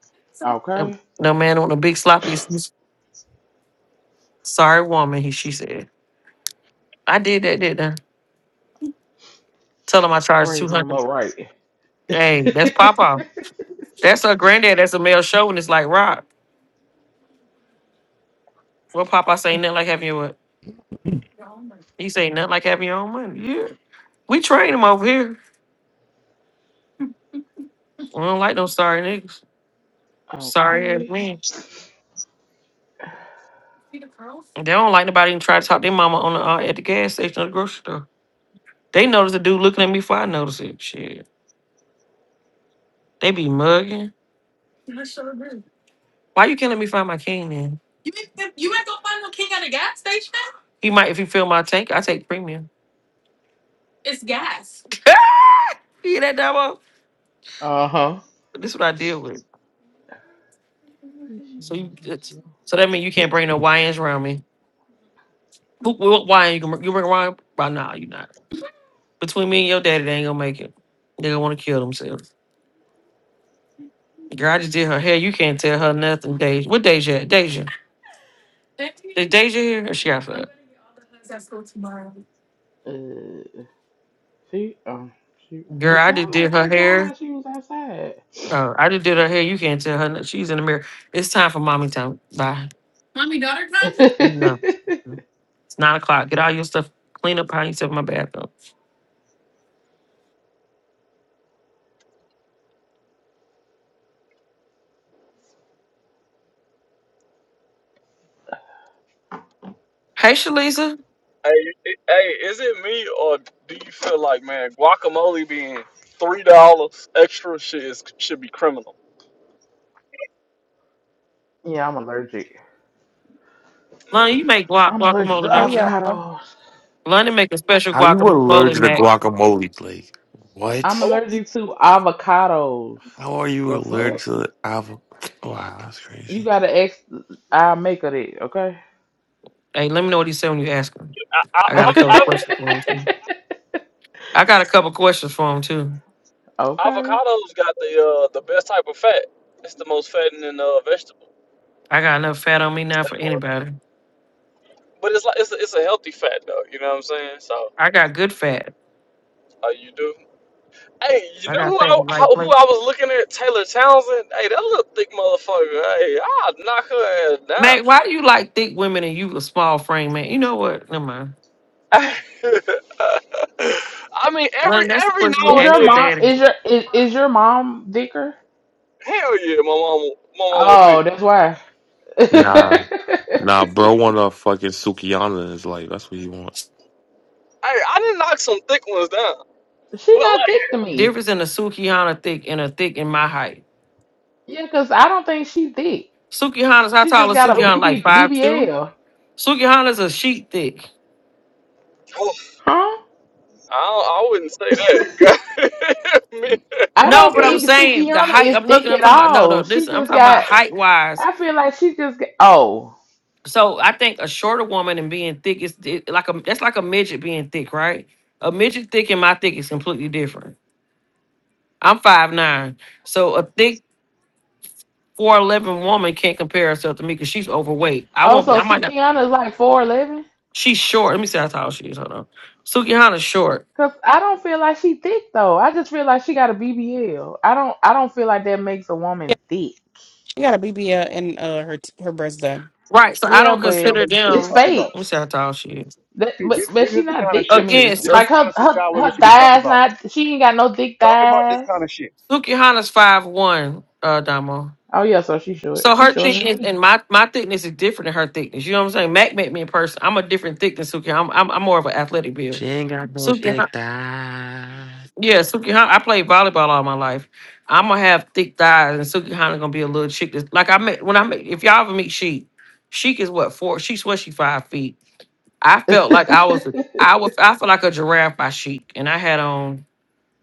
S15: No,
S7: Okay.
S15: no man don't want no big sloppy excuse. Sorry woman, he she said. I did that, didn't I? Tell him I charged two
S7: Raising them
S15: hundred.
S7: up right. [LAUGHS]
S15: Hey, that's Papa. That's her granddad. That's a male show, and it's like rock. Well, Papa say nothing like having your what? He say nothing like having your own money. Yeah. We train him over here. We don't like no sorry niggas. Sorry ass
S7: okay.
S15: men. They don't like nobody even try to talk their mama on the, uh, at the gas station or the grocery store. They notice the dude looking at me before I notice it. Shit. They be mugging. Why you can't let me find my king then? He might if he fill my tank, I take premium. [LAUGHS] you hear that demo?
S7: Uh huh.
S15: But this is what I deal with.
S7: Why is she
S15: So
S7: going
S15: you
S7: so
S15: it's,
S7: slow?
S15: so that mean you can't bring no YNs around me. Who what YN you can bring- you bring around? By nah, you not. Between me and your daddy, they ain't gonna make it. They gonna wanna kill themselves. Girl, I just did her hair. You can't tell her nothing, Deja. What Deja? at? Deja. Is Deja here? Or she got fucked?
S7: Uh, she um she.
S15: Girl,
S7: It
S15: I just
S7: sound like
S15: did her
S7: it sound
S15: hair.
S7: like she was outside.
S15: Uh, I just did her hair. You can't tell her. no- She's in the mirror. It's time for mommy time. Bye. No.
S7: [LAUGHS]
S15: It's nine o'clock. Get all your stuff. Clean up behind yourself in my bathroom. Hey, Shalisa.
S9: Hey, it- hey, is it me or do you feel like man, guacamole being three dollars extra shit is, should be criminal?
S7: yeah, I'm allergic.
S15: London,
S9: Mm,
S15: you make guac
S7: I'm allergic to
S15: guacamole,
S22: Hey
S15: don't you?
S22: y'all.
S7: avocados.
S15: London, make a special
S2: How you
S15: guacamole,
S2: allergic to
S15: Mac.
S2: guacamole, Blake?
S7: I'm
S2: What?
S9: who?
S7: allergic to avocados.
S2: How are you
S7: The
S2: allergic
S7: fuck?
S2: to the avocado? Wow, that's
S7: You
S2: crazy.
S7: gotta ask our maker that, okay?
S15: Hey, let me know what he said when you ask him.
S9: I,
S15: I got
S9: I,
S15: a couple
S9: I,
S15: questions for him, too.
S7: [LAUGHS]
S15: I got a couple questions for him, too.
S9: I,
S7: okay.
S9: avocados got the uh the best type of fat. It's the most fattening uh vegetable.
S15: I got enough fat on me now for anybody.
S9: But it's like it's a, it's a healthy fat though, you know what I'm saying? So
S15: I got good fat.
S9: uh, you do. Hey, you
S15: I
S9: know
S15: got
S9: who
S15: fat
S9: I
S15: in the right
S9: how- who
S15: place.
S9: I was looking at? Taylor Townsend. Hey, that little thick motherfucker. Hey, I'll knock her ass
S15: Mac, why do you like thick women and you a small frame, man? You know what? Never mind.
S9: down. [LAUGHS] I mean, every
S15: Well, that's the
S9: every
S15: question he
S9: now
S7: Is
S9: and
S7: your
S15: asked
S9: then,
S15: her
S7: mom
S15: daddy.
S7: is your is, is your mom Dicker?
S9: hell yeah, my mama, my mama
S7: Oh,
S9: thick.
S7: that's why. [LAUGHS] she
S2: Nah, nah, bro want a fucking Sukiana in his life. That's what he want.
S9: Hey, I didn't knock some thick ones down, but
S7: not
S9: like,
S7: thick to me.
S15: Difference in a Sukihana thick and a thick in my height.
S7: Yeah, cause I don't think she thick.
S15: Sukihana's how
S7: She
S15: tall
S7: just
S15: is
S7: got a
S9: oh,
S7: B
S15: Sukihana? Like
S7: B B
S15: five
S7: B L,
S15: two. Sukihana's a sheet thick.
S7: huh?
S9: I don't- I wouldn't say that. [LAUGHS] Man,
S7: [LAUGHS] I
S15: No,
S7: don't
S15: but I'm
S7: think
S15: saying the
S7: Sukiana
S15: height.
S7: is
S15: I'm
S7: thick
S15: looking. I'm
S7: at
S15: talking about no,
S7: all.
S15: no. This
S7: She
S15: I'm
S7: just
S15: talking about
S7: got.
S15: height wise.
S7: I feel like she just got. Oh,
S15: So I think a shorter woman and being thick is it- like a that's like a midget being thick, right? A midget thick and my thick is completely different. I'm five nine, so a thick four eleven woman can't compare herself to me because she's overweight. I
S7: oh,
S15: won't.
S7: so
S15: I might not.
S7: Sukiana is like four eleven.
S15: She's short. Let me see how tall she is. Hold on. Sukihana's short.
S7: Cause I don't feel like she thick though. I just feel like she got a B B L. I don't. I don't feel like that makes a
S22: Yeah,
S7: woman thick.
S22: she got a BBL and uh her her breast done.
S15: Right. So I
S7: Yeah,
S14: This
S15: don't
S14: is what y'all
S7: but
S15: consider
S14: women should be
S7: it's
S15: them.
S14: talking about.
S15: Let
S7: fake.
S15: me see how tall she is.
S7: That,
S14: See,
S7: but
S14: this,
S7: but
S14: this
S7: she
S14: is the
S7: not
S14: kind of
S7: thick to
S14: shit. This
S15: Again,
S14: is
S7: me.
S14: this is
S15: so
S7: Like
S14: the kind
S7: her
S14: of shit
S7: her
S14: y'all women
S7: her
S14: should be talking
S7: thighs
S14: about.
S7: not. She ain't got no thick
S14: Talk about this
S7: thighs.
S14: kind of shit.
S15: Sukihana's five one, uh, Damo.
S7: Oh yeah, so she short.
S15: So
S7: She
S15: her
S7: shorter than
S15: thickness
S7: me.
S15: and my, my thickness is different than her thickness. You know what I'm saying? Mac met me in person. I'm a different thickness, Suki. I'm I'm, I'm more of an athletic build. Suki, yeah, yeah Suki. I played volleyball all my life. I'm gonna have thick thighs, and Sukihana gonna be a little chick. That's, like I met when I met. If y'all ever meet Sheik, Sheik is what four? She's what she five feet. I
S7: [LAUGHS]
S15: felt like I was I was I felt like a giraffe by chic, and I had on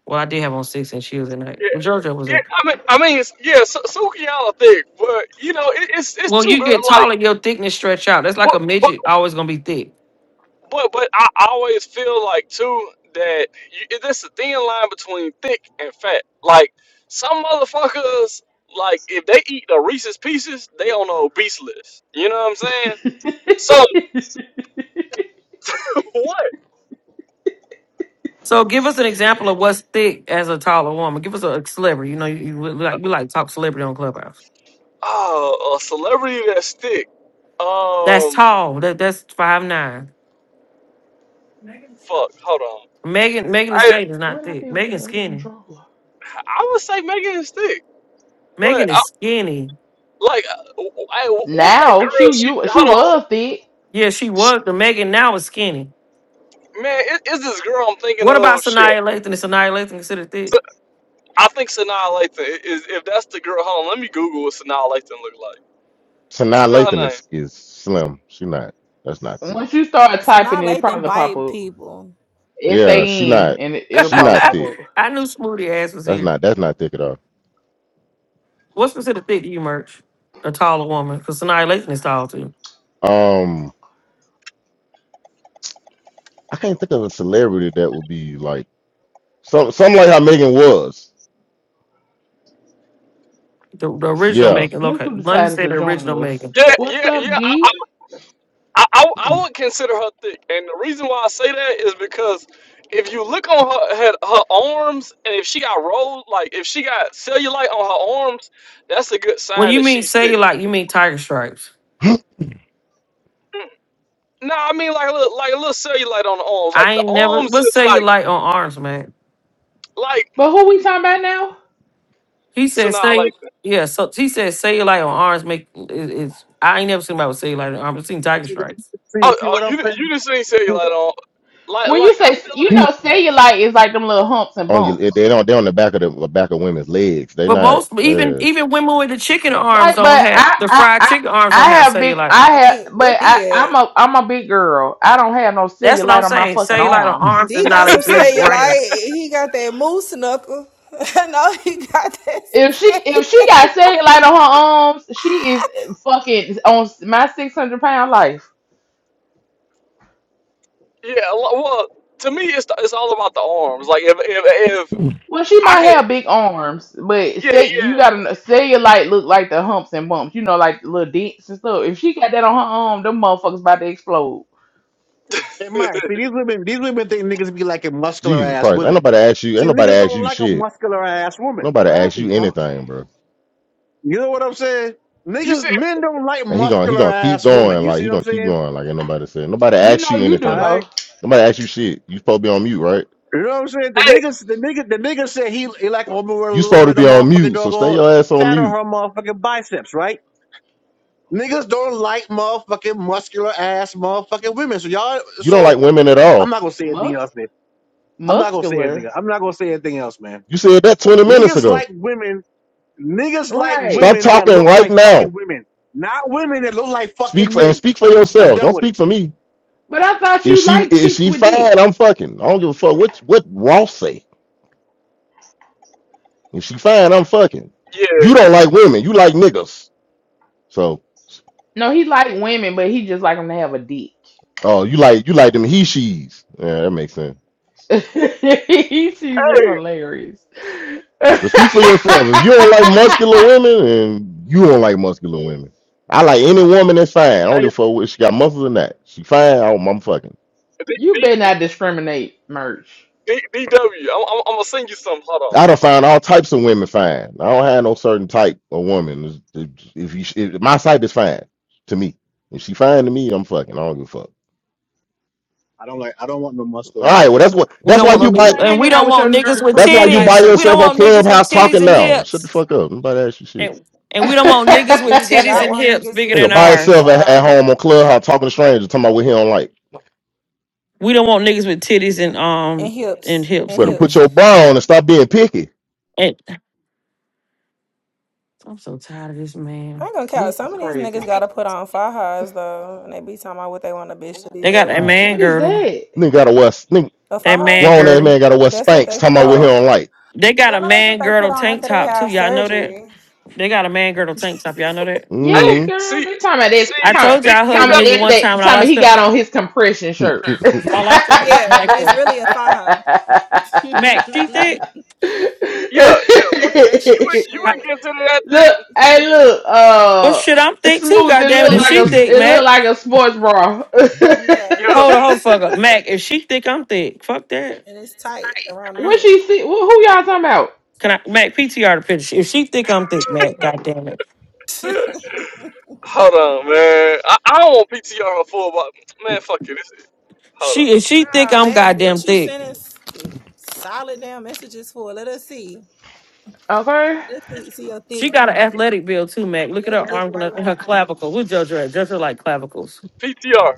S15: well I did have on six inch heels, and I
S9: yeah,
S15: well, Georgia was
S9: yeah.
S15: there.
S9: I mean, I mean, it's, yeah. Su- Sukiana thick, but you know, it, it's it's
S15: Well,
S9: two
S15: you
S9: girls.
S15: get
S9: like.
S15: taller, your thickness stretch out. That's like
S9: But
S15: a
S9: but
S15: midget always gonna be thick.
S9: but but I I always feel like too that you, this a thin line between thick and fat. Like some motherfuckers, like if they eat the Reese's Pieces, they on the obese list. You know what I'm saying? So what?
S15: So give us an example of what's thick as a taller woman. Give us a celebrity. You know, you, you we like we like to talk celebrity on Clubhouse.
S9: Uh, a celebrity that's thick.
S15: That's
S9: Um,
S15: tall. That that's five nine.
S9: fuck. Hold on.
S15: Megan Megan the
S9: I
S15: Stallion is not
S7: what I
S15: thick.
S7: did with that
S15: Megan's
S7: other
S15: skinny.
S7: controller?
S9: I would say Megan is thick, but
S15: Megan
S9: I,
S15: is skinny.
S9: like, uh, I, what's that
S7: Now she
S9: girl? She
S7: you she
S9: hold on.
S7: was thick.
S15: Yeah, she was the Megan now is skinny.
S9: man, it, it's this girl I'm thinking
S15: What about
S9: of. Shit.
S15: Sanaya Lathan? Is Sanaya Lathan considered thick?
S9: I think Sanaa Lathan is if that's the girl. Hold on, let me Google what Sanaa Lathan look like.
S20: Sanaa
S9: Spell
S20: Lathan
S9: her name.
S20: is, is slim. She not. That's not thick.
S7: Once you start
S18: So
S7: typing,
S18: now
S7: it it
S18: Lathan
S7: probably pop
S18: bite
S7: up.
S18: people.
S7: S
S20: Yeah, she
S7: A N,
S20: not.
S7: and it,
S15: [LAUGHS]
S7: it'll
S20: She
S7: probably
S20: not
S7: pop
S20: thick.
S7: up.
S15: I knew Smoothie ass was
S20: That's
S15: here.
S20: not. That's not thick at all.
S15: What's considered thick to you, Merch? A taller woman, because Sanaya Lathan is tall too.
S20: Um, I can't think of a celebrity that would be like some. Some like how Megan was.
S15: The, the original
S20: Yeah.
S15: Megan, look,
S7: Look who
S15: London
S7: decided
S15: said
S7: to
S15: the
S7: join
S15: original
S7: us.
S15: Megan.
S9: Yeah,
S7: What's
S9: yeah,
S7: up,
S9: yeah. I, I,
S7: D?
S9: I, I
S20: [CLEARS THROAT]
S9: I would consider her thick, and the reason why I say that is because if you look on her her, her arms, and if she got rolled, like if she got cellulite on her arms, that's a good
S15: When
S9: sign
S15: you
S9: that
S15: mean
S9: she's thick.
S15: cellulite, you mean tiger stripes.
S9: No, I mean like a little, like a little cellulite on the arms,
S15: I
S9: like the
S15: ain't never.
S9: arms
S15: What's
S9: just like
S15: cellulite on arms, man?
S9: like
S7: But who we talking about now?
S15: He said,
S9: Sanaa
S15: "Say
S9: Lathan.
S15: yeah." So he said, "Cellulite on arms make is, is I ain't never seen about cellulite on arms. I've seen tiger
S14: See, that,
S15: stripes,
S14: see,
S9: Oh,
S14: see
S9: oh,
S14: what I'm
S9: you you just ain't
S14: saying? [LAUGHS]
S9: cellulite on. Like
S7: When you
S9: like I
S7: say
S9: feel
S7: you
S9: like.
S7: know cellulite is like them little humps and
S20: On your, they
S7: bumps.
S20: don't. They on the back of the, the back of women's legs. They
S15: but
S20: not.
S15: most even
S20: Uh,
S15: even women with the chicken arms
S7: Like,
S15: don't
S7: but
S15: have
S7: I,
S15: the
S7: I,
S15: fried
S7: I,
S15: chicken arms
S7: I
S15: don't have
S7: have big.
S15: cellulite.
S7: I
S18: I
S7: have,
S18: think what
S7: but I,
S18: did?
S7: I'm a, I'm a big girl. I don't have no
S15: That's what
S7: cellulite
S15: I'm
S7: on my
S15: saying.
S7: fucking
S15: Cellulite on
S20: [CLEARS THROAT]
S7: arms.
S15: arms is
S18: D got
S15: not a
S18: some
S15: good brand.
S18: cellulite. He got that moose knuckle. [LAUGHS] I know he got that.
S7: If she, if she
S18: cellulite.
S7: got cellulite on her arms, she is fucking on my six hundred pound life.
S9: Yeah, lo- well, to me, it's it's all about the arms. Like if if if
S7: Well, she
S9: I
S7: might
S9: could,
S7: have big arms, but
S9: yeah,
S7: say you got a cellulite look like the humps and bumps, you know, like the little dents and stuff. If she got that on her arm, them motherfuckers about to explode.
S14: Hey,
S9: yeah.
S14: Mike, see these women, these women think niggas be liking muscular
S20: Jesus
S14: ass
S20: Christ. Ain't
S14: women.
S20: nobody ask you. Ain't
S14: See,
S20: nobody
S14: niggas
S20: ask
S14: don't
S20: you
S14: like a
S20: shit.
S14: muscular ass woman.
S20: Nobody
S7: Why is
S20: ask
S7: he
S20: you
S7: talking?
S20: anything, bro.
S14: You know what I'm saying?
S9: [LAUGHS] you
S14: Niggas,
S9: said,
S14: men don't like
S20: And he gonna he
S14: muscular
S20: gonna keep
S14: ass women.
S20: going,
S14: You
S20: like
S14: see
S20: he
S14: what I'm
S20: gonna keep
S14: saying?
S20: going, like ain't nobody said. Nobody
S7: We
S20: asked
S7: know
S20: you
S7: you do
S14: All
S20: anything.
S14: right.
S7: though.
S20: Nobody asked you shit. You supposed to be on mute, right?
S14: You know what I'm saying? The
S9: hey,
S14: niggas, the nigga, the nigga said he, he like a woman with a
S20: You
S14: little
S20: supposed to
S14: bit of
S20: be on
S14: motherfucking
S20: mute, so stay
S14: doggone
S20: your ass on
S14: fat on
S20: mute.
S14: her motherfucking biceps, right? Niggas don't like motherfucking muscular ass motherfucking women. So y'all,
S20: You don't like
S14: so
S20: women at
S14: I'm
S20: all.
S14: not gonna say anything
S7: Mus-
S14: else, man. I'm not gonna say anything.
S7: muscular,
S14: I'm not gonna say anything else, man.
S20: You said that twenty minutes
S14: Niggas
S20: ago.
S14: like women Niggas like
S7: right?
S20: Stop
S14: women that
S20: talking
S14: look
S20: right
S14: like
S20: now.
S14: fucking women, not women that look like
S20: Speak
S14: fucking
S20: for and
S14: men.
S20: speak for
S14: I'm
S20: yourself.
S14: done
S20: Don't
S14: with it.
S20: speak for me.
S7: But I thought
S20: If
S7: you
S20: she
S7: liked
S20: if
S7: chicks
S20: she
S7: with
S20: fine, I'm
S7: dicks.
S20: fucking. I don't give a fuck what what Ross say. If she fine, I'm fucking.
S9: yeah,
S20: You don't like women. You like niggas. So
S7: No, he liked women, but he just like them to have a dick.
S20: oh, you like you like them he she's. Yeah, that makes sense.
S7: [LAUGHS] he sees it's
S9: hey,
S7: hilarious. [LAUGHS]
S20: But speak for yourself. If you don't like muscular women, and you don't like muscular women, I like any woman that's fine. I don't
S9: hey,
S20: give a
S7: you,
S20: fuck if she got muscles or not. She fine. I do I'm fucking.
S9: D,
S7: you
S9: D,
S7: better not discriminate, merch.
S9: D, DW, I'm, I'm I'm gonna send you some. Hold on.
S20: I don't find all types of women fine. I don't have no certain type of woman. If you, if my type is fine to me. If she fine to me, I'm fucking. I don't give a fuck.
S14: I don't like. I don't want no muscle
S20: All right.
S14: ass
S20: Well,
S14: woman.
S20: that's what.
S15: We
S14: I
S20: That's
S15: don't
S20: why
S14: don't
S15: want
S20: you
S14: want.
S15: no
S20: buy.
S7: You
S15: niggas,
S7: ain't
S15: and
S7: hanging
S15: we
S7: out
S15: don't
S7: with your
S15: want niggas
S7: nerd
S15: with
S20: That's
S7: friends
S20: why you
S7: tonight,
S20: by
S15: titties. We don't
S20: yourself
S7: merch.
S20: on
S15: want niggas with
S20: Clubhouse
S15: titties
S20: talking
S15: and
S20: now. Shut the
S15: hips,
S20: fuck up. Nobody ask you shit.
S15: and
S7: [LAUGHS]
S15: and we don't want niggas with
S18: we do
S15: titties
S18: not
S7: this
S15: and
S18: want
S15: hips
S18: niggas
S15: bigger
S18: with
S20: Nigga,
S15: than
S20: by
S18: titties
S20: yourself
S15: ours.
S18: at
S20: at, at
S18: all,
S20: home on Clubhouse talking to strangers, talking about what he don't like.
S15: We don't want niggas with titties and
S18: and
S15: um and
S18: hips,
S15: hips
S18: and
S20: Better put
S15: either.
S18: hips.
S20: your bra on and stop being picky.
S15: And I'm so tired of this
S18: I
S15: man.
S18: ain't gonna count.
S7: is
S18: Some of these niggas
S7: crazy.
S18: gotta put on fajas though, and they be talking about what they want a bitch to be
S15: They
S18: built
S15: got a
S18: like.
S15: man
S7: What is
S15: girdle.
S7: that?
S20: Nigga gotta wear nigga,
S18: A
S15: That
S18: faja?
S15: man
S20: grown ass
S15: girdle.
S20: man gotta wear
S18: That's what
S20: spanks
S18: they
S20: talking
S18: put
S20: about what he
S18: on.
S7: Oh.
S20: don't like.
S15: They got
S18: Yeah, I
S15: a
S18: know that's what
S15: man
S18: they put
S15: girdle
S18: on
S15: tank
S18: after they
S15: top too.
S18: have
S15: Y'all know that?
S18: surgery.
S15: They got a man girdle tank top. Y'all know that?
S9: Hey,
S7: Yes, girl.
S9: see,
S7: They talking about this.
S9: see,
S15: I
S7: Talking, about-
S15: told you
S9: D,
S15: I hugged a
S7: talking
S9: DW,
S15: nigga
S7: that.
S15: one
S7: That
S15: time and all
S7: talking
S15: I
S7: he
S15: stepped
S7: got on his compression shirt. [LAUGHS]
S15: all
S20: Mm-hmm.
S15: I felt was
S18: Yeah, but it's
S15: Michael.
S18: really a faja. [LAUGHS]
S15: Mac, she thick?
S9: yeah, yeah. Would, would, you
S18: Compression
S9: ain't- you
S15: I,
S18: shirt.
S9: ain't get into that
S7: look,
S9: thing,
S18: We
S7: hey,
S18: can-
S7: look.
S15: well
S7: Uh,
S15: shit, I'm thick too,
S7: smooth.
S15: God
S7: It
S15: damn it,
S7: look
S15: is
S7: like
S15: she
S7: a.
S15: thick,
S7: It look
S15: Mac.
S7: like a sports bra. [LAUGHS]
S18: Yeah,
S15: Hold a
S9: yeah.
S15: whole fuck up. Mac, if she thick, I'm thick. Fuck that.
S18: and it's tight around the
S7: what she
S18: hips.
S7: see? Who, who y'all talking about?
S15: Can I Mac PTR the picture? If she thick, I'm thick, Mac. God damn it.
S18: [LAUGHS]
S9: [LAUGHS] Hold on, man. I, I don't want PTR on full, but man, fuck it. This, hold
S15: She
S9: on,
S15: if she thick,
S18: Ah,
S15: I'm
S18: man, what
S15: goddamn
S18: you
S15: thick.
S18: sending s- solid damn messages for? Let us see.
S7: Okay,
S18: Let's see, see your thick,
S15: She got an athletic build too, Mac. Look at
S18: your
S15: her
S18: thick
S15: arms and
S18: white
S15: her, her
S18: woman.
S15: clavicle. Who's JoJo at? JoJo like clavicles.
S9: PTR.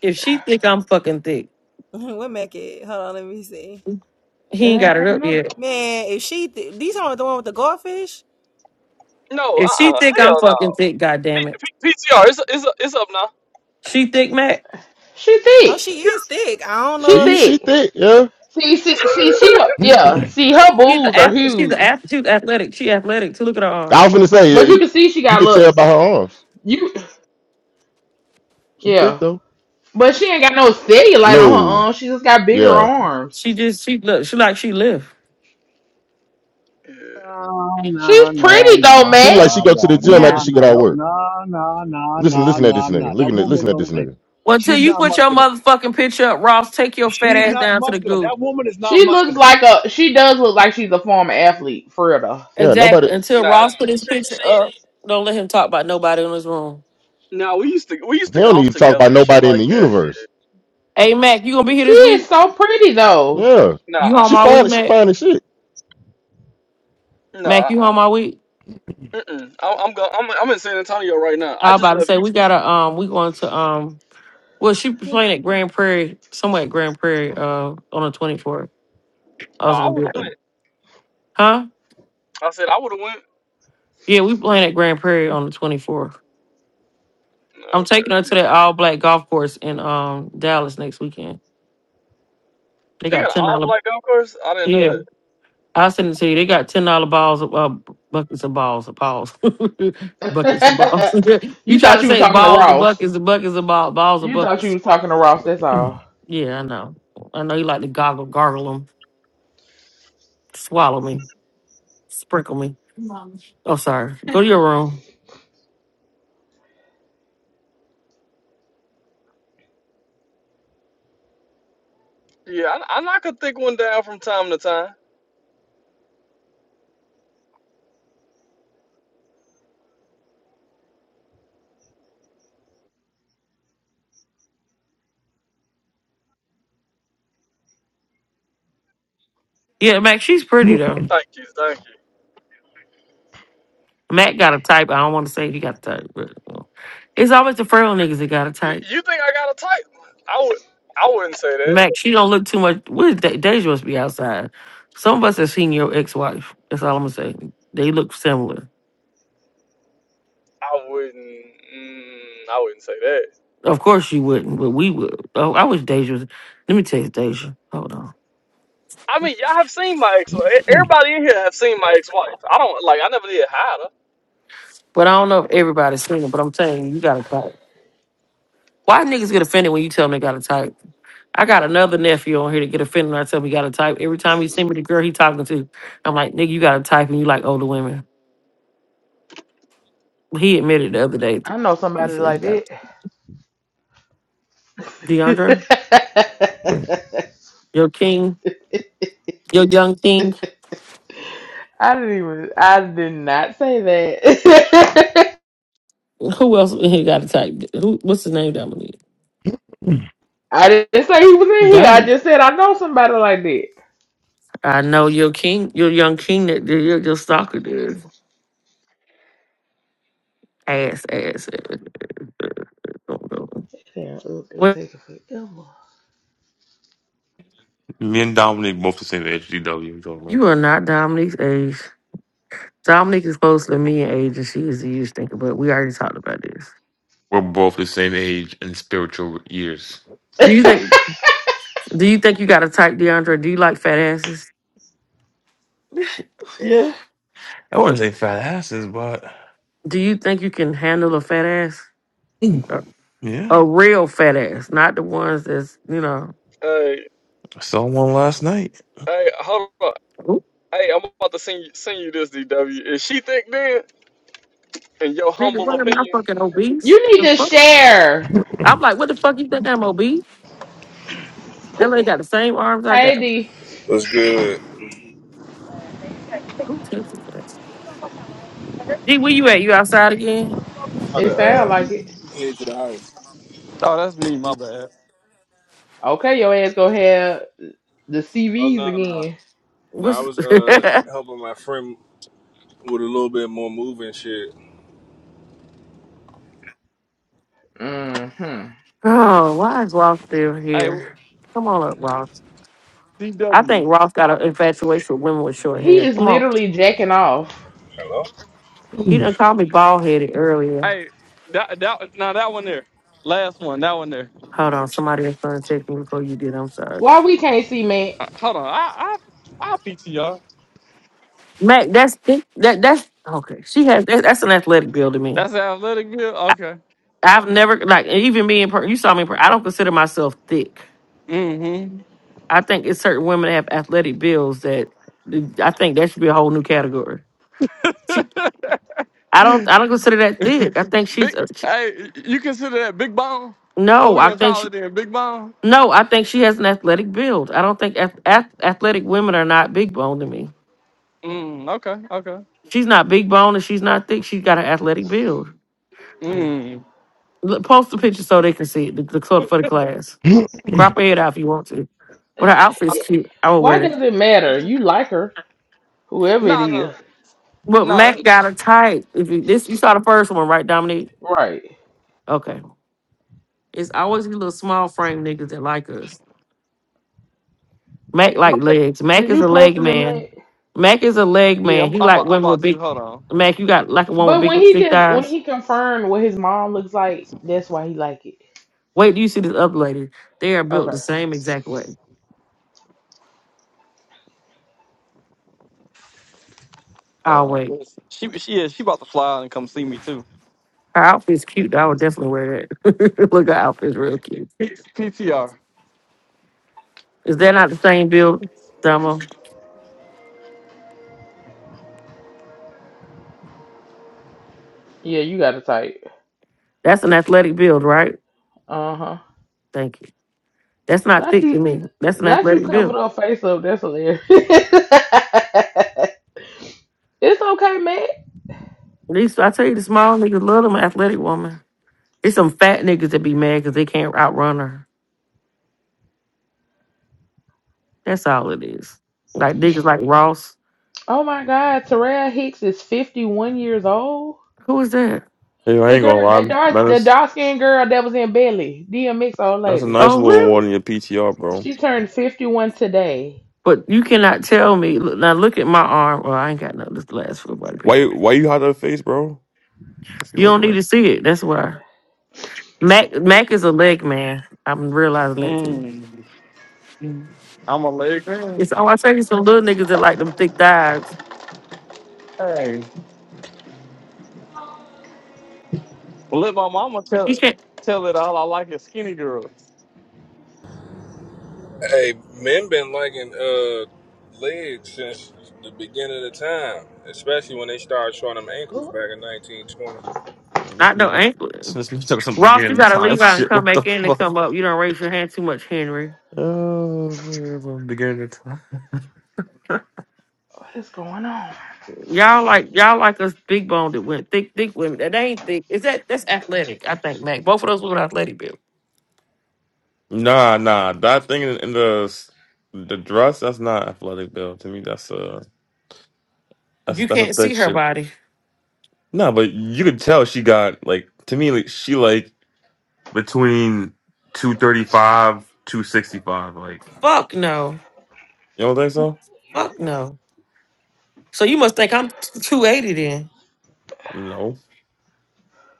S15: If she think I'm fucking thick,
S18: [LAUGHS] what make it? Hold on, let me see.
S7: it
S15: he ain't
S7: ain't
S15: got it
S7: coming
S15: up yet.
S7: up.
S18: Man, if she, th- these aren't the one with the goldfish.
S9: No, uh,
S15: If she
S9: uh
S15: think I'm
S9: hell no.
S15: fucking thick, god
S9: P,
S15: damn it.
S9: P, PTR, it's it's it's up now.
S15: She thick, Mac.
S7: She
S18: Oh,
S7: thick.
S18: she is thick. I don't
S20: [LAUGHS]
S7: She
S18: know if
S20: she she
S18: she
S7: thick.
S20: thick, yeah. [CLEARS THROAT]
S7: See, see, see, she.
S20: I
S7: Yeah. See, her
S15: She's
S7: boobs
S15: a
S7: are
S15: ath- she's a
S7: huge.
S15: ath- she's athletic. She athletic. To look at her arm.
S20: was gonna say
S7: But
S20: eh,
S7: you can see she
S20: you
S7: got
S20: could
S7: look.
S20: tell by her arms.
S7: You
S20: She thick
S7: yeah.
S20: though.
S7: But she ain't got no cellulite on her
S20: No.
S7: arm. She just got bigger
S20: Yeah.
S7: arms.
S15: She just she look she like she lift.
S14: No,
S7: She's
S14: no, no,
S7: pretty though,
S14: no,
S20: She look like she
S7: Mac.
S14: no,
S20: go to the
S14: no,
S20: gym after
S14: no,
S15: Yeah.
S20: she
S14: no,
S20: get out of
S14: that-
S20: work.
S14: no, no, no,
S20: Listen,
S14: no,
S20: listen at this
S14: no,
S20: nigga.
S14: no. That
S20: Looking at
S14: woman
S20: listen at this
S14: don't like.
S20: nigga.
S15: Well, until
S14: She's
S15: you
S14: not
S15: put your
S14: muscular.
S15: motherfucking picture up, Ross, take your fat
S14: She's
S15: ass
S14: not
S15: down to the
S14: muscular.
S15: goo.
S14: That woman is not
S7: She looks
S14: muscular.
S7: like a she does look like she's a former athlete, for real though.
S20: Yeah, nobody
S15: Exactly. Until
S9: Nah,
S15: Ross put his
S9: she,
S15: picture
S9: she,
S15: up, don't let him talk about nobody in this room.
S9: nah, we used to we
S20: he
S9: used to
S20: don't need
S9: golf
S20: to talk about
S9: together and shit
S20: nobody in the
S9: like that.
S20: universe.
S15: Hey Mac, you gonna be here
S7: She
S15: this
S7: is
S15: week?
S7: so pretty though.
S20: Yeah.
S9: Nah,
S15: You
S9: uh,
S15: home
S20: She
S9: uh
S15: all week,
S20: fine she
S15: Mac?
S20: fine as shit.
S9: nah,
S15: Mac, you
S9: uh,
S15: home all week?
S9: uh-uh. mm. I'm I'm, go, I'm I'm in San Antonio right now.
S15: I
S9: I
S15: was
S9: just
S15: about to
S9: left
S15: say we
S9: Houston.
S15: gotta um we going to um Well, she was playing at Grand Prairie, somewhere at Grand Prairie, uh, on the twenty fourth. I
S9: Oh,
S15: was
S9: I
S15: gonna
S9: would
S15: be
S9: have
S15: at
S9: went.
S15: huh?
S9: I said I would have went.
S15: Yeah, we playing at Grand Prairie on the twenty fourth. I'm
S9: Okay,
S15: taking her to that all black golf course in um Dallas next weekend. They
S9: they
S15: got
S9: got an
S15: ten
S9: all
S15: dollar.
S9: black golf course. I didn't know
S15: Yeah,
S9: that.
S15: I'll send it to you. They got ten dollar balls, of, uh, buckets and balls, of balls, [LAUGHS]
S7: [LAUGHS]
S15: buckets and balls. [LAUGHS] you
S7: you
S15: try
S7: thought
S15: to
S7: you was
S15: say
S7: talking to
S15: balls and
S7: Ross.
S15: buckets and buckets and balls, balls and
S7: You thought you
S15: buckets.
S7: was talking to Ross, that's all.
S15: Yeah, I know. I know you like to goggle, gargle them, swallow me, sprinkle me. Oh, sorry. Go to your room.
S9: Yeah, I, I knock a thick one down from time to time.
S15: Yeah, Mac, she's pretty though.
S9: Thank you, thank you.
S15: Mac got a type. I don't want to say he got a type, but well, it's always the frail niggas that got a type.
S9: Y- You think I got a type? I would. I wouldn't say that.
S15: Mac, she don't look too much. What is De- Deja must be outside. Some of us have seen your ex-wife. That's all I'm gonna say. They look similar.
S9: I wouldn't. Mm, I wouldn't say that.
S15: Of course you wouldn't, but we would. Oh, I wish Deja was. Let me text Deja. Hold on.
S9: I mean, y'all have seen my ex. Everybody in here have seen my ex-wife. I don't like. I never did hide her.
S15: But I don't know if everybody's seen it. But I'm telling you, you got a type. Why niggas get offended when you tell them they got a type? I got another nephew on here to get offended when I tell him he got to type. Every time he send me the girl he talking to, I'm like, nigga, you got to type and you like older women. He admitted the other day. th-
S7: I know
S15: He
S7: somebody
S15: said he
S7: like
S15: got
S7: that.
S15: DeAndre,
S7: [LAUGHS]
S15: your king, your young king.
S7: I didn't even I did not say that. [LAUGHS]
S15: Who else he got to type? Who? What's his name, Dominique?
S7: I didn't say he was in here. I
S15: Dama.
S7: just said I know somebody like that.
S15: I know your king, your young king that that your, your stalker did. Ass, ass, ass.
S7: Damn, Ugg, they
S15: Well,
S7: taking forever.
S2: Me and Dominic both the same HDW. man.
S15: you are not Dominique's age. Dominique is closer to me in age and she is the youth thinker, but we already talked about this.
S2: We're both the same age in spiritual years. [LAUGHS]
S15: Do you think? Do you think you got a type, DeAndre? Do you like fat asses?
S2: Yeah. I wouldn't say fat asses, but
S15: Do you think you can handle a fat ass?
S2: Mm.
S15: A, a
S2: yeah,
S15: real fat ass, not the ones that's, you know,
S9: Hey,
S2: I saw one last night.
S9: hey, hold on.
S15: "Ooh,
S9: Hey, I'm about to send you, send you this, DW. Is she thick then? In your
S15: nigga,
S9: humble
S15: what am I
S9: opinion?
S15: fucking
S7: [LAUGHS]
S15: obese?
S7: you need
S15: The
S7: to
S15: fuck?
S7: share.
S15: I'm like, what the fuck you think I'm obese?
S7: Put
S15: That lady got the same arms I got.
S7: hey D.
S23: What's good?
S15: Who takes it for that? D, where you at? You outside again?
S23: How to
S7: It sound
S23: um
S7: like it.
S23: head to the house?
S9: Oh, that's me. My bad.
S7: Okay, your ass gonna have the
S23: Oh
S7: CVs
S23: no, no,
S7: again.
S23: no! I
S15: What's
S23: was
S15: [LAUGHS]
S23: uh helping my friend with a little bit more moving shit.
S7: hmm
S15: Oh, why is Ross still
S9: Hey,
S15: here? Come on up, Ross. I
S9: DW.
S15: think Ross got an infatuation with women with short
S7: He
S15: hair.
S7: is
S15: Come on.
S7: literally jacking off.
S23: Hello.
S15: He done called me bald headed earlier.
S9: Hey, that that now that one there. Last one. That one there.
S15: Hold on, somebody is going to check me before you did. I'm sorry,
S7: Why we can't see man?
S9: Uh, hold on. I I I PTR.
S15: Mac. That's that. That's okay. She has that, that's an athletic build to me.
S9: That's the athletic build. Okay.
S15: I've never like even me in person. You saw me. In per I don't consider myself thick.
S9: Mm-hmm.
S15: I think it's certain women that have athletic builds that I think that should be a whole new category. She, I don't. I don't consider that thick. I think
S9: [LAUGHS]
S15: she's.
S9: Big.
S15: a- She,
S9: Hey, you consider that big bone? What
S15: no,
S9: we
S15: I
S9: gonna
S15: think
S9: call it
S15: she.
S9: then? Big bone.
S15: No, I think she has an athletic build. I don't think ath- ath- athletic women are not big bone to me.
S9: Mm. Okay. Okay.
S15: She's not big bone and she's not thick. She's got an athletic build.
S9: Mm.
S15: L- Post the picture so they can see it. The, the cl- for the class.
S20: [CLEARS THROAT] [LAUGHS]
S15: Crop her head out if you want to, but her outfit's
S7: It,
S15: cute. I would
S9: Uh,
S7: why
S15: wear it.
S7: does it matter? You like her, whoever it
S9: Nah, no,
S7: is,
S15: But
S9: no.
S15: Mac got a type. If you this, you saw the first one, right, Dominique?
S7: right?
S15: Okay. It's always these little small frame niggas that like us. Mac like
S9: That,
S15: legs. Mac
S7: Is
S15: is
S7: you
S15: a leg
S7: posting him
S15: man.
S7: at?
S15: Mac is a leg
S9: Yeah, I'm,
S15: man. He
S9: I'm,
S15: like
S9: about, I'm
S15: women with
S9: about to.
S15: big.
S9: Hold on.
S15: Mac, you got like a woman with
S7: But when
S15: big
S7: he
S15: thick
S7: just when
S15: thighs.
S7: he confirmed what his mom looks like, that's why he like it.
S15: Wait, do you see this other lady? They are built the
S7: Okay.
S15: same exact way.
S9: Hold
S15: I'll wait.
S9: on. She, she is. She about to fly out and come see me too.
S15: Her outfit's cute. though. I would definitely wear that. [LAUGHS] Look, her outfit's real cute.
S9: P- PTR.
S15: Is that not the same build, Domo?
S7: Yeah, you got a type.
S15: That's an athletic build, right?
S7: Uh huh.
S15: Thank you. That's not
S7: Not
S15: thick to
S7: you.
S15: me. That's an
S7: Not you
S15: athletic
S7: covered
S15: build.
S7: her face up. That's hilarious. [LAUGHS] it's okay, man.
S15: These, I tell you, the small niggas love them athletic woman. It's some fat niggas that be mad because they can't outrun her. That's all it is. Like niggas like Ross.
S7: Oh my God, Terrell Hicks is fifty one years old.
S15: Who is that?
S2: Hey, I
S7: The
S2: ain't gonna
S7: girl,
S2: lie.
S7: that
S2: Man,
S7: dark, the
S2: that's,
S7: dark skinned girl that was in Belly, DMX old
S2: that's a
S7: lady.
S2: nice
S15: Oh,
S2: little one
S15: really?
S2: in your PTR, bro.
S7: She turned fifty one today.
S15: But you cannot tell me. look- Now look at my arm. Well, I ain't got nothing. This is the last full body
S2: Why
S15: picture.
S2: you- why you hide that face, bro? If you
S15: You
S2: look
S15: don't need
S2: like
S15: to see it. That's why. Mac Mac is a leg man. I'm realizing that too.
S9: Mm, I'm a leg man.
S15: It's oh, I tell you, some little niggas that like them thick thighs.
S9: Hey, well, let my mama
S15: You
S9: tell
S15: can't
S9: tell it all. I like is skinny girls.
S23: Hey, men been liking uh legs since the beginning of the time, especially when they started showing them
S7: What
S23: ankles back in 1920.
S2: oh, this
S15: not no
S2: man,
S15: ankle.
S2: this man took some
S15: Ross, you
S2: beginning of
S15: gotta
S2: time. [LAUGHS]
S15: leave out and
S2: Shit,
S15: come
S2: what the
S15: back in and
S2: fuck?
S15: come up. You don't raise your hand too much, Henry.
S2: Oh, man, from beginning of time.
S7: is going on?
S15: Y'all like y'all like us big boned that went thick, thick women. That ain't thick. Is that that's athletic, I think, Mac. Both of those women are athletic built.
S2: Nah, nah. That thing in, in the the dress, that's not athletic build. To me, that's a
S15: If
S2: that's
S15: you
S2: that's a
S15: can't
S2: thick
S15: see her
S2: shit.
S15: body,
S2: No, but you could tell she got like to me like she like between two thirty five, two sixty five. Like
S15: fuck no.
S2: you don't think so?
S15: Fuck no. So you must think I'm 280 then.
S2: No,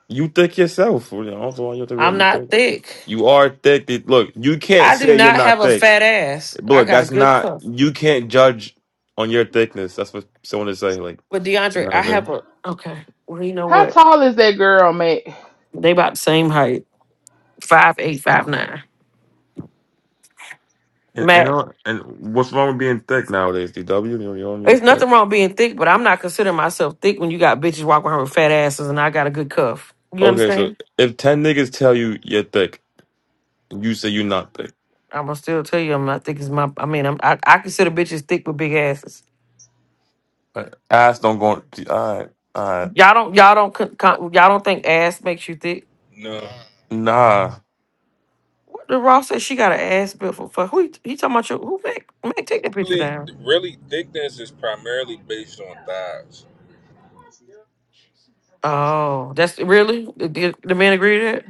S2: you thick yourself. You know, I don't know why you're the real.
S15: I'm
S2: You thick.
S15: not thick.
S2: You are thick. It- Look, you can't
S15: I do
S2: say you're
S15: not have
S2: not
S15: a
S2: thick.
S15: fat ass.
S2: But
S15: I
S2: look,
S15: got a
S2: that's
S15: good
S2: not.
S15: cuff.
S2: You can't judge on your thickness. That's what someone is saying. Like
S15: But
S2: you
S15: DeAndre,
S2: know what I'm
S15: I have
S2: saying.
S15: a okay. Well, you know
S7: How
S15: what?
S7: tall is that girl, Matt?
S15: They about the same height. Five eight, five nine.
S2: And and, uh, and what's wrong with being thick nowadays? DW, you know, you don't need
S15: It's
S2: thick.
S15: nothing wrong being thick, but I'm not considering myself thick when you got bitches walking around with fat asses and I got a good cuff. You
S2: Okay, so
S15: understand?
S2: if ten niggas tell you you're thick, you say you're not thick.
S15: I'm gonna still tell you I'm not thick as my. I mean, I'm, I I consider bitches thick with big asses.
S2: But eyes don't go. All right, all right.
S15: Y'all don't y'all don't con, con, y'all don't think ass makes you thick.
S23: No,
S2: Nah,
S15: What the Ross said she got an ass built for fuck. Who he, he talking about? Your, who Mac? Mac, take that picture
S23: really,
S15: down.
S23: really, thickness is primarily based on thighs.
S15: Oh, that's really the, the, the man agree to that.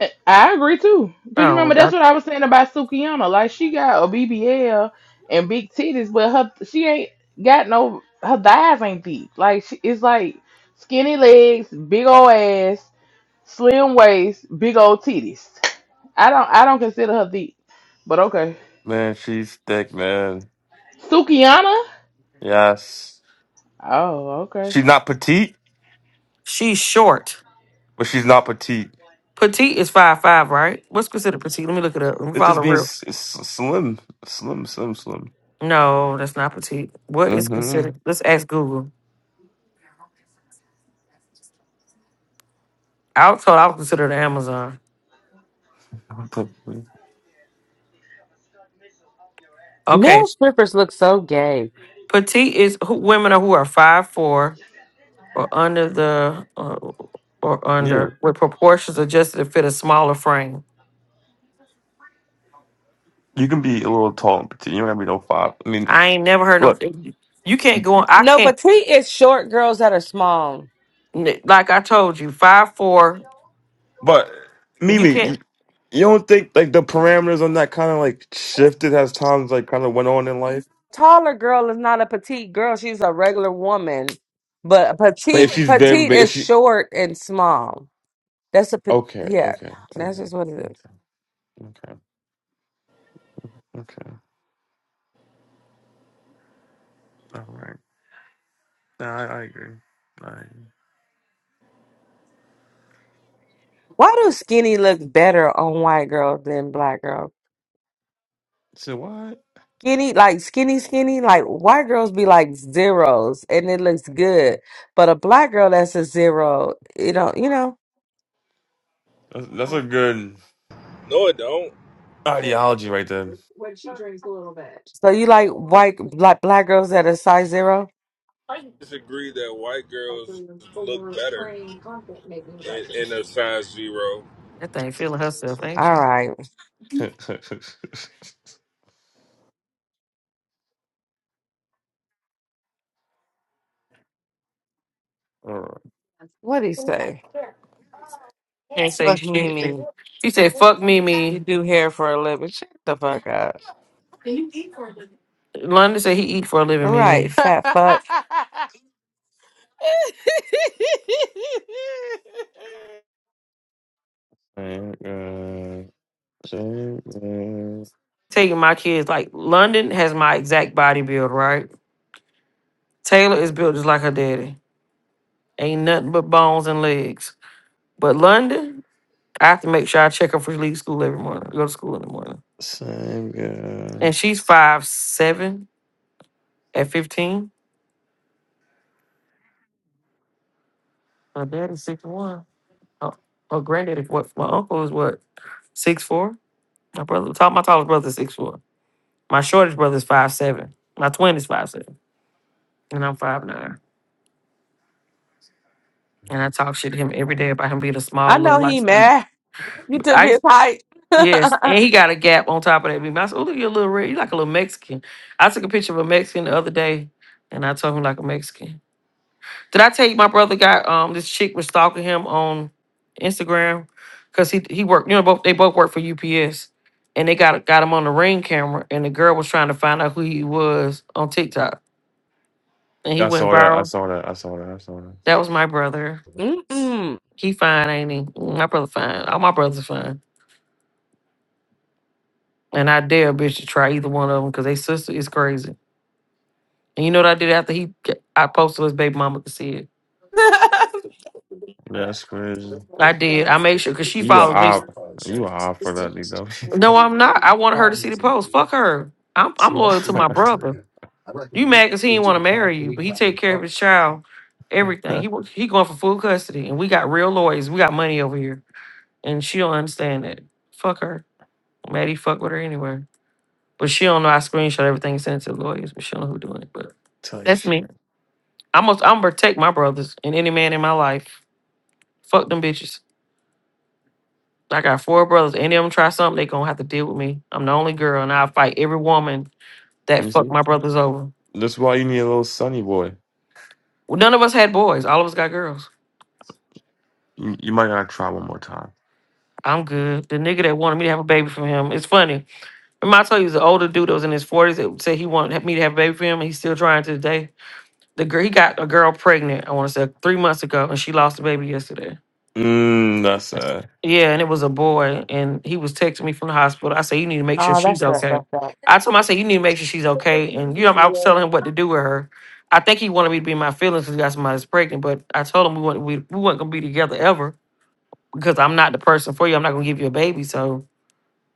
S7: I I agree too. Cause you
S15: Oh well,
S7: remember that's
S15: God,
S7: what I was saying about Sukiyama. Like she got a BBL and big titties, but her she ain't got no her thighs ain't deep. Like she, it's like skinny legs, big old ass, slim waist, big old titties. I don't I don't consider her deep, but okay.
S2: man, she's thick, man.
S7: Sukiyama.
S2: Yes,
S7: Oh okay.
S2: she's not petite,
S15: she's short.
S2: but she's not petite.
S15: Petite is five five, right? What's considered petite? Let me look it up. Let me
S2: It's just
S15: follow
S2: being
S15: real.
S2: s- s- slim, slim, slim, slim.
S15: No, that's not petite. What is
S2: Mm-hmm.
S15: considered? Let's ask Google. I was told I was considered Amazon. Okay,
S13: Male strippers look so gay.
S15: petite is who, women are who are five four or under the uh, or
S2: Yeah,
S15: under with proportions adjusted to fit a smaller frame.
S2: you can be a little tall and petite. You don't have to be no five. I mean,
S15: I ain't never heard no.
S2: look,
S15: thing. You can't go on. I
S13: No,
S15: can't.
S13: petite is short girls that are small.
S15: n- Like I told you, five four.
S2: but
S15: You
S2: Mimi, you
S15: can't.
S2: you don't think like the parameters on that kind of like shifted as times like kind of went on in life?
S13: Taller girl is not a petite girl; she's a regular woman. But a
S2: But
S13: petite,
S2: if she's very,
S13: petite
S2: but if
S13: is
S2: she,
S13: short and small. That's a pe-
S2: okay,
S13: yeah.
S2: okay,
S13: That's
S2: okay,
S13: just what it is.
S2: okay, okay. okay. All right. No, I, I agree. I agree.
S13: Why do skinny look better on white girls than black girls?
S2: So what?
S13: Skinny, like skinny, skinny, like white girls be like zeros, and it looks good. But a black girl that's a zero, you know, you know.
S2: That's, that's a good
S23: No, it don't.
S2: ideology right there.
S13: So you like white black black girls that are size zero?
S23: Disagree that white girls look better in, in a size zero.
S15: That thing feeling herself, ain't
S13: All
S15: she?
S13: right.
S2: [LAUGHS] All right.
S13: What do you say?
S15: Can't say
S13: Fuck
S15: shit.
S13: Mimi.
S15: He said, "Fuck me,
S13: You
S15: me."
S13: do hair for a living. Shut the fuck up.
S15: London said he eat for a living,
S13: All
S15: me.
S13: right, fat
S7: [LAUGHS]
S13: fuck.
S2: Same guy. Same guy.
S15: taking my kids. Like London has my exact body build, right? Taylor is built just like her daddy. Ain't nothing but bones and legs. But London, I have to make sure I check her for leave school every morning. Go to school in the morning.
S2: Same guy.
S15: And she's five seven at fifteen. Her daddy's six one. Her, her granddaddy, what my uncle is what? Six four? My brother tall my tallest brother's six four. My shortest brother's five seven. My twin is five seven. And I'm five nine. And I talk shit to him every day about him being a
S13: I
S15: small little
S13: know
S15: light
S13: he
S15: skin.
S13: mad. [LAUGHS] You took
S15: I.
S13: his height. [LAUGHS]
S15: Yes,
S13: Mm-mm.
S15: and he got a gap on top of that beam. I said, "Oh, look, you're a little red. You like a little Mexican." I took a picture of a Mexican the other day, and I told him like a Mexican. Did I tell you my brother got um this chick was stalking him on Instagram because he he worked you know both they both work for UPS and they got got him on the ring camera and the girl was trying to find out who he was on TikTok and he
S2: I
S15: went
S2: saw that. I
S15: viral.
S2: saw that. I saw that. I saw that.
S15: That was my brother. He fine, ain't he? Mm, My brother fine. All my brothers fine. And I dare a bitch to try either one of them because they sister is crazy. And you know what I did after he I posted his baby mama to see it.
S13: [LAUGHS] oh,
S2: That's crazy.
S15: I did. I made sure because she
S2: You were
S15: follows me.
S2: out. You were out for that, D W
S15: No, I'm not. I wanted her to see the post. Fuck her. I'm I'm loyal to my brother. You mad because he didn't want to marry you, but he take care of his child, everything. He
S2: [LAUGHS]
S15: wa- he going for full custody, and we got real lawyers. We got money over here, and she don't understand that. Fuck her. Maddie fuck with her anyway, but she don't know. I screenshot everything and sent it to the lawyers, but she don't know who doing it. But
S2: Type
S15: that's me.
S2: shit.
S15: I'm gonna, I'm gonna protect my brothers and any man in my life. Fuck them bitches. I got four brothers. Any of them try something, they gonna have to deal with me. I'm the only girl, and I fight every woman that
S2: You
S15: fuck
S2: see?
S15: my brothers over.
S2: That's why you need a little sunny boy.
S15: Well, none of us had boys. All of us got girls.
S2: You, you might gotta try one more time.
S15: I'm good. The nigga that wanted me to have a baby from him. It's funny. Remember I told you it was an older dude that was in his 40s that said he wanted me to have a baby for him, and he's still trying to this day. The girl he got a girl pregnant. I want to say three months ago, and she lost the baby yesterday.
S2: Mm, that's sad.
S15: Yeah, and it was a boy, and he was texting me from the hospital. I said, "You need to make sure she's
S13: that's not
S15: okay."
S13: fucked up.
S15: I told him, "I said you need to make sure she's okay." And you know, I was telling him what to do with her. I think he wanted me to be in my feelings because he got somebody that's pregnant. But I told him we weren't we, we weren't gonna be together ever because I'm not the person for you. I'm not gonna give you a baby. So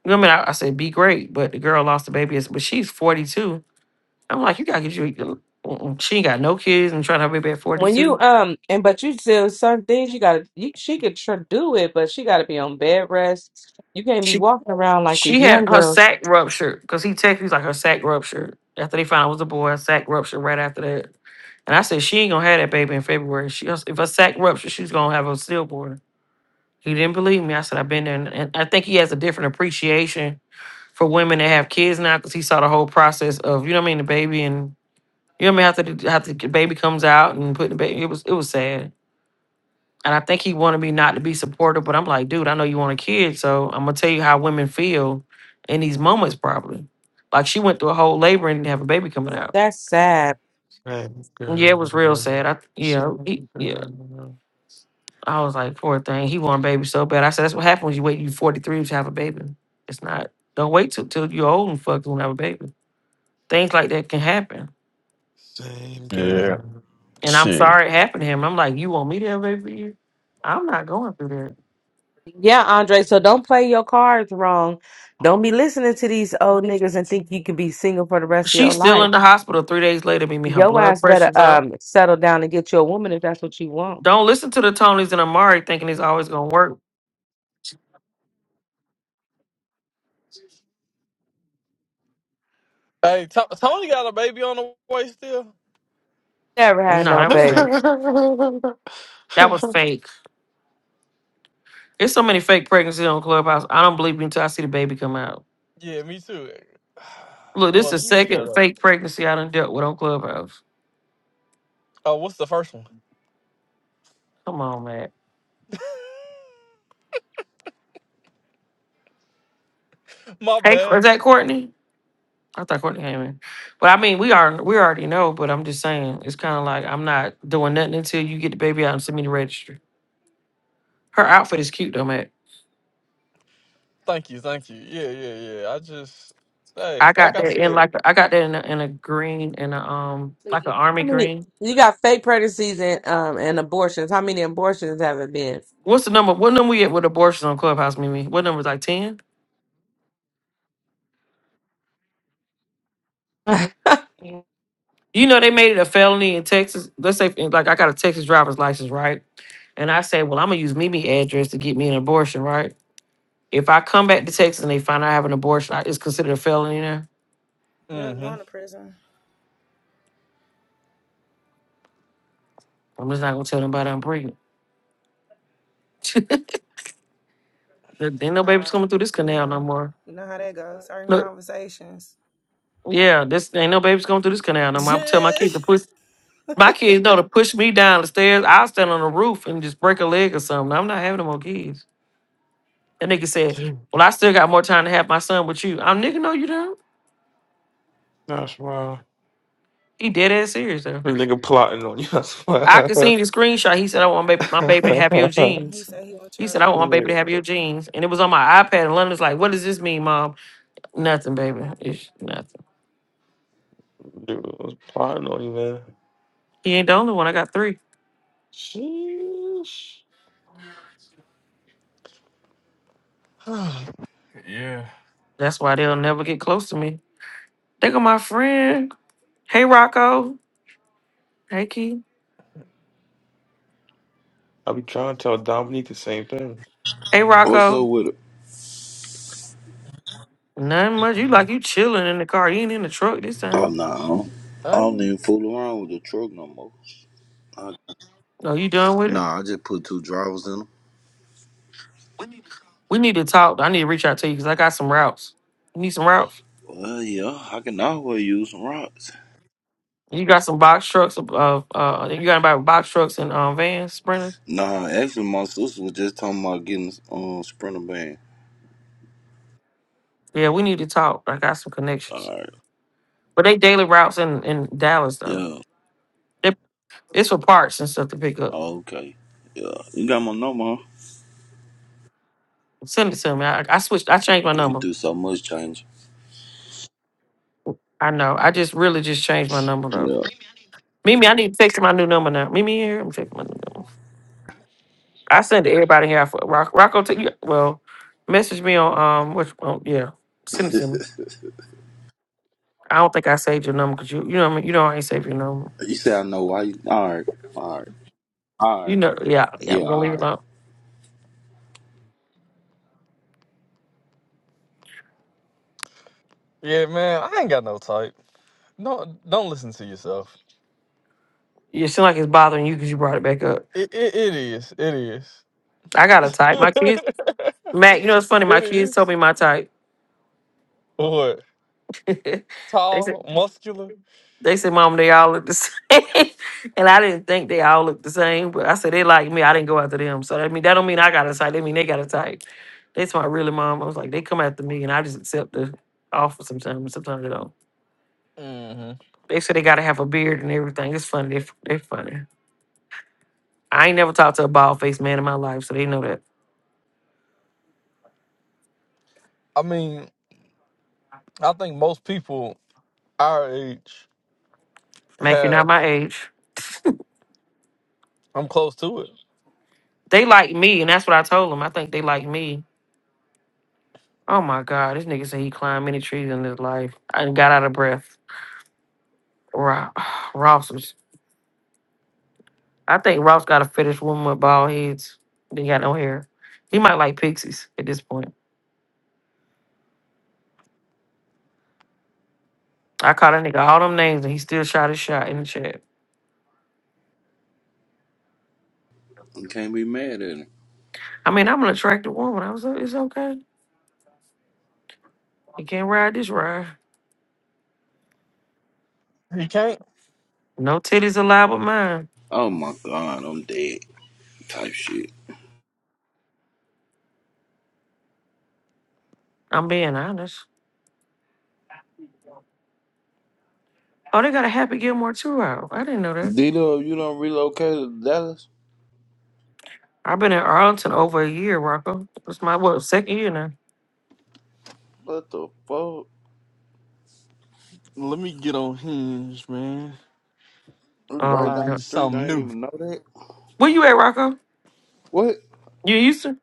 S15: you know what I mean? I, I said, "Be great," but the girl lost the baby, It's- but she's 42. I'm like, you gotta get you. mm-mm. She ain't got no kids and trying to have a baby at
S13: When you
S15: 42.
S13: um and but you still certain things you gotta you, she could tr- do it, but she gotta be on bed rest. You can't be walking around like these
S15: she
S13: young
S15: had her
S13: girls.
S15: sac ruptured because he texted me he's like her sac ruptured after they found out it was a boy. Her sac ruptured right after that, and I said she ain't gonna have that baby in February. She goes, if her sac ruptured, she's gonna have a stillborn. He didn't believe me. I said I've been there, and, and I think he has a different appreciation for women that have kids now because he saw the whole process of you know what I mean the baby and you know what I mean after the, after the baby comes out and putting the baby. It was it was sad. And I think he wanted me not to be supportive, but I'm like, dude, I know you want a kid, so I'm gonna tell you how women feel in these moments, probably. Like she went through a whole labor and didn't have a baby coming out.
S13: That's sad.
S15: Yeah, it was real sad. I yeah, he, yeah. I was like, poor thing. He wanted a baby so bad. I said, that's what happens when you wait. You 43 to have a baby. It's not. Don't wait till till you're old and fucked and have a baby. Things like that can happen.
S9: Yeah,
S15: And I'm
S9: shit.
S15: sorry it happened to him. I'm like, you want me to have a baby for you? I'm not going through that.
S13: Yeah, Andre. So don't play your cards wrong. Don't be listening to these old niggas and think you can be single for the rest of your
S15: She's still
S13: life.
S15: in the hospital three days later. Meaning her
S13: Your
S15: blood
S13: ass better
S15: pressure's up.
S13: um settle down and get you a woman if that's what you want.
S15: Don't listen to the Tonys and Amari thinking it's always gonna work.
S9: Hey, To- Tony got a baby on the way still?
S13: Never
S15: No,
S13: had no
S15: that was
S13: baby.
S15: fake. That was fake. There's so many fake pregnancies on Clubhouse. I don't believe me until I see the baby come out.
S9: Yeah, me too. [SIGHS]
S15: Look, this is
S9: Well,
S15: the
S9: let me
S15: second
S9: shut up.
S15: fake pregnancy I done dealt with on Clubhouse.
S9: Oh, what's the first one?
S15: Come on, man.
S9: [LAUGHS] My
S15: Hey,
S9: bad.
S15: is that Courtney? I thought Courtney came in. But I mean, we are we already know, but I'm just saying it's kind of like I'm not doing nothing until you get the baby out and send me the registry. Her outfit is cute though, Matt.
S9: Thank you, thank you. Yeah, yeah, yeah. I just, hey,
S15: I
S9: like
S15: got
S9: I
S15: that in
S9: said.
S15: like a- I got that in a, in a green and a um like an army
S13: How many?
S15: green.
S13: You got fake pregnancies and um and abortions. How many abortions have it been?
S15: What's the number? What number we at with abortions on Clubhouse, Mimi? What number is like 10? You know, they made it a felony in Texas. Let's say, like, I got a Texas driver's license, right? And I say, well, I'm going to use Mimi address to get me an abortion, right? If I come back to Texas and they find out I have an abortion, I, it's considered a felony there.
S18: You're going to
S9: Mm-hmm.
S18: prison.
S15: I'm just not going to tell nobody I'm pregnant. [LAUGHS] There ain't no babies
S18: Nah,
S15: coming through this
S18: you
S15: canal no
S18: know,
S15: more.
S18: you know how that goes. Certain
S15: Look,
S18: conversations.
S15: yeah, this ain't no babies coming through this canal no
S18: [LAUGHS]
S15: more. I'm tell my kids to push my kids know to push me down the stairs. I'll stand on the roof and just break a leg or something. I'm not having no more kids. That nigga said, Well, I still got more time to have my son with you. I'm nigga, no, you don't.
S2: That's wild.
S15: He dead ass serious though.
S2: This nigga plotting on you. That's
S15: I could
S2: wild.
S15: see the screenshot. He said, I want baby, my baby to have your
S2: [LAUGHS]
S18: he
S15: jeans.
S18: said he want
S15: He said,
S18: your
S15: I want my baby
S2: Dude,
S15: to have your jeans. And it was on my iPad. And London's like, What does this mean, mom? Nothing, baby. It's nothing.
S2: I was plotting on you, man.
S15: He ain't the only one. I got three.
S2: Sheesh.
S9: Yeah.
S15: That's why they'll never get close to me. They got my friend. Hey, Rocco. Hey, Key.
S2: I be trying to tell Dominique the same thing.
S15: Hey,
S24: What's up
S15: Rocco.
S24: with it?
S15: Nothing much. You like you chilling in the car. You ain't in the truck this
S24: Oh,
S15: time.
S24: nah. I don't I
S9: I
S24: don't
S9: ain't-
S24: even fool around with the truck no more. I,
S15: No, you done with it?
S24: nah, I just put two drivers in them.
S15: We need to talk. I need to reach out to you because I got some routes. You need some routes?
S24: Well, yeah, I can always use some rocks.
S15: You got some box trucks? Uh, uh, you got about box trucks and um, vans, sprinters?
S24: Nah, actually, my sister was just talking about getting um sprinter van.
S15: Yeah, we need to talk. I got some connections.
S24: All right.
S15: But they daily routes in, in Dallas though.
S24: Yeah.
S15: They, it's for parts and stuff to pick up.
S24: Oh, okay. Yeah. You got my number,
S15: Send it to me. I, I switched. I changed my
S24: huh? You
S15: number.
S24: do so much change.
S15: I know. I just really just changed my number though.
S24: Yeah.
S15: Mimi, I need to text you my new number now. Mimi here. I'm checking my new number. I send to everybody here. For Rock, Rocco, take you- well, message me on um, which, on, yeah, send it
S24: [LAUGHS]
S15: to me. I don't think I saved your number because you, you know, what I mean, you know, I ain't saved your number.
S24: you say I know why. You, all right. All right. All
S15: You
S24: right.
S15: know, yeah, yeah,
S24: Yeah.
S15: I'm gonna leave
S24: All
S15: it
S24: right.
S15: alone.
S9: yeah, man, I ain't got no type. Don't don't listen to yourself.
S15: You seem like it's bothering you because you brought it back up.
S9: It it, it is. It is.
S15: I got a
S9: [LAUGHS]
S15: type. My kids, Matt. You know, it's
S9: it
S15: funny. My kids told
S9: is.
S15: me my type.
S9: What?
S15: [LAUGHS] they
S9: Tall,
S15: said,
S9: muscular.
S15: they said, Mom, they all look the same, [LAUGHS] and I didn't think they all look the same. But I said they like me. I didn't go after them. So that mean that don't mean I got a type. That mean they got a type. That's my really mom. I was like, they come after me, and I just accept the offer sometimes. Sometimes they don't.
S9: hmm
S15: They said they got to have a beard and everything. It's funny. They, they're funny. I ain't never talked to a bald faced man in my life, so they know that.
S9: I mean, I think most people our age
S15: Mac, you're not
S9: have.
S15: my age.
S9: I'm close to it.
S15: They like me, and that's what I told them. I think they like me. Oh my God, this nigga said he climbed many trees in his life. I got out of breath. Ro- [SIGHS] Ross was. I think Ross got a fetish woman with bald heads. They got no hair. He might like pixies at this point. I called that nigga all them names, and he still shot his shot in the chat.
S24: You can't be mad at it.
S15: I mean, I'm an attractive woman. I was like, it's okay. You can't ride this ride.
S9: He can't.
S15: No titties allowed but mine.
S24: Oh my God, I'm dead. Type shit.
S15: I'm being honest. Oh, they got a Happy Gilmore too out. I didn't know that.
S24: D-Lo, you don't relocate to Dallas?
S15: I've been in Arlington over a year, Rocco. It's my what second year now.
S24: What the fuck?
S9: Let me get on Hinge, man.
S24: We right
S15: Oh,
S9: I
S24: down the
S15: God.
S9: need
S24: street. I
S9: something
S24: didn't
S9: new.
S24: even know that.
S15: where you at, Rocco?
S24: What?
S15: You used to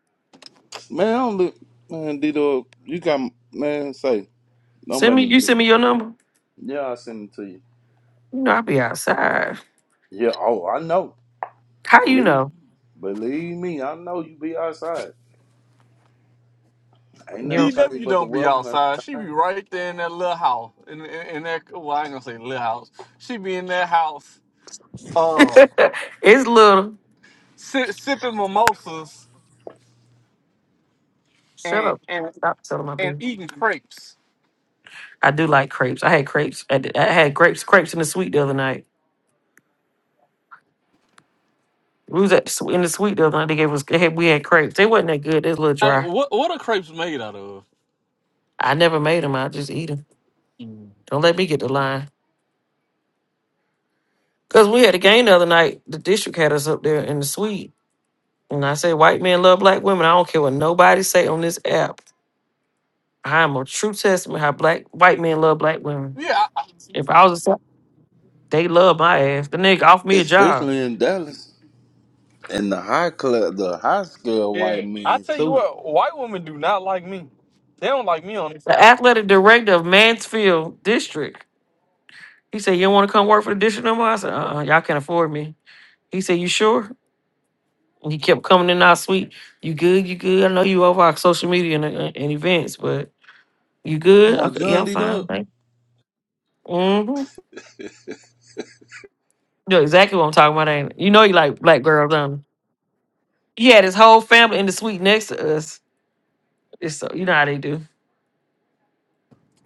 S24: Man, I don't look. Man, Dito, you got. Man, say. Don't
S15: send
S24: make
S15: me.
S24: me
S15: You
S24: do
S15: send
S24: it.
S15: me your number.
S24: Yeah, i send it to you.
S15: You know I be outside.
S24: Yeah, oh, I know.
S15: How you
S24: Believe
S15: know?
S24: believe me, I know you be outside. Ain't
S15: You
S24: nothing
S15: know,
S24: changed
S9: DW
S24: but the
S9: don't be
S24: weather and
S9: outside.
S24: the
S9: She be
S24: time.
S9: right there in that little house. In, in, in that, well, I ain't gonna say little house. She be in that house.
S15: [LAUGHS] it's little.
S9: si- sipping mimosas
S15: Shut
S9: and
S15: up.
S9: and
S15: Stop selling my
S9: and
S15: beer.
S9: eating crepes.
S15: I do like crepes. I had crepes. I, did- I had grapes, crepes in the sweet the other night. We was at the swe- in the sweet the other night. They gave us. They had, we had crepes. They wasn't that good. They was a little
S9: Hey,
S15: dry.
S9: what what are crepes made out of?
S15: I never made them. I just eat them.
S9: Yeah,
S15: Don't let me get the line. Because we had a game the other night. The district had us up there in the suite. And I said, white men love black women. I don't care what nobody say on this app. I'm a true testament how black white men love black women.
S9: I,
S15: If I was a son, they love my ass. The nigga offered me a job.
S24: Especially in Dallas. And the high class, the high scale
S9: yeah.
S24: white
S9: I
S24: man,
S9: tell you
S24: too.
S9: what, white women do not like me. They don't like me on this
S15: The
S9: app.
S15: athletic director of Mansfield District. He said, you don't want to come work for the district no more? I said, uh-uh, y'all can't afford me. He said, you sure? And he kept coming in our suite. You good? You good? I know you over our social media and, uh, and events, but you
S24: Come
S15: good?
S24: on,
S15: Okay, yeah,
S24: John
S15: I'm
S24: D.
S15: fine.
S24: Dog.
S15: Thank you. Mm-hmm.
S24: [LAUGHS]
S15: You know exactly what I'm talking about, ain't it? You know you like black girls, don't you? He had his whole family in the suite next to us. It's so you know how they do.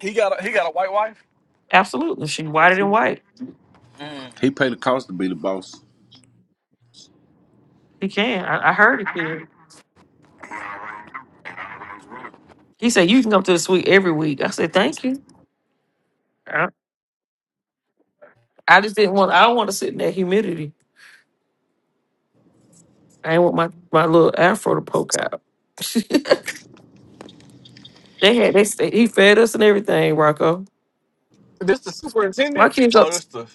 S9: He got a he got a white wife.
S15: Absolutely. She whiter than white.
S9: Mm.
S24: He paid the cost to be the boss.
S15: He can. I, I heard it. He he said, You can come to the suite every week. I said, Thank you. I, I just didn't want I don't want to sit in that humidity. I ain't want my, my little afro to poke out. [LAUGHS] they had they sta- he fed us and everything, Rocco.
S9: This the
S15: My
S9: superintendent
S15: kids up
S9: Oh, this the.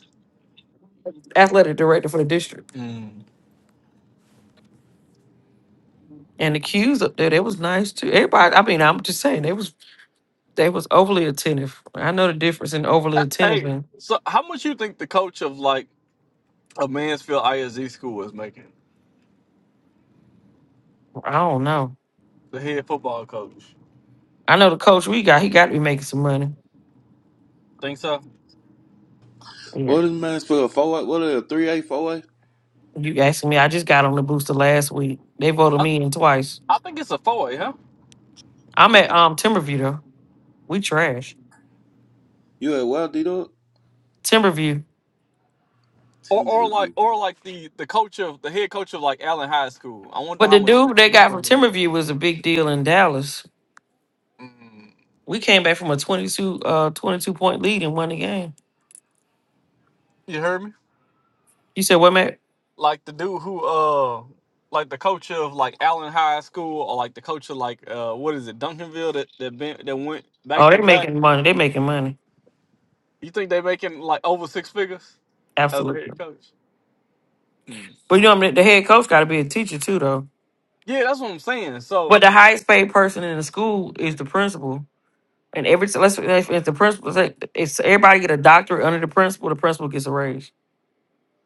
S15: athletic director for the district.
S9: Mm.
S15: And the cues up there, they was nice too. Everybody, I mean, I'm just saying, they was They was overly attentive. I know the difference in overly
S9: Uh,
S15: attentive
S9: Hey,
S15: and
S9: so how much you think the coach of like a Mansfield ISD school is making?
S15: I don't know.
S9: The head football coach.
S15: I know the coach we got, he got to be making some money.
S9: Think so?
S15: Yeah.
S24: What is man spell? Four eight? What is it? Three eight four eight?
S15: You asking me, I just got on the booster last week. They voted
S9: I,
S15: me in twice.
S9: I think it's a four, huh?
S15: I'm at um Timberview though. We trash.
S24: You at well, D Dog?
S15: Timberview.
S9: Or, or like,
S24: Timberview.
S9: or like the the coach of the head coach of like Allen High School. I wonder
S15: But
S9: how
S15: the
S9: much.
S15: dude they
S9: he
S15: got from
S9: bring in.
S15: Timberview was a big deal in Dallas.
S9: Mm,
S15: We came back from a 22 uh 22 point lead and won the game.
S9: you heard me?
S15: You said what Matt?
S9: Like the dude who, uh, like the coach of like Allen High School, or like the coach of like, uh, what is it, Duncanville that that been, that went back
S15: Oh,
S9: to
S15: they
S9: back.
S15: making money. They making money.
S9: You think they making like over six figures as a
S15: Absolutely.
S9: head coach? Mm.
S15: But you know, I mean, the head coach got to be a teacher too, though.
S9: Yeah, that's what I'm saying.
S15: But
S9: So,
S15: the highest paid person in the school is the principal. And every so let's if if the principal say it's everybody get a doctorate under the principal, the principal gets a raise.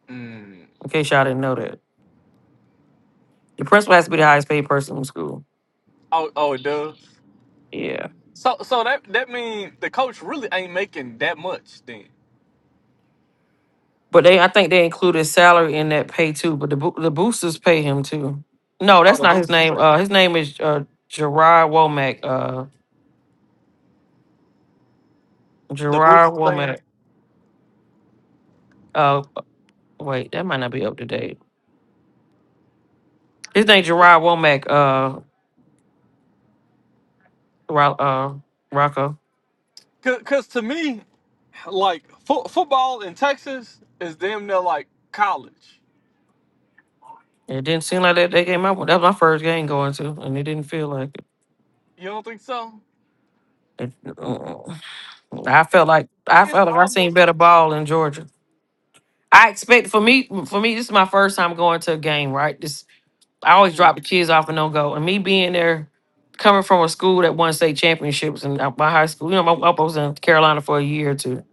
S9: mm,
S15: In case y'all didn't know that, the principal has to be the highest paid person in school.
S9: oh, oh, it does.
S15: Yeah,
S9: So, so that that means the coach really ain't making that much then.
S15: but they I think they included salary in that pay too. But the boo- the boosters pay him too. No,
S9: Oh,
S15: that's not his name. Uh, his name is uh Gerard Womack. Uh,
S9: the, the boost
S15: Gerard
S9: is saying.
S15: Womack. Uh, wait, that might not be up to date. His name Gerard Womack. Uh, Ro- uh, Rocco.
S9: Because to me, like, fo- football in Texas is damn near like college.
S15: It didn't seem like that, they came I went. That was my first game going to, and it didn't feel like it.
S9: You don't think so?
S15: It- mm, I felt
S9: It,
S15: like I
S9: it's
S15: felt like I seen
S9: almost
S15: better
S9: like.
S15: ball in Georgia. I expect for me for me this is my first time going to a game. Right, this I always
S9: Mm,
S15: drop the kids off and don't go, and me being there, coming from a school that won state championships and uh, my high school. You know, my I was in Carolina for a year or two.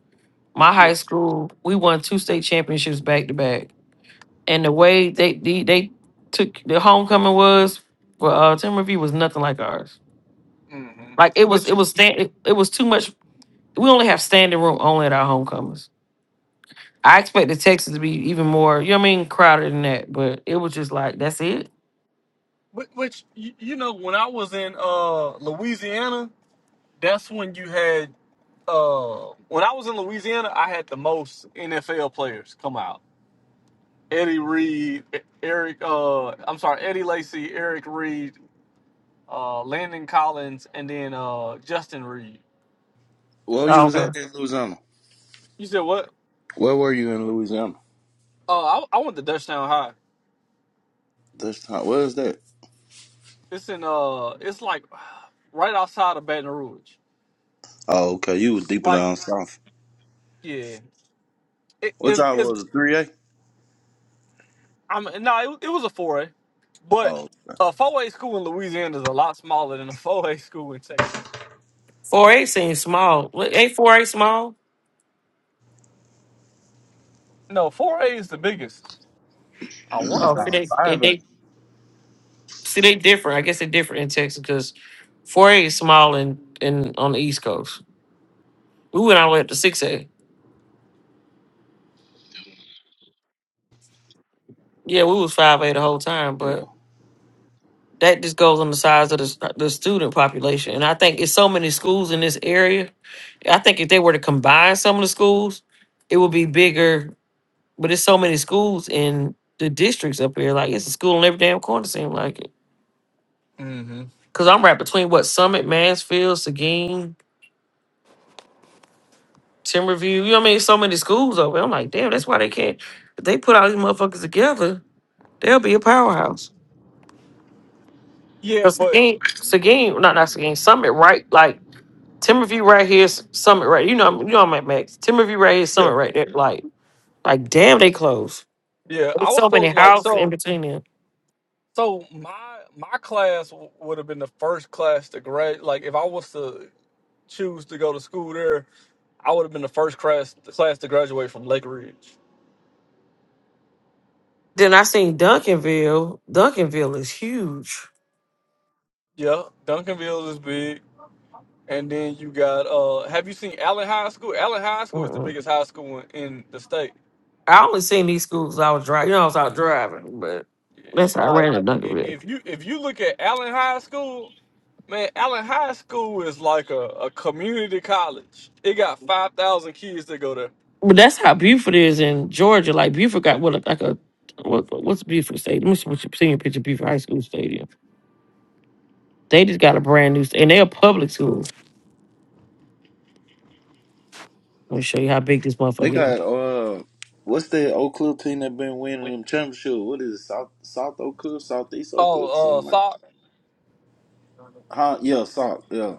S15: My high
S9: yeah.
S15: school, we won two state championships back to back, and the way they they, they took the homecoming was for uh, Timberview was nothing like ours
S9: hmm
S15: Like it was,
S9: Which,
S15: it was stand, it, it was too much. We only have standing room only at our homecomings. I expected Texas to be even more, you know what I mean, crowded than that. But it was just like that's it.
S9: which, which you, you know, when I was in uh, Louisiana, that's when you had. Uh, when I was in Louisiana, I had the most NFL players come out. Eddie Reed, E- Eric. Uh, I'm sorry, Eddie Lacy, Eric Reed, uh, Landon Collins, and then uh, Justin Reed.
S24: Well, you
S15: Oh,
S24: was
S15: okay.
S24: at in Louisiana.
S9: You said what?
S24: Where were you in Louisiana?
S9: Uh, I, I went to Dutchtown High.
S24: This time, where is that?
S9: It's in uh, it's like [SIGHS] right outside of Baton Rouge.
S24: Oh, okay. You was deeper
S9: Like,
S24: down south.
S9: yeah, it
S24: What
S9: is.
S24: y'all
S9: It's,
S24: was a three A?
S9: I'm no, it, it was a four A, but
S24: Oh,
S9: a four A school in Louisiana is a lot smaller than a four A [LAUGHS] school in Texas.
S15: Four A seems small. What- Ain't four A small?
S9: No, four A is the biggest.
S24: [CLEARS THROAT]
S9: I want to
S15: Oh,
S9: say.
S15: see
S24: nah,
S15: they they
S24: five A.
S15: they see they different. I guess they different in Texas because four A is small and in, in on the East Coast. We went all the way up to six A. Yeah, we was five A the whole time,
S24: Yeah,
S15: but that just goes on the size of the the student population. And I think it's so many schools in this area I think if they were to combine some of the schools, it would be bigger. But there's so many schools in the districts up here. Like it's a school in every damn corner. Seem like it.
S9: hmm
S15: Cause I'm right between what Summit, Mansfield, Seguin, Timberview. You know what I mean? So many schools over. I'm like, damn, that's why they can't. If they put all these motherfuckers together, they'll be a powerhouse.
S9: Yeah,
S15: Cause
S9: but
S15: Seguin, Seguin, not not Seguin, Summit, right? Like Timberview right here, S- Summit right. You know, you know, I'm at Max. Timberview right here,
S9: yeah,
S15: Summit right there. Like, like damn, they close.
S9: yeah. I
S15: There's
S9: was
S15: so many
S9: supposed like
S15: houses in
S9: so.
S15: between them.
S9: So my my class w- would have been the first class to grad. Like, if I was to choose to go to school there, I would have been the first class the class to graduate from Lake Ridge.
S15: Then I seen Duncanville. Duncanville is huge.
S9: Yeah, Duncanville is big, and then you got. uh Have you seen Allen High School? Allen High School is the
S15: Mm-mm.
S9: biggest high school in, in the state.
S15: I only seen these schools I was driving. You know, I was out driving, but that's how I
S9: Now, i-
S15: ran to Duncanville.
S9: if you if you look at Allen High School, man, Allen High School is like a, a community college. It got five thousand kids that go there.
S15: But that's how Buford is in Georgia. Like Buford got what like a what, what's Buford Stadium? Let me see what you senior picture of Buford High School Stadium. They just got a brand new st- and they're a public school. Let me show you how big this
S24: they
S15: motherfucker is.
S24: got uh, what's that Oak Cliff team that been winning them championship? What is it? South South Oak Cliff, Southeast Oak Cliff,
S9: Oh,
S24: something
S9: uh,
S24: like?
S9: Sock,
S24: Huh? Yeah, South. Yeah.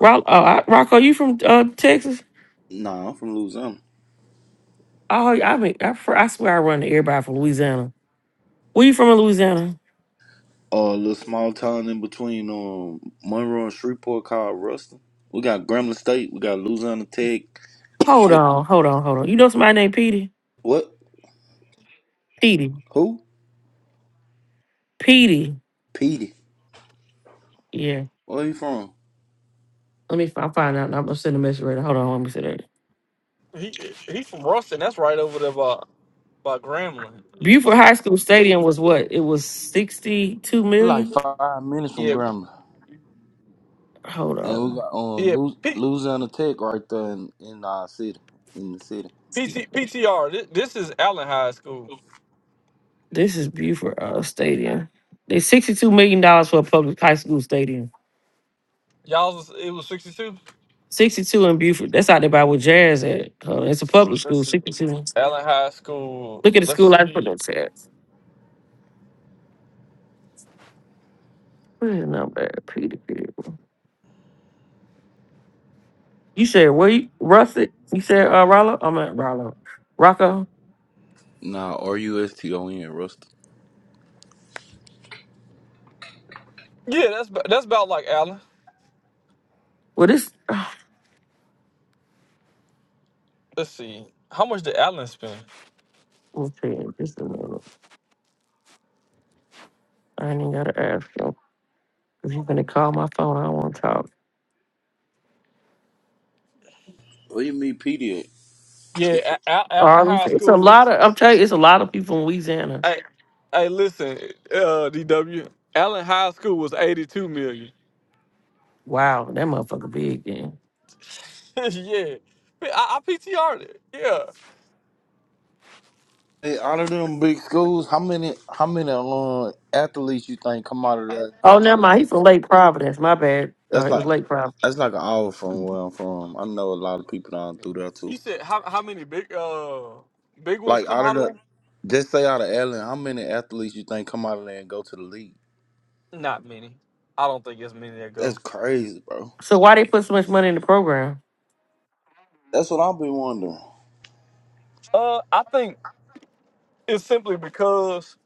S15: Rock, oh, I, Rocco, you from uh, Texas?
S24: Nah, I'm from Louisiana.
S15: Oh, yeah, I mean, I, fr- I swear I run to everybody from Louisiana. Where you from in Louisiana?
S24: Uh, a little small town in between um Monroe and Shreveport called Ruston. We got Grambling State. We got Louisiana Tech.
S15: Hold
S24: Wh-
S15: on, hold on, hold on. You know somebody named Petey?
S24: What?
S15: Petey.
S24: Who?
S15: Petey.
S24: Petey.
S15: Yeah.
S24: Where you from?
S15: Let me I'll find out. I'm gonna send a message right now. Hold on, let me see that.
S9: he he from Ruston. That's right over there by by Grambling. Yeah,
S15: Buford High School Stadium was what? It was sixty-two
S24: we like
S15: million?
S24: five minutes from
S9: yeah,
S24: Grambling,
S15: Hold
S24: and we
S15: on.
S24: got um
S9: yeah.
S24: Lu-
S9: Pe-
S24: Louisiana Tech right there in, in our city, in the city.
S9: PT, PTR. This, this is Allen High School.
S15: This is Buford uh, Stadium. They sixty-two million dollars for a public high school stadium.
S9: Y'all, was, it was sixty two.
S15: Sixty-two in Buford. That's out there by where Jazz at. Hold on. It's a public
S9: Let's
S15: school.
S9: see.
S15: Sixty-two.
S9: Allen High School.
S15: Look at the
S9: Let's
S15: school I put
S9: see.
S15: that at. Where's the number? Petey. You said where you Russet? You said uh Rollo? I'm at Rollo. Rocco.
S24: Nah, R U S T O N Rusty.
S9: Yeah, that's ba- that's about like Allen.
S15: Well this [SIGHS]
S9: Let's see. How much did Allen spend?
S15: we'll tell you in just a minute. I ain't even gotta ask you. Cause going gonna call my phone. I don't wanna talk.
S24: Where you meet Petey at?
S9: Yeah, A- A- Allen
S15: Um,
S9: High
S15: it's a
S9: School.
S15: lot of I'm telling you, it's a lot of people in Louisiana.
S9: Hey, hey, listen, uh, DW. Allen High School was eighty two million.
S15: Wow, that motherfucker big then.
S9: [LAUGHS] yeah, I, I PTR'd it. Yeah.
S24: Hey, out of them big schools, how many how many um athletes you think come out of there and go
S15: Oh
S24: to the
S15: never mind, he's from
S24: NFL?
S15: Lake Providence. My bad. Uh,
S24: That's
S15: it was
S24: like
S15: Lake Providence.
S24: that's like an hour from where I'm from. I know a lot of people down through there too.
S9: You said how how many big uh big ones
S24: Like
S9: come
S24: out of
S9: out of
S24: the
S9: it?
S24: just say out of Allen, how many athletes you think come out of there and go to the league?
S9: Not many. I don't think it's many that
S24: That's
S9: go.
S24: crazy, bro.
S15: So why they put so much money in the program?
S24: That's what I've been wondering.
S9: Uh, I think It's simply because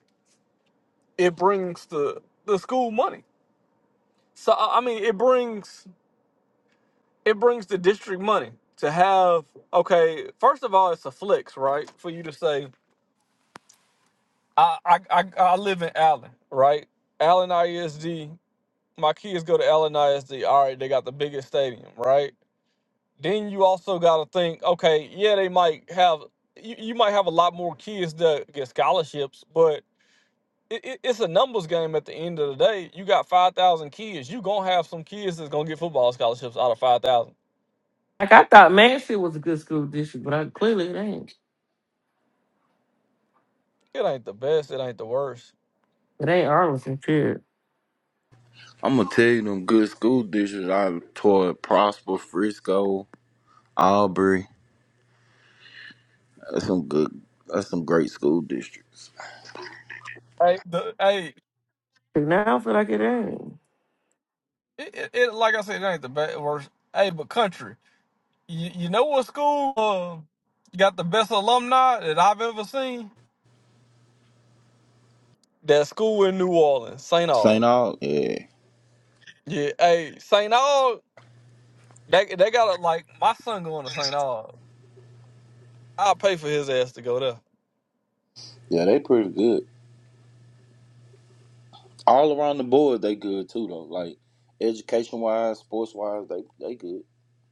S9: it brings the the school money. So I I mean, it brings it brings the district money to have. Okay, first of all, it's a flex, right? For you to say, I I I, I live in Allen, right? Allen ISD. My kids go to Allen ISD. All right, they got the biggest stadium, right? Then you also got to think, okay, yeah, they might have you, you might have a lot more kids that get scholarships, but it, it, it's a numbers game at the end of the day. You got 5,000 kids. you going to have some kids that's going to get football scholarships out of 5,000.
S15: Like I thought Mansfield was a good school district, but I clearly it ain't.
S9: It ain't the best. It ain't the worst.
S15: It ain't Arlington, shit.
S24: I'm gonna tell you them good school districts I taught Prosper, Frisco, Aubrey. That's some good. That's some great school districts.
S9: Hey, the, hey
S15: Now I feel like it ain't.
S9: it, it, it- like I said, it ain't the best, worst. Hey, but country, you, you know what school uh, got the best alumni that I've ever seen? That school in New Orleans, St. Aug.
S24: St. Aug, yeah,
S9: Yeah, hey, St. Aug, they, they got to, like, my son going to St. Aug. I'll pay for his ass to go there.
S24: yeah, they pretty good. All around the board, they good too though. Like education wise, sports wise, they they good.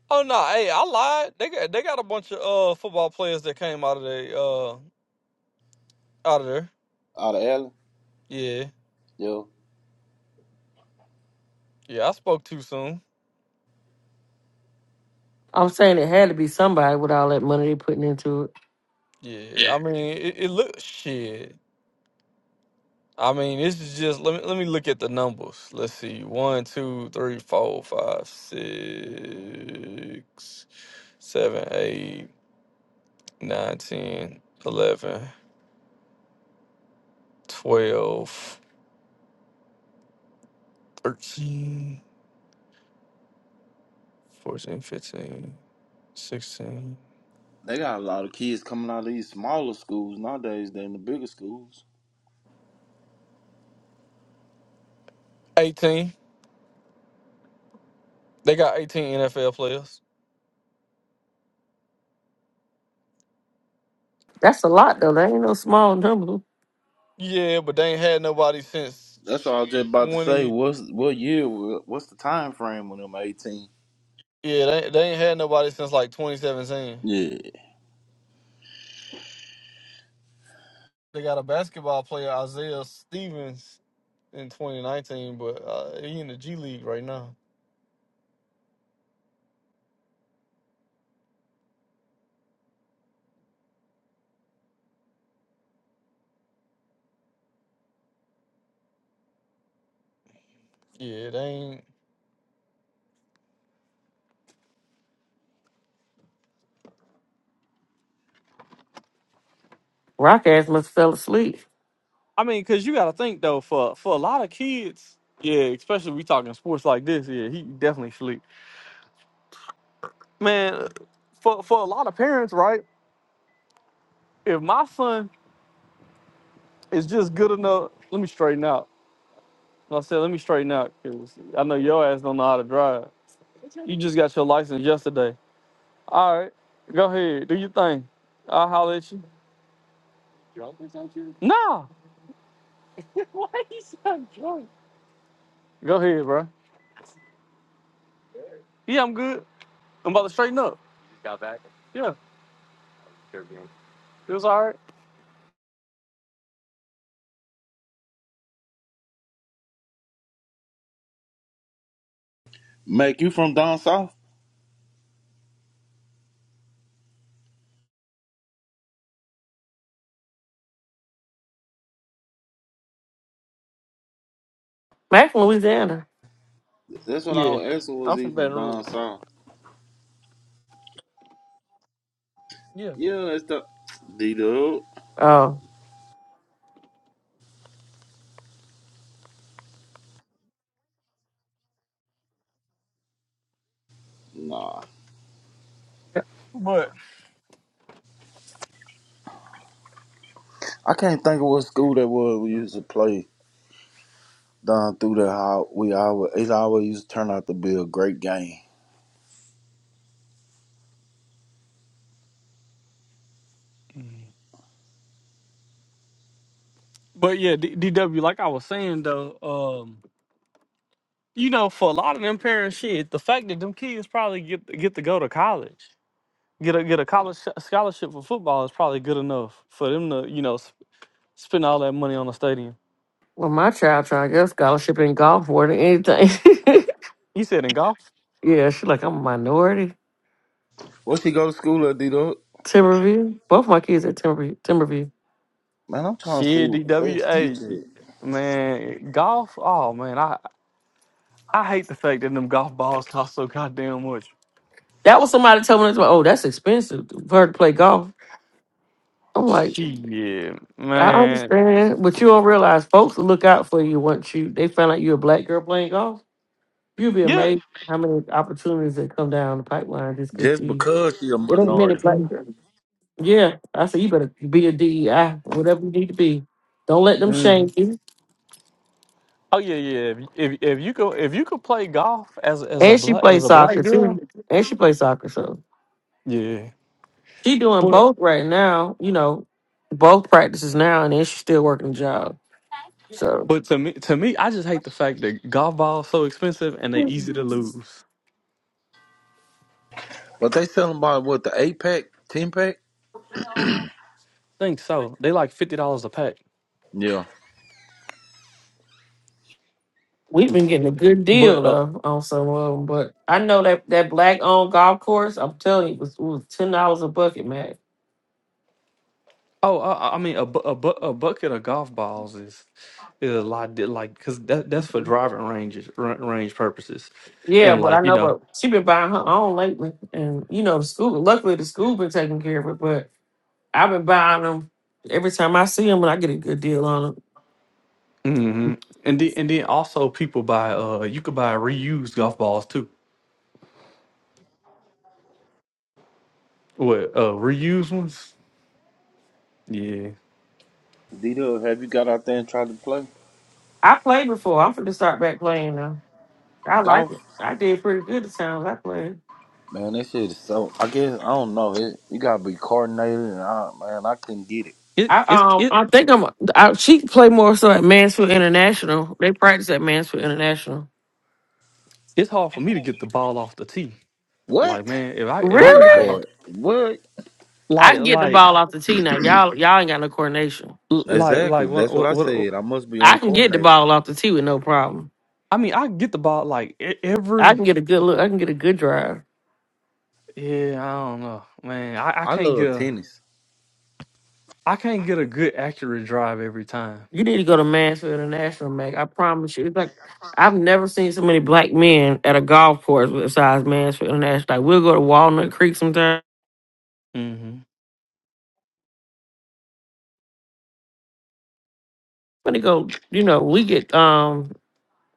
S9: Oh no, hey, I lied. They got they got a bunch of uh football players that came out of the uh out of there.
S24: Out of Allen,
S9: Yeah,
S24: yeah,
S9: yeah. I spoke too soon.
S15: I'm saying it had to be somebody with all that money they putting into it.
S9: Yeah, I mean it, it look shit. I mean this is just let me let me look at the numbers. Let's see, one, two, three, four, five, six, seven, eight, nine, ten, eleven, twelve, thirteen, fourteen, fifteen, sixteen,
S24: they got a lot of kids coming out of these smaller schools nowadays than the bigger schools.
S9: eighteen. They got 18 NFL players.
S15: That's a lot though. That ain't no small number.
S9: Yeah, but they ain't had nobody since
S24: That's what I was just about to say.
S9: 20.
S24: What's what year? What's the time frame when on them eighteen?
S9: Yeah, they, they ain't had nobody since like 2017.
S24: Yeah,
S9: They got a basketball player, Isaiah Stevens, in 2019, but uh, he in the G League right now. Yeah, they ain't.
S15: Rock ass must fell asleep.
S9: I mean, cause you got to think though, for for a lot of kids, yeah, especially we talking sports like this, yeah, he definitely sleep. Man, for for a lot of parents, right? If my son is just good enough, let me straighten out. I said, let me straighten out because I know your ass don't know how to drive. You just got your license yesterday. All right, go ahead, do your thing. I'll holler at you. Nah, go ahead, bro. Yeah, I'm good. I'm about to straighten up. Yeah, it was all right.
S24: Mac, you from down south?
S15: Back in Louisiana.
S24: That's what I was asking. Was he from down south? Yeah, it's the D Dub.
S15: Oh,
S24: Nah,
S15: yeah.
S9: But
S24: I can't think of what school that was we used to play down through there. How we always it always used to turn out to be a great game.
S9: but yeah, D- DW, like I was saying though, um, you know, for a lot of them parents, shit, the fact that them kids probably get get to go to college, get a get a college sch- scholarship for football is probably good enough for them to you know s- spend all that money on a stadium.
S15: well, my child trying to get a scholarship in golf more than anything.
S9: You said in golf.
S15: [LAUGHS] yeah, she like I'm a minority.
S24: What's he go to school at, D Dog?
S15: Timberview. Both my kids at Timberview. Timberview.
S24: Man, I'm trying to see what
S9: Shit,
S24: Lex
S9: DWA,
S24: teacher is.
S9: man, golf. Oh man, I I hate the fact that them golf balls cost so goddamn much.
S15: That was somebody told me, that's like, oh, that's expensive for her to play golf. I'm like,
S9: Shit,
S15: I
S9: man.
S15: understand, but you don't realize folks look out for you once you they find out you're a black girl playing golf You'll be
S9: Yeah.
S15: amazed how many opportunities that come down the pipeline just because
S24: Just
S15: you.
S24: because she a
S15: It ain't many
S24: minority.
S15: black. girls. Yeah, I said you better be a DEI, whatever you need to be. Don't let them shame
S9: Mhm.
S15: you.
S9: Oh yeah, yeah. If, if if you could if you could play golf as as a
S15: And she
S9: black as
S15: plays
S9: a black
S15: soccer
S9: girl,
S15: too. And she plays soccer, so
S9: yeah.
S15: she doing
S9: But
S15: both right now. You know, both practices now, and then she's still working a job. So
S9: but to me to me, I just hate the fact that golf balls so expensive and they easy to lose.
S24: But they tell him about what, the eight pack, ten pack?
S9: Think so? They like fifty dollars a pack.
S24: Yeah.
S15: we've been getting a good
S9: But
S15: deal
S9: uh,
S15: though on some of them. But I know that that black owned golf course, I'm telling you, was was ten dollars a bucket, man.
S9: Oh, uh, I mean, a, bu- a, bu- a bucket of golf balls is is a lot di- like because that that's for driving ranges r- range purposes,
S15: Yeah,
S9: and
S15: but
S9: like
S15: I
S9: you
S15: know,
S9: know,
S15: but she been buying her own lately, and you know the school. Luckily, the school been taking care of it, but I've been buying them every time I see them, and I get a good deal on them.
S9: hmm and then and then also people buy uh you could buy reused golf balls too. What uh reused ones? Yeah,
S24: D Dog, have you got out there and tried to play?
S15: I played before. I'm finna start back playing now. I like
S24: Golf?
S15: it. I did pretty good the times I played.
S24: Man, that shit is so I guess I don't know. It you gotta be coordinated and I man, I couldn't get it.
S9: it
S15: I
S9: it's
S15: um
S9: it
S15: I think I'm I, she play more so at Mansfield International. They practice at Mansfield International.
S9: it's hard for me to get the ball off the tee. Like
S24: What?
S9: man, if I if I can
S24: Very
S9: get the
S15: Really?
S9: ball,
S24: hard. What?
S15: I
S9: like
S15: can get the
S9: like
S15: ball off the tee now. Y'all y'all ain't got no coordination.
S9: like like
S24: Exactly.
S9: what
S24: That's what
S9: what,
S24: I
S9: what
S24: said. I must be
S15: I can get the
S24: uncoordinated.
S15: ball off the tee with no problem.
S9: I mean, I can get the ball like e-
S15: I
S9: every.
S15: can get a good look. I can get a good drive.
S9: Yeah, I don't know, man. I, I
S24: I
S9: can't get.
S24: love
S9: a
S24: tennis.
S9: I can't get a good accurate drive every time.
S15: You need to go to Mansfield International, Mac. I promise you. It's like I've never seen so many black men at a golf course besides Mansfield International. Like we'll go to Walnut Creek sometime.
S9: hmm
S15: When they go, you know, we get um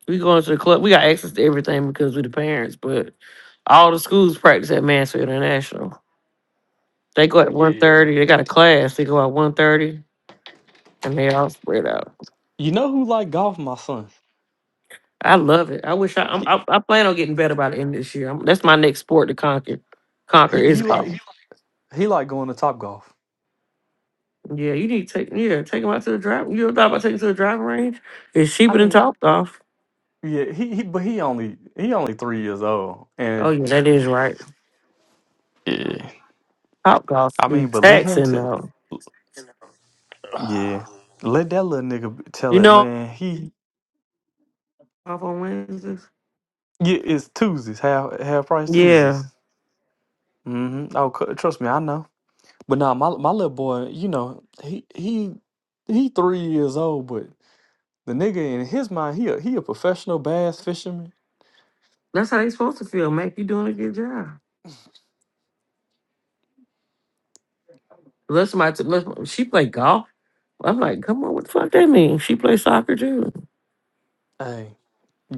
S15: we go into the club. We got access to everything because we're the parents, but all the schools practice at Mansfield International. They go at one
S9: Yeah.
S15: thirty. They got a class. They go at one thirty, and they all spread out.
S9: You know who like golf? My son.
S15: I love it. I wish I I'm,
S9: He
S15: I I plan on getting better by the end of this year. i that's my next sport to conquer. Conquer
S9: he
S15: is
S9: he
S15: golf.
S9: like he like going to Top Golf.
S15: Yeah, you need to take yeah, take him out to the drive. You ever thought about taking to the driving range? It's
S9: I
S15: cheaper than
S9: mean,
S15: Top Golf.
S9: yeah, he, he but he only he only three years old,
S15: Oh
S9: and
S15: yeah, that is right.
S9: yeah,
S15: Top Golf
S9: I
S15: be
S9: mean, but let him
S15: taxing
S9: tell.
S15: though.
S9: Yeah, let that little nigga b- tell
S15: You
S9: it,
S15: know
S9: man. He
S15: off on Wednesdays.
S9: yeah, it's Tuesdays, half half price
S15: Yeah,
S9: Tuesdays. hmm Oh, cu- trust me, I know. But nah, my my little boy, you know, he he he three years old, but The nigga in his mind, he a, he a professional bass fisherman.
S15: that's how they supposed to feel. Mac, you doing a good job. Unless somebody, t- unless she play golf, I'm like, come on, what the fuck that mean? She play soccer too
S9: Hey,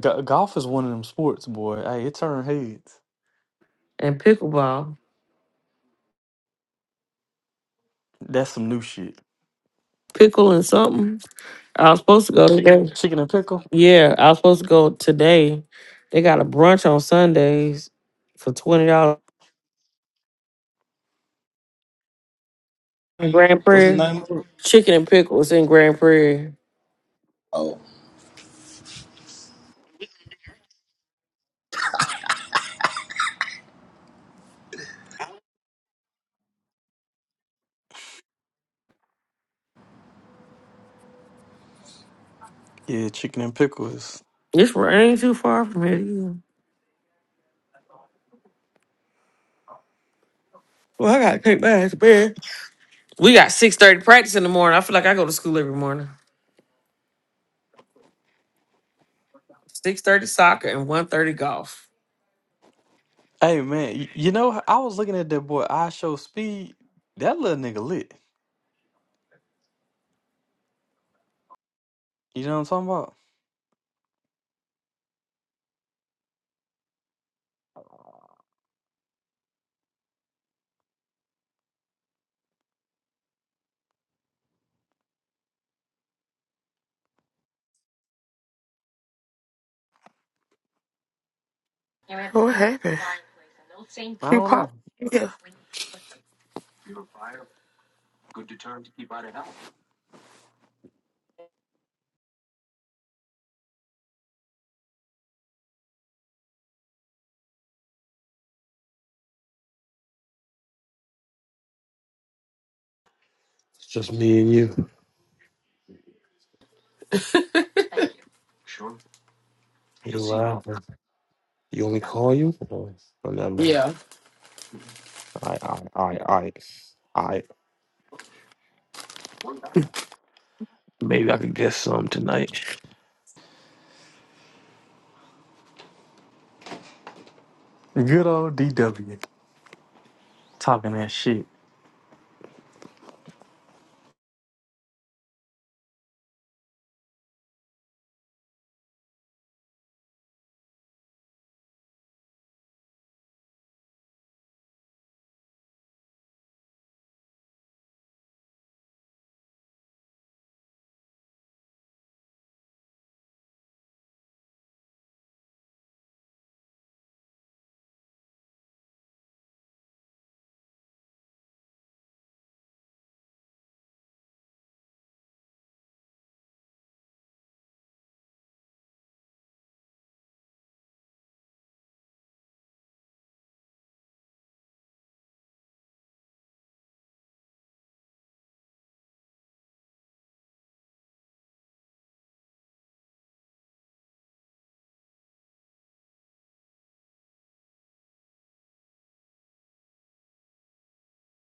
S9: go- golf is one of them sports, boy. Hey, it turn heads.
S15: and pickleball,
S9: That's some new shit.
S15: pickle and something. I was supposed to go today.
S9: Chicken and pickle.
S15: Yeah, I was supposed to go today. They got a brunch on Sundays for twenty dollars. in Grand
S24: What's the
S15: Prairie.
S24: name of it?
S15: Chicken and pickles in Grand Prairie.
S24: Oh.
S9: Yeah, chicken and pickles.
S15: This one ain't too far from here. either. Well, I gotta take my ass to bed. We got six thirty practice in the morning. I feel like I go to school every morning. Six thirty soccer and one thirty golf.
S9: Hey man, y- you know I was looking at that boy. I show speed. That little nigga lit. You know what I'm talking about?
S7: What happened?
S9: I
S7: You
S9: don't
S7: popped.
S9: know.
S7: Yeah.
S2: It's just me and you. You laughing. You want me to call you? Oh, never mind.
S7: Yeah.
S2: I, I, I, I. Maybe I could get some tonight.
S9: Good old DW talking that shit.